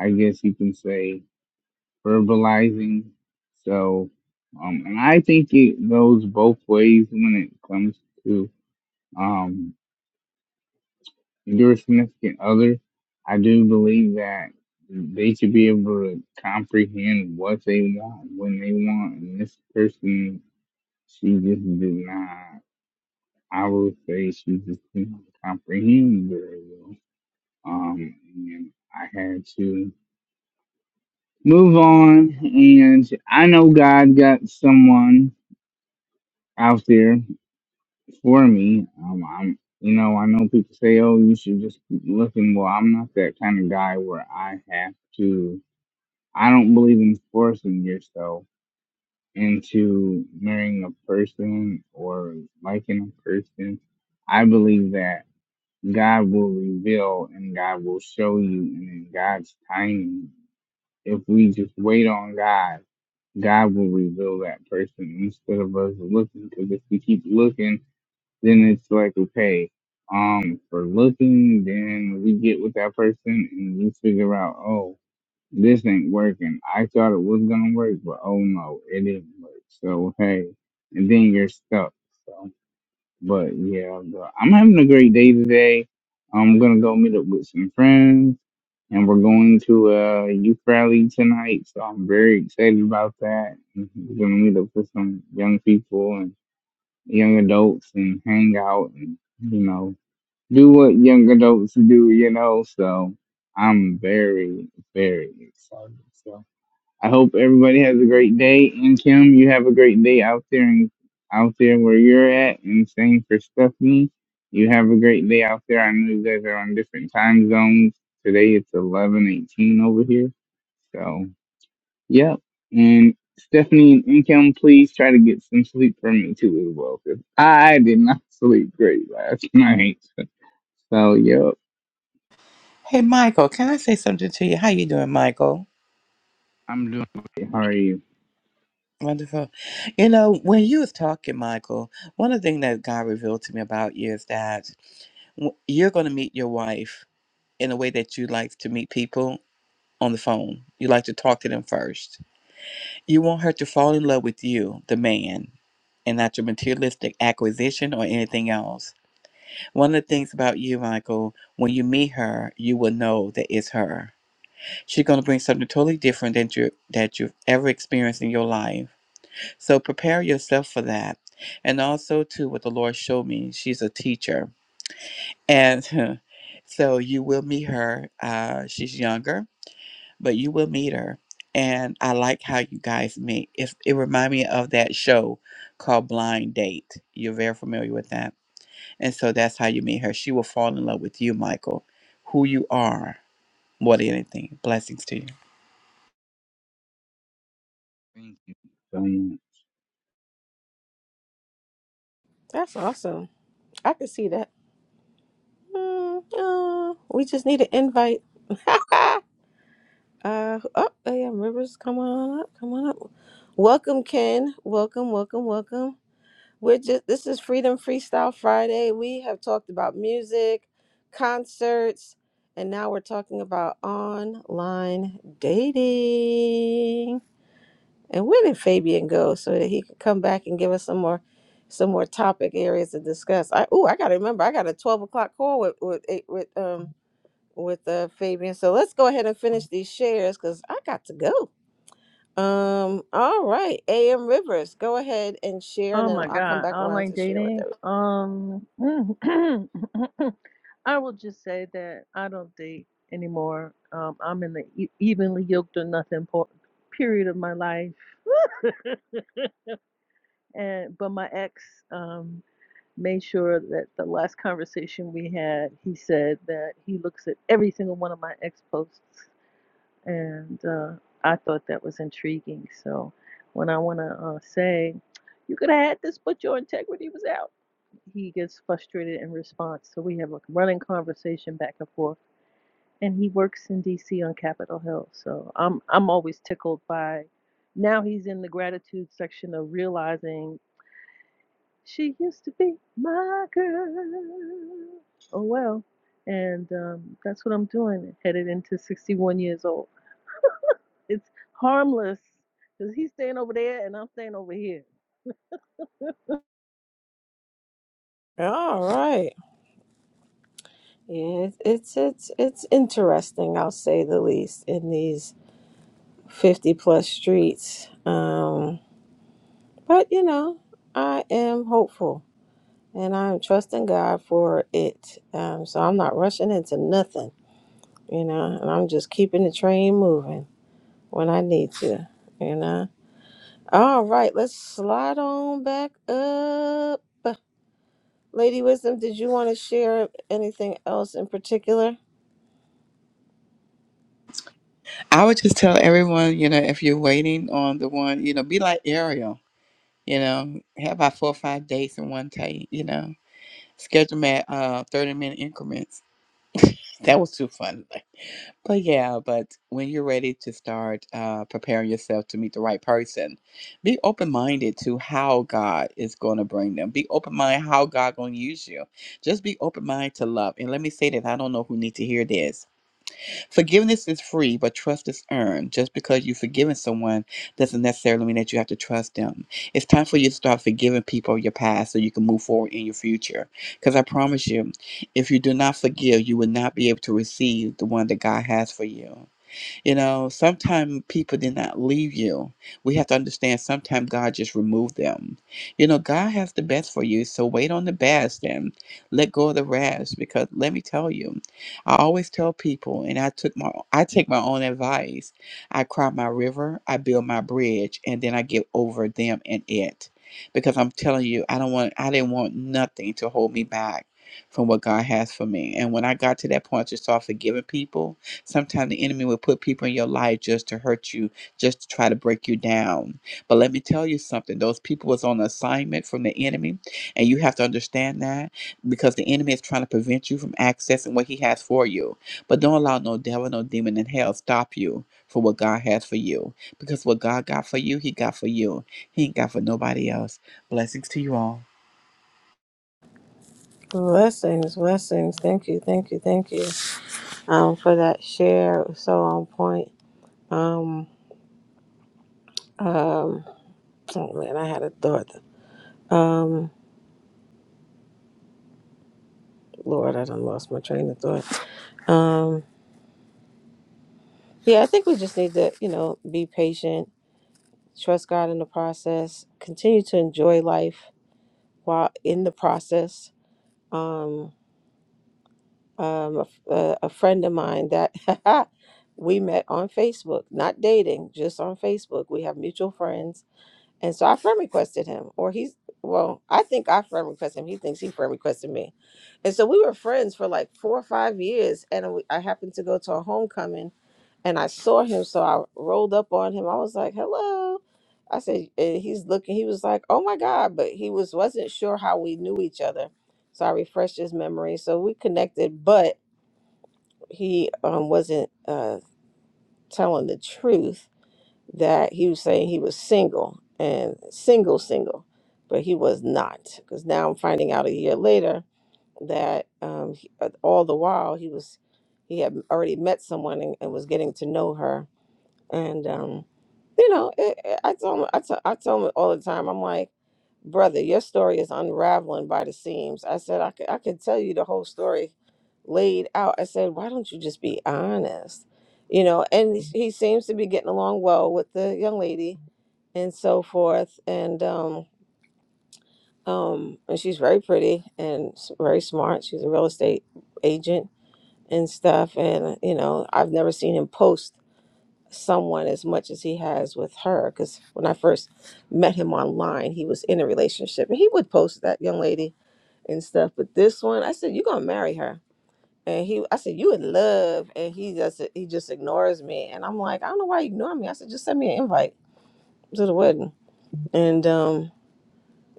S9: I guess you can say, verbalizing. So, um, and I think it goes both ways when it comes to um, your significant other. I do believe that they should be able to comprehend what they want when they want. And this person, she just did not. I would say she just didn't comprehend very well. Um, and I had to move on. And I know God got someone out there for me. Um, I'm, you know, I know people say, "Oh, you should just keep looking." Well, I'm not that kind of guy where I have to. I don't believe in forcing yourself into marrying a person or liking a person. I believe that God will reveal and God will show you, and in God's timing. If we just wait on God, God will reveal that person instead of us looking. Because if we keep looking, then it's like, okay, um, for looking, then we get with that person and we figure out, oh, this ain't working. I thought it was gonna work, but oh no, it didn't work. So hey, and then you're stuck. So. But yeah, i I'm having a great day today. I'm gonna go meet up with some friends, and we're going to a youth rally tonight. So I'm very excited about that. Mm-hmm. We're gonna meet up with some young people and young adults and hang out and you know do what young adults do. You know, so I'm very very excited. so I hope everybody has a great day. And Kim, you have a great day out there and out there where you're at. And same for Stephanie. You have a great day out there. I know you guys are on different time zones. Today it's eleven eighteen over here. So yep. And Stephanie and Kim, please try to get some sleep for me too as well, because I did not sleep great last night. So yep,
S7: Hey, Michael, can I say something to you? How you doing, Michael?
S9: I'm doing. Great. How are you?
S7: Wonderful. You know, when you was talking, Michael, one of the things that God revealed to me about you is that w- you're going to meet your wife in a way that you like to meet people on the phone. You like to talk to them first. You want her to fall in love with you, the man, and not your materialistic acquisition or anything else. One of the things about you, Michael, when you meet her, you will know that it's her. She's going to bring something totally different than you that you've ever experienced in your life. So prepare yourself for that. And also too, what the Lord showed me, she's a teacher, and so you will meet her. Uh, she's younger but you will meet her. And I like how you guys meet. It's, it reminds me of that show called Blind Date. You're very familiar with that. And so that's how you meet her. She will fall in love with you, Michael, who you are more than anything. Blessings to you.
S9: Thank you so much.
S2: That's awesome. I can see that. Mm, uh, we just need an invite. uh, oh, oh yeah, Rivers, come on up, come on up. Welcome, Ken. Welcome, welcome, welcome. We're just this is Freedom Freestyle Friday. We have talked about music, concerts, and now we're talking about online dating. And where did Fabian go so that he could come back and give us some more some more topic areas to discuss? I oh I gotta remember I got a twelve o'clock call with with eh, with um with uh Fabian. So let's go ahead and finish these shares because I got to go. Um, all right, AM Rivers, go ahead and share,
S10: Oh
S2: and then
S10: my
S2: I'll come
S10: God,
S2: back around
S10: online
S2: to share with
S10: dating.
S2: everyone.
S10: Um, I will just say that I don't date anymore. Um, I'm in the e- evenly yoked or nothing po- period of my life, and but my ex um made sure that the last conversation we had, he said that he looks at every single one of my ex posts, and uh, I thought that was intriguing. So when I want to uh, say, you could have had this, but your integrity was out. he gets frustrated in response. So we have like, a running conversation back and forth. And he works in DC on Capitol Hill. So I'm I'm always tickled by now he's in the gratitude section of realizing she used to be my girl. Oh well. And um, that's what I'm doing, headed into 61 years old. It's harmless because he's staying over there and I'm staying over here.
S2: All right. Yeah, it's it's it's it's interesting, I'll say the least, in these 50 plus streets. Um, but you know, I am hopeful and I'm trusting God for it. Um, so I'm not rushing into nothing, you know, and I'm just keeping the train moving when I need to, you know. All right, let's slide on back up. Lady Wisdom, did you want to share anything else in particular?
S7: I would just tell everyone, you know, if you're waiting on the one, you know, be like Ariel, you know, have about four or five dates in one day, you know, schedule them at uh, 30 minute increments. That was too fun. But yeah, but when you're ready to start uh, preparing yourself to meet the right person, be open minded to how God is going to bring them. Be open minded how God going to use you. Just be open minded to love. And let me say that I don't know who need to hear this Forgiveness is free, but trust is earned. Just because you've forgiven someone doesn't necessarily mean that you have to trust them. It's time for you to start forgiving people of your past so you can move forward in your future. Because I promise you, if you do not forgive, you will not be able to receive the one that God has for you. You know, sometimes people did not leave you. We have to understand sometimes God just removed them. You know, God has the best for you, so wait on the best and let go of the rest. Because let me tell you, I always tell people, and I took my I take my own advice. I cry my river, I build my bridge, and then I get over them and it. Because I'm telling you, I don't want I didn't want nothing to hold me back from what God has for me. And when I got to that point, I just started forgiving people Sometimes the enemy will put people in your life just to hurt you, just to try to break you down. But let me tell you something those people was on assignment from the enemy, and you have to understand that because the enemy is trying to prevent you from accessing what he has for you. But don't allow no devil, no demon in hell stop you for what God has for you. Because what God got for you, he got for you. He ain't got for nobody else. Blessings to you all.
S2: Blessings, blessings. Thank you, thank you, thank you um, for that share. It was So on point. Um, um, oh man, I had a thought. Um, Lord, I done lost my train of thought. Um, yeah, I think we just need to, you know, be patient, trust God in the process, continue to enjoy life while in the process. Um, um, a, f- a- a friend of mine that we met on Facebook, not dating, just on Facebook. We have mutual friends. And so I friend requested him, or he's, well, I think I friend requested him. He thinks he friend requested me. And so we were friends for like four or five years. And we- I happened to go to a homecoming and I saw him. So I rolled up on him. I was like, hello. I said, and he's looking, he was like, oh my God. But he was, wasn't sure how we knew each other. So I refreshed his memory. So we connected, but he um, wasn't uh, telling the truth that he was saying he was single and single single but he was not because now i'm finding out a year later that um, he, uh, all the while he was he had already met someone and, and was getting to know her and um, you know, it, it- I tell 'em- I tell I tell 'em all the time. I'm like, brother, your story is unraveling by the seams. I said, I could I could tell you the whole story laid out. I said, why don't you just be honest? You know, and he, he seems to be getting along well with the young lady and so forth. And um, um, and she's very pretty and s- very smart. She's a real estate agent and stuff. And you know, I've never seen him post someone as much as he has with her because when i first met him online he was in a relationship and he would post that young lady and stuff but this one i said you're gonna marry her and he i said you in love and he just he just ignores me and i'm like i don't know why you ignore me i said just send me an invite to the wedding and um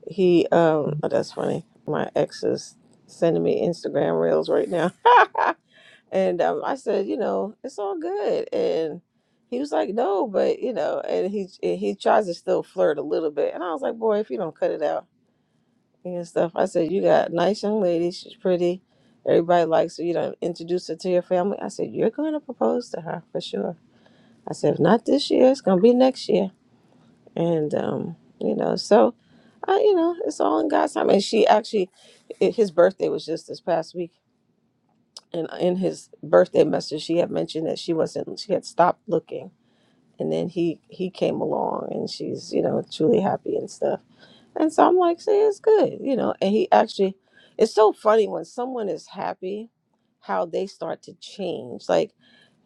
S2: he um oh, that's funny my ex is sending me instagram reels right now And um, I said, you know, it's all good. And he was like, no, but you know, and he and he tries to still flirt a little bit. And I was like, boy, if you don't cut it out and stuff, I said, you got a nice young lady. She's pretty. Everybody likes her. You don't introduce her to your family. I said, you're going to propose to her for sure. I said, if not this year, it's going to be next year. And um, you know, so I, you know, it's all in God's time. And she actually, i- his birthday was just this past weekend and in his birthday message she had mentioned that she wasn't she had stopped looking and then he he came along and she's you know truly happy and stuff and so i'm like see it's good you know and he actually it's so funny when someone is happy how they start to change like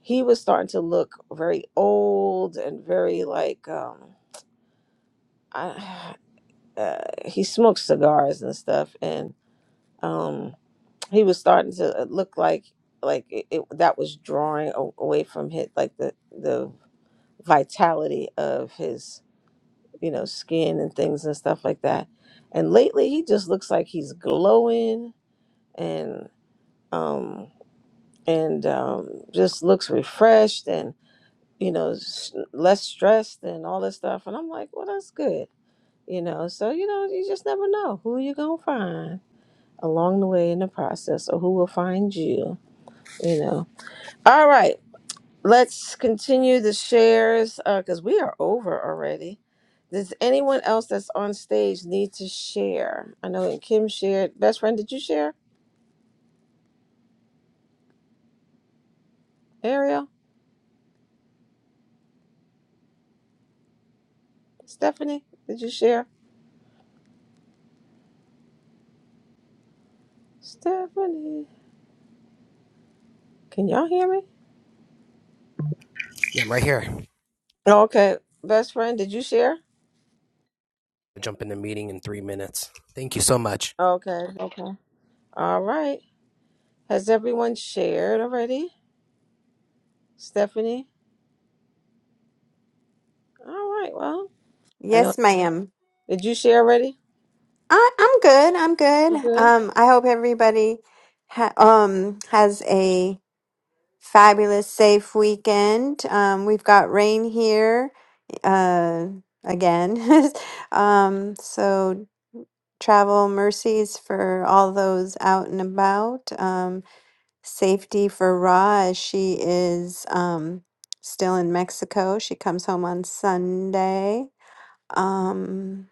S2: he was starting to look very old and very like um I, uh, he smokes cigars and stuff and um he was starting to uh, look like like it, it, that was drawing a- away from his like the the vitality of his you know skin and things and stuff like that and lately he just looks like he's glowing and um and um just looks refreshed and you know s- less stressed and all this stuff and i'm like well that's good you know so you know you just never know who you're gonna find along the way in the process or who will find you you know All right, let's continue the shares because we are over already. Does anyone else that's on stage need to share? I know Kim shared. Best friend, did you share? Ariel? Stephanie? Did you share? Stephanie? Can y'all hear me?
S6: Yeah, I'm right here.
S2: Okay. Best friend, did you share?
S6: I jump in the meeting in three minutes. Thank you so much.
S2: Okay. Okay. All right. Has everyone shared already? Stephanie? All right. Well, I know.
S5: yes, ma'am.
S2: Did you share already?
S5: I, I'm good. I'm
S2: You
S5: good.
S2: good?
S5: Um, I hope everybody ha- um has a fabulous, safe weekend. Um, we've got rain here uh, again. um, so travel mercies for all those out and about. Um, Safety for Ra as she is um, still in Mexico. She comes home on Sunday. Um,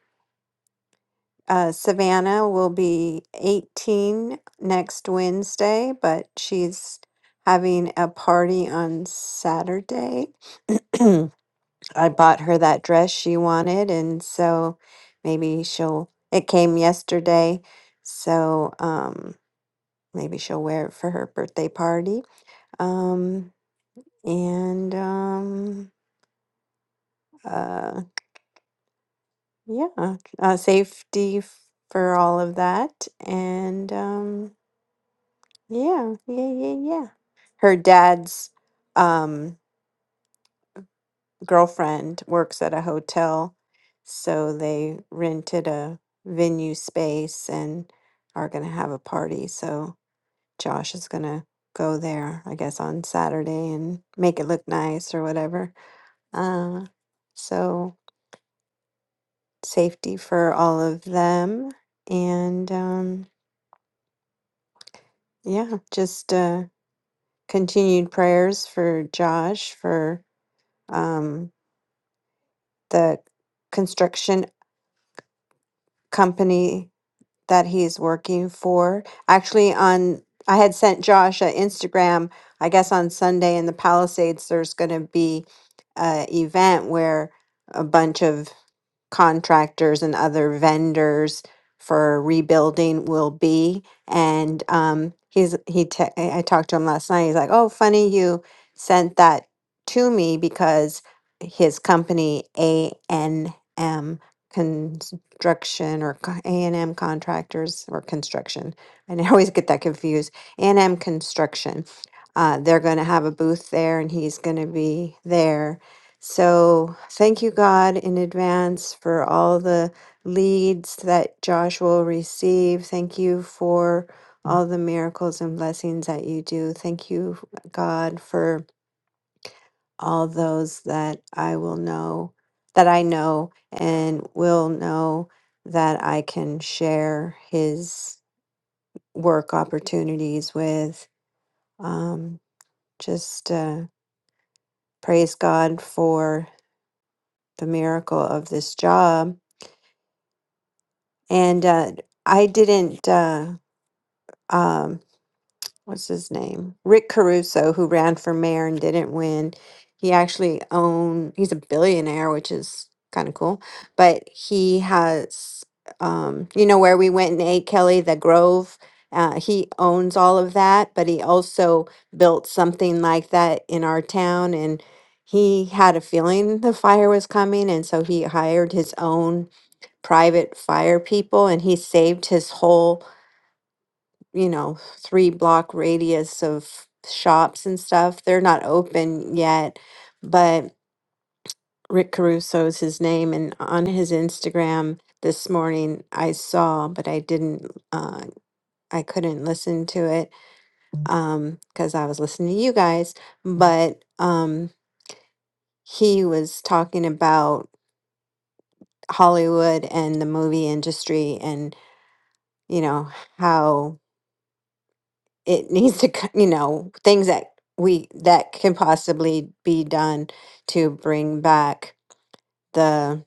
S5: uh, Savannah will be 18 next Wednesday, but she's having a party on Saturday. I bought her that dress she wanted, and so maybe she'll, it came yesterday, so um, maybe she'll wear it for her birthday party. Um, and um, uh, yeah, uh, safety f- for all of that, and um, yeah, yeah, yeah, yeah. Her dad's um, girlfriend works at a hotel, so they rented a venue space and are gonna have a party. So Josh is gonna go there, I guess, on Saturday and make it look nice or whatever. Uh, so. safety for all of them. And um, yeah, just uh, continued prayers for Josh for um, the construction company that he's working for. Actually, on I had sent Josh an Instagram. I guess on Sunday in the Palisades, there's going to be a event where a bunch of contractors and other vendors for rebuilding will be. And um, he's he te- I I talked to him last night. He's like, "Oh, funny you sent that to me because his company A N M construction or co- A&M contractors or construction. And I always get that confused. A&M construction. Uh, they're going to have a booth there and he's going to be there. So thank you, God, in advance for all the leads that Josh will receive. Thank you for all the miracles and blessings that you do. Thank you, God, for all those that I will know, that I know and will know that I can share his work opportunities with. Um, just uh, praise God for the miracle of this job. And uh, I didn't. Uh, um, what's his name? Rick Caruso, who ran for mayor and didn't win. He actually own he's a billionaire, which is kind of cool. But he has, um, you know, where we went and ate Kelly, the Grove. Uh, he owns all of that, but he also built something like that in our town. And he had a feeling the fire was coming. And so he hired his own private fire people and he saved his whole you know, three block radius of shops and stuff. They're not open yet, but Rick Caruso is his name. And on his Instagram this morning, I saw, but I didn't, uh, I couldn't listen to it um, because I was listening to you guys. But um, he was talking about Hollywood and the movie industry and, you know, how. it needs to c- you know things that we that can possibly be done to bring back the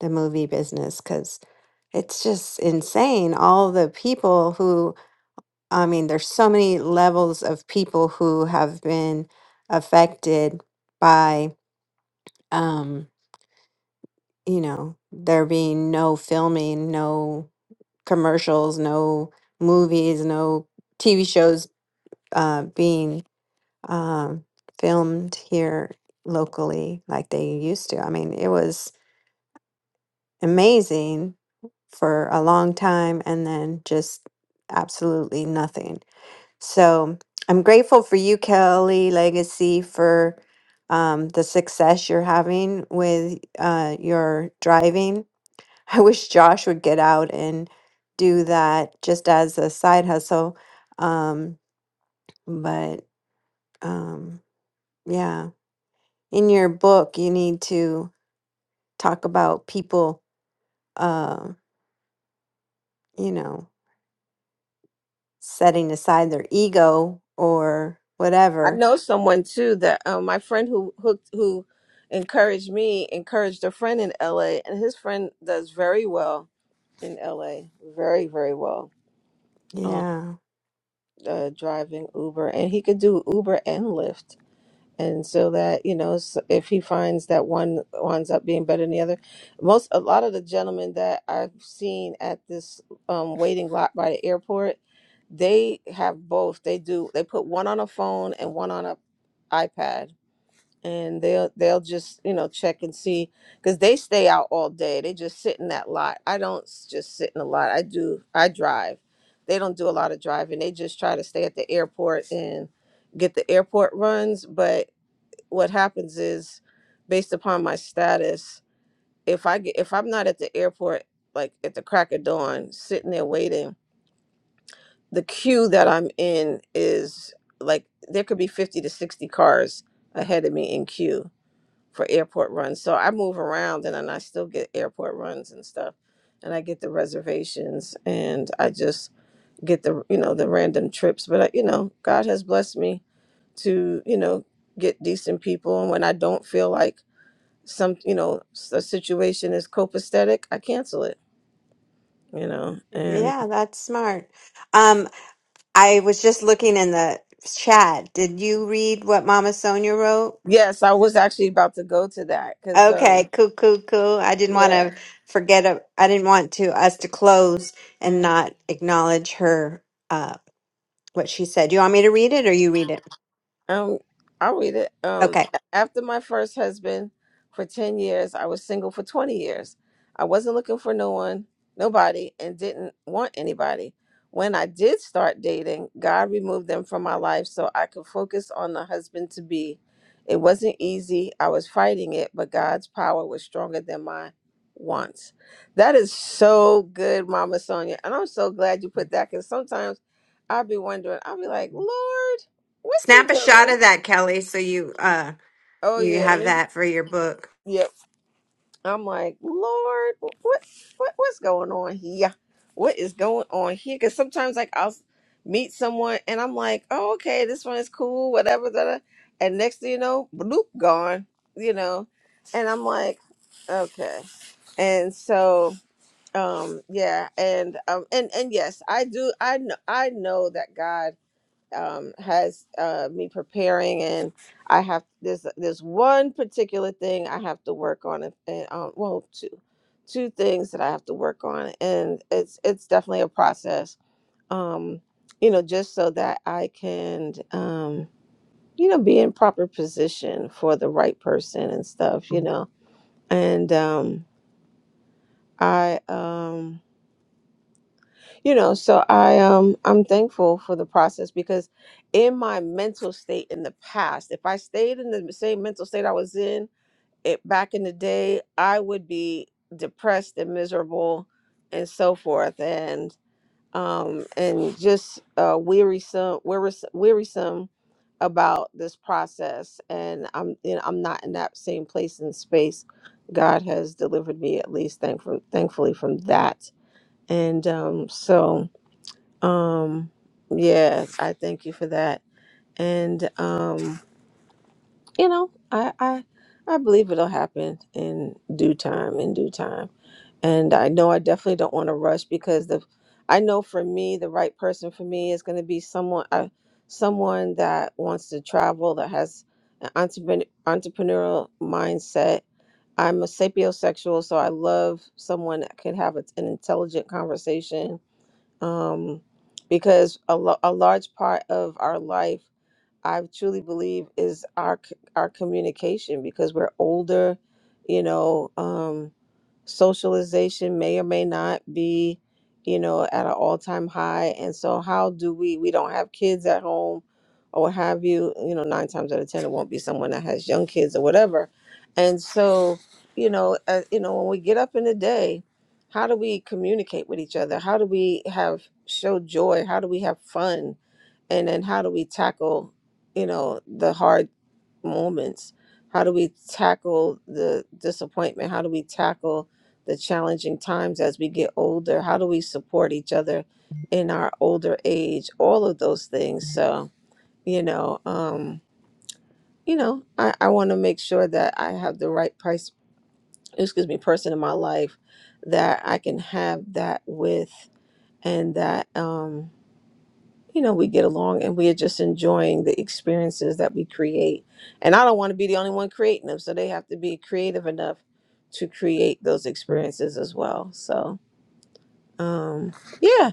S5: the movie business because it's just insane all the people who i mean there's so many levels of people who have been affected by um you know there being no filming no commercials no movies no tv shows uh being um, filmed here locally like they used to. I mean, it was amazing for a long time and then just absolutely nothing. So I'm grateful for you, Kelly Legacy, for um, the success you're having with uh, your driving. I wish Josh would get out and do that just as a side hustle. Um, but um, yeah. in your book you need to talk about people uh, you know setting aside their ego or
S2: I
S5: whatever
S2: know someone too that um, my friend who hooked who encouraged me encouraged a friend in LA, and his friend does very well in LA, very very well um,
S5: yeah
S2: uh, driving Uber, and he could do Uber and Lyft. And so that you know, s if he finds that one winds up being better than the other, most a lot of the gentlemen that I've seen at this um, waiting lot by the airport, they have both. They do. They put one on a phone and one on a iPad and they'll they'll just you know check and see because they stay out all day they just sit in that lot i don't s- just sit in a lot i do i drive they don't do a lot of driving they just try to stay at the airport and get the airport runs but what happens is based upon my status if i get if i'm not at the airport like at the crack of dawn sitting there waiting the queue that i'm in is like there could be 50 to 60 cars ahead of me in queue for airport runs. So I move around and then I still get airport runs and stuff. And I get the reservations and I just get the, you know, the random trips. But, I, you know, God has blessed me to, you know, get decent people. And when I don't feel like some, you know, s- a situation is copacetic, I cancel it, you know. And
S5: yeah that's smart um i was just looking in the chat did you read what mama sonia wrote
S2: yes, I was actually about to go to that because,
S5: okay
S2: um,
S5: cool cool cool i didn't want
S2: yeah.
S5: to forget it. i didn't want to us to close and
S2: uh,
S5: not acknowledge her uh what she said Do you want me to read it or you read it
S2: Um, I'll read it. Um,
S5: okay
S2: after my first husband for 10 years, I was single for 20 years. I wasn't looking for no one, nobody, and didn't want anybody. When I did start dating, God removed them from my life so I could focus on the husband to be. It wasn't easy. I was fighting it, but God's power was stronger than my wants. That is so good, Mama Sonia. And I'm so glad you put that because sometimes I'll be wondering, I'll be like, Lord what you
S5: Snap a shot
S2: doing?
S5: of that, Kelly, so you uh
S2: Oh
S5: you
S2: yeah, let
S5: have
S2: me.
S5: that for your book.
S2: Yep. I'm like, Lord, what what what's going on here? What is going on here? Because sometimes like I'll s- meet someone and I'm like, oh okay, this one is cool, whatever. Da, da. And next thing you know, bloop, gone. You know, and I'm like, okay. And so, um, yeah, and um, and and yes, I do. I know. I know that God. um, has uh, me preparing, and I have this there's there's one particular thing I have to work on, and and, um, well, two two things that I have to work on, and it's it's definitely a process. Um, you know, just so that I can, um, you know, be in proper position for the right person and stuff. You know, and um, I um you know so i um i'm thankful for the process because in my mental state in the past if i stayed in the same mental state i was in it back in the day i would be depressed and miserable and so forth and um and just uh wearisome wearis- wearisome about this process and i'm you know i'm not in that same place and space god has delivered me at least thankful thankfully from that and um so um, yeah, I thank you for that. And um, you know, I I I believe it'll happen in due time, in due time. And I know I definitely don't want to rush because the I know for me the right person for me is going to be someone uh, someone that wants to travel that has an entrepreneur, entrepreneurial mindset. I'm a sapiosexual, so I love someone that can have an intelligent conversation um, because a, lo- a large part of our life, I truly believe, is our c- our communication because we're older, you know. Um, socialization may or may not be you know at an all-time high and so how do we we don't have kids at home or what have you you know nine times out of ten it won't be someone that has young kids or whatever and so you know uh, you know when we get up in the day how do we communicate with each other how do we have show joy how do we have fun and then how do we tackle you know the hard moments how do we tackle the disappointment how do we tackle the challenging times as we get older how do we support each other in our older age all of those things so you know um you know i, I want to make sure that i have the right price excuse me person in my life that i can have that with and that um you know, we get along and we are just enjoying the experiences that we create. And I don't want to be the only one creating them, so they have to be creative enough to create those experiences as well. So, um, yeah.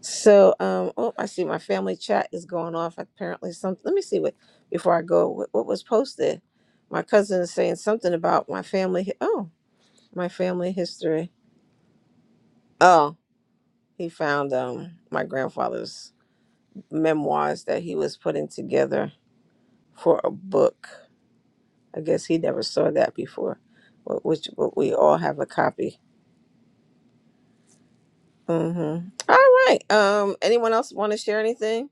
S2: So, um, oh, I see my family chat is going off. Apparently, some. Let me see what before I go. What, what was posted? My cousin is saying something about my family. hi- Oh, my family history. Oh, he found um my grandfather's memoirs that he was putting together for a book. I guess he never saw that before, wh- which but we all have a copy. Mm-hmm. All right. Um. Anyone else want to share anything?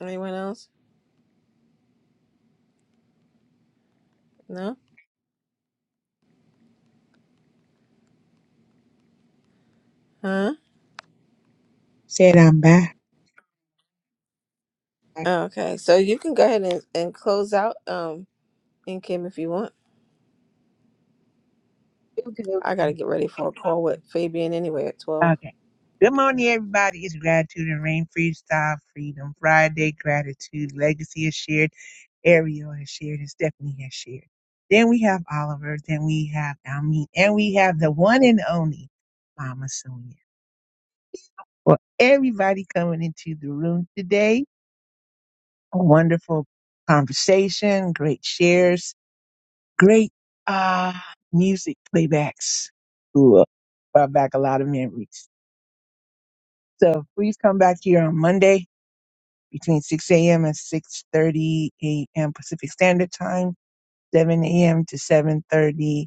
S2: Anyone else? No. Huh.
S3: Said I'm back.
S2: Okay. So you can go ahead and, and close out. Um. In Kim, if you want. I gotta get ready for a call with Fabian anyway at twelve.
S3: Okay. Good morning, everybody. It's Gratitude and Rain Freestyle Freedom Friday. Gratitude. Legacy is shared. Ariel has shared. And Stephanie has shared. Then we have Oliver. Then we have Almeen. And we have the one and only Mama Sonia. Well, everybody coming into the room today. A wonderful conversation, great shares, great uh, music playbacks. Ooh, brought back a lot of memories. So please come back here on Monday between 6 a.m. and 6:30 a.m. Pacific Standard Time, 7 a.m. to 7:30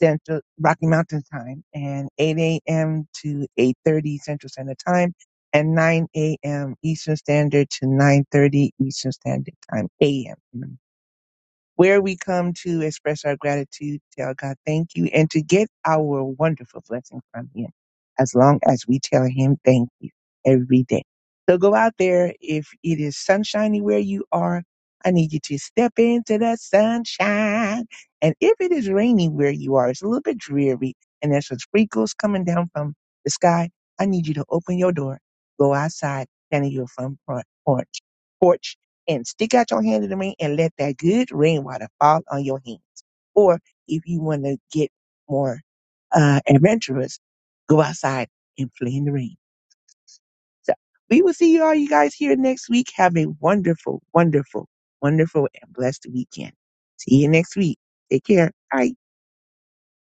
S3: Central Rocky Mountain Time, and 8 a.m. to 8:30 Central Standard Time, and 9 a.m. Eastern Standard to 9:30 Eastern Standard Time a.m where we come to express our gratitude, tell God thank you, and to get our wonderful blessing from Him as long as we tell Him thank you every day. So go out there. If it is sunshiny where you are, I need you to step into the sunshine. And if it is raining where you are, it's a little bit dreary and there's some sprinkles coming down from the sky. I need you to open your door, go outside, stand in your front por- porch, porch and stick out your hand in the ring and let that good rainwater fall on your hand. Or if you want to get more uh, adventurous, go outside and play in the rain. So we will see you all you guys here next week. Have a wonderful, wonderful, wonderful and blessed weekend. See you next week. Take care. Bye.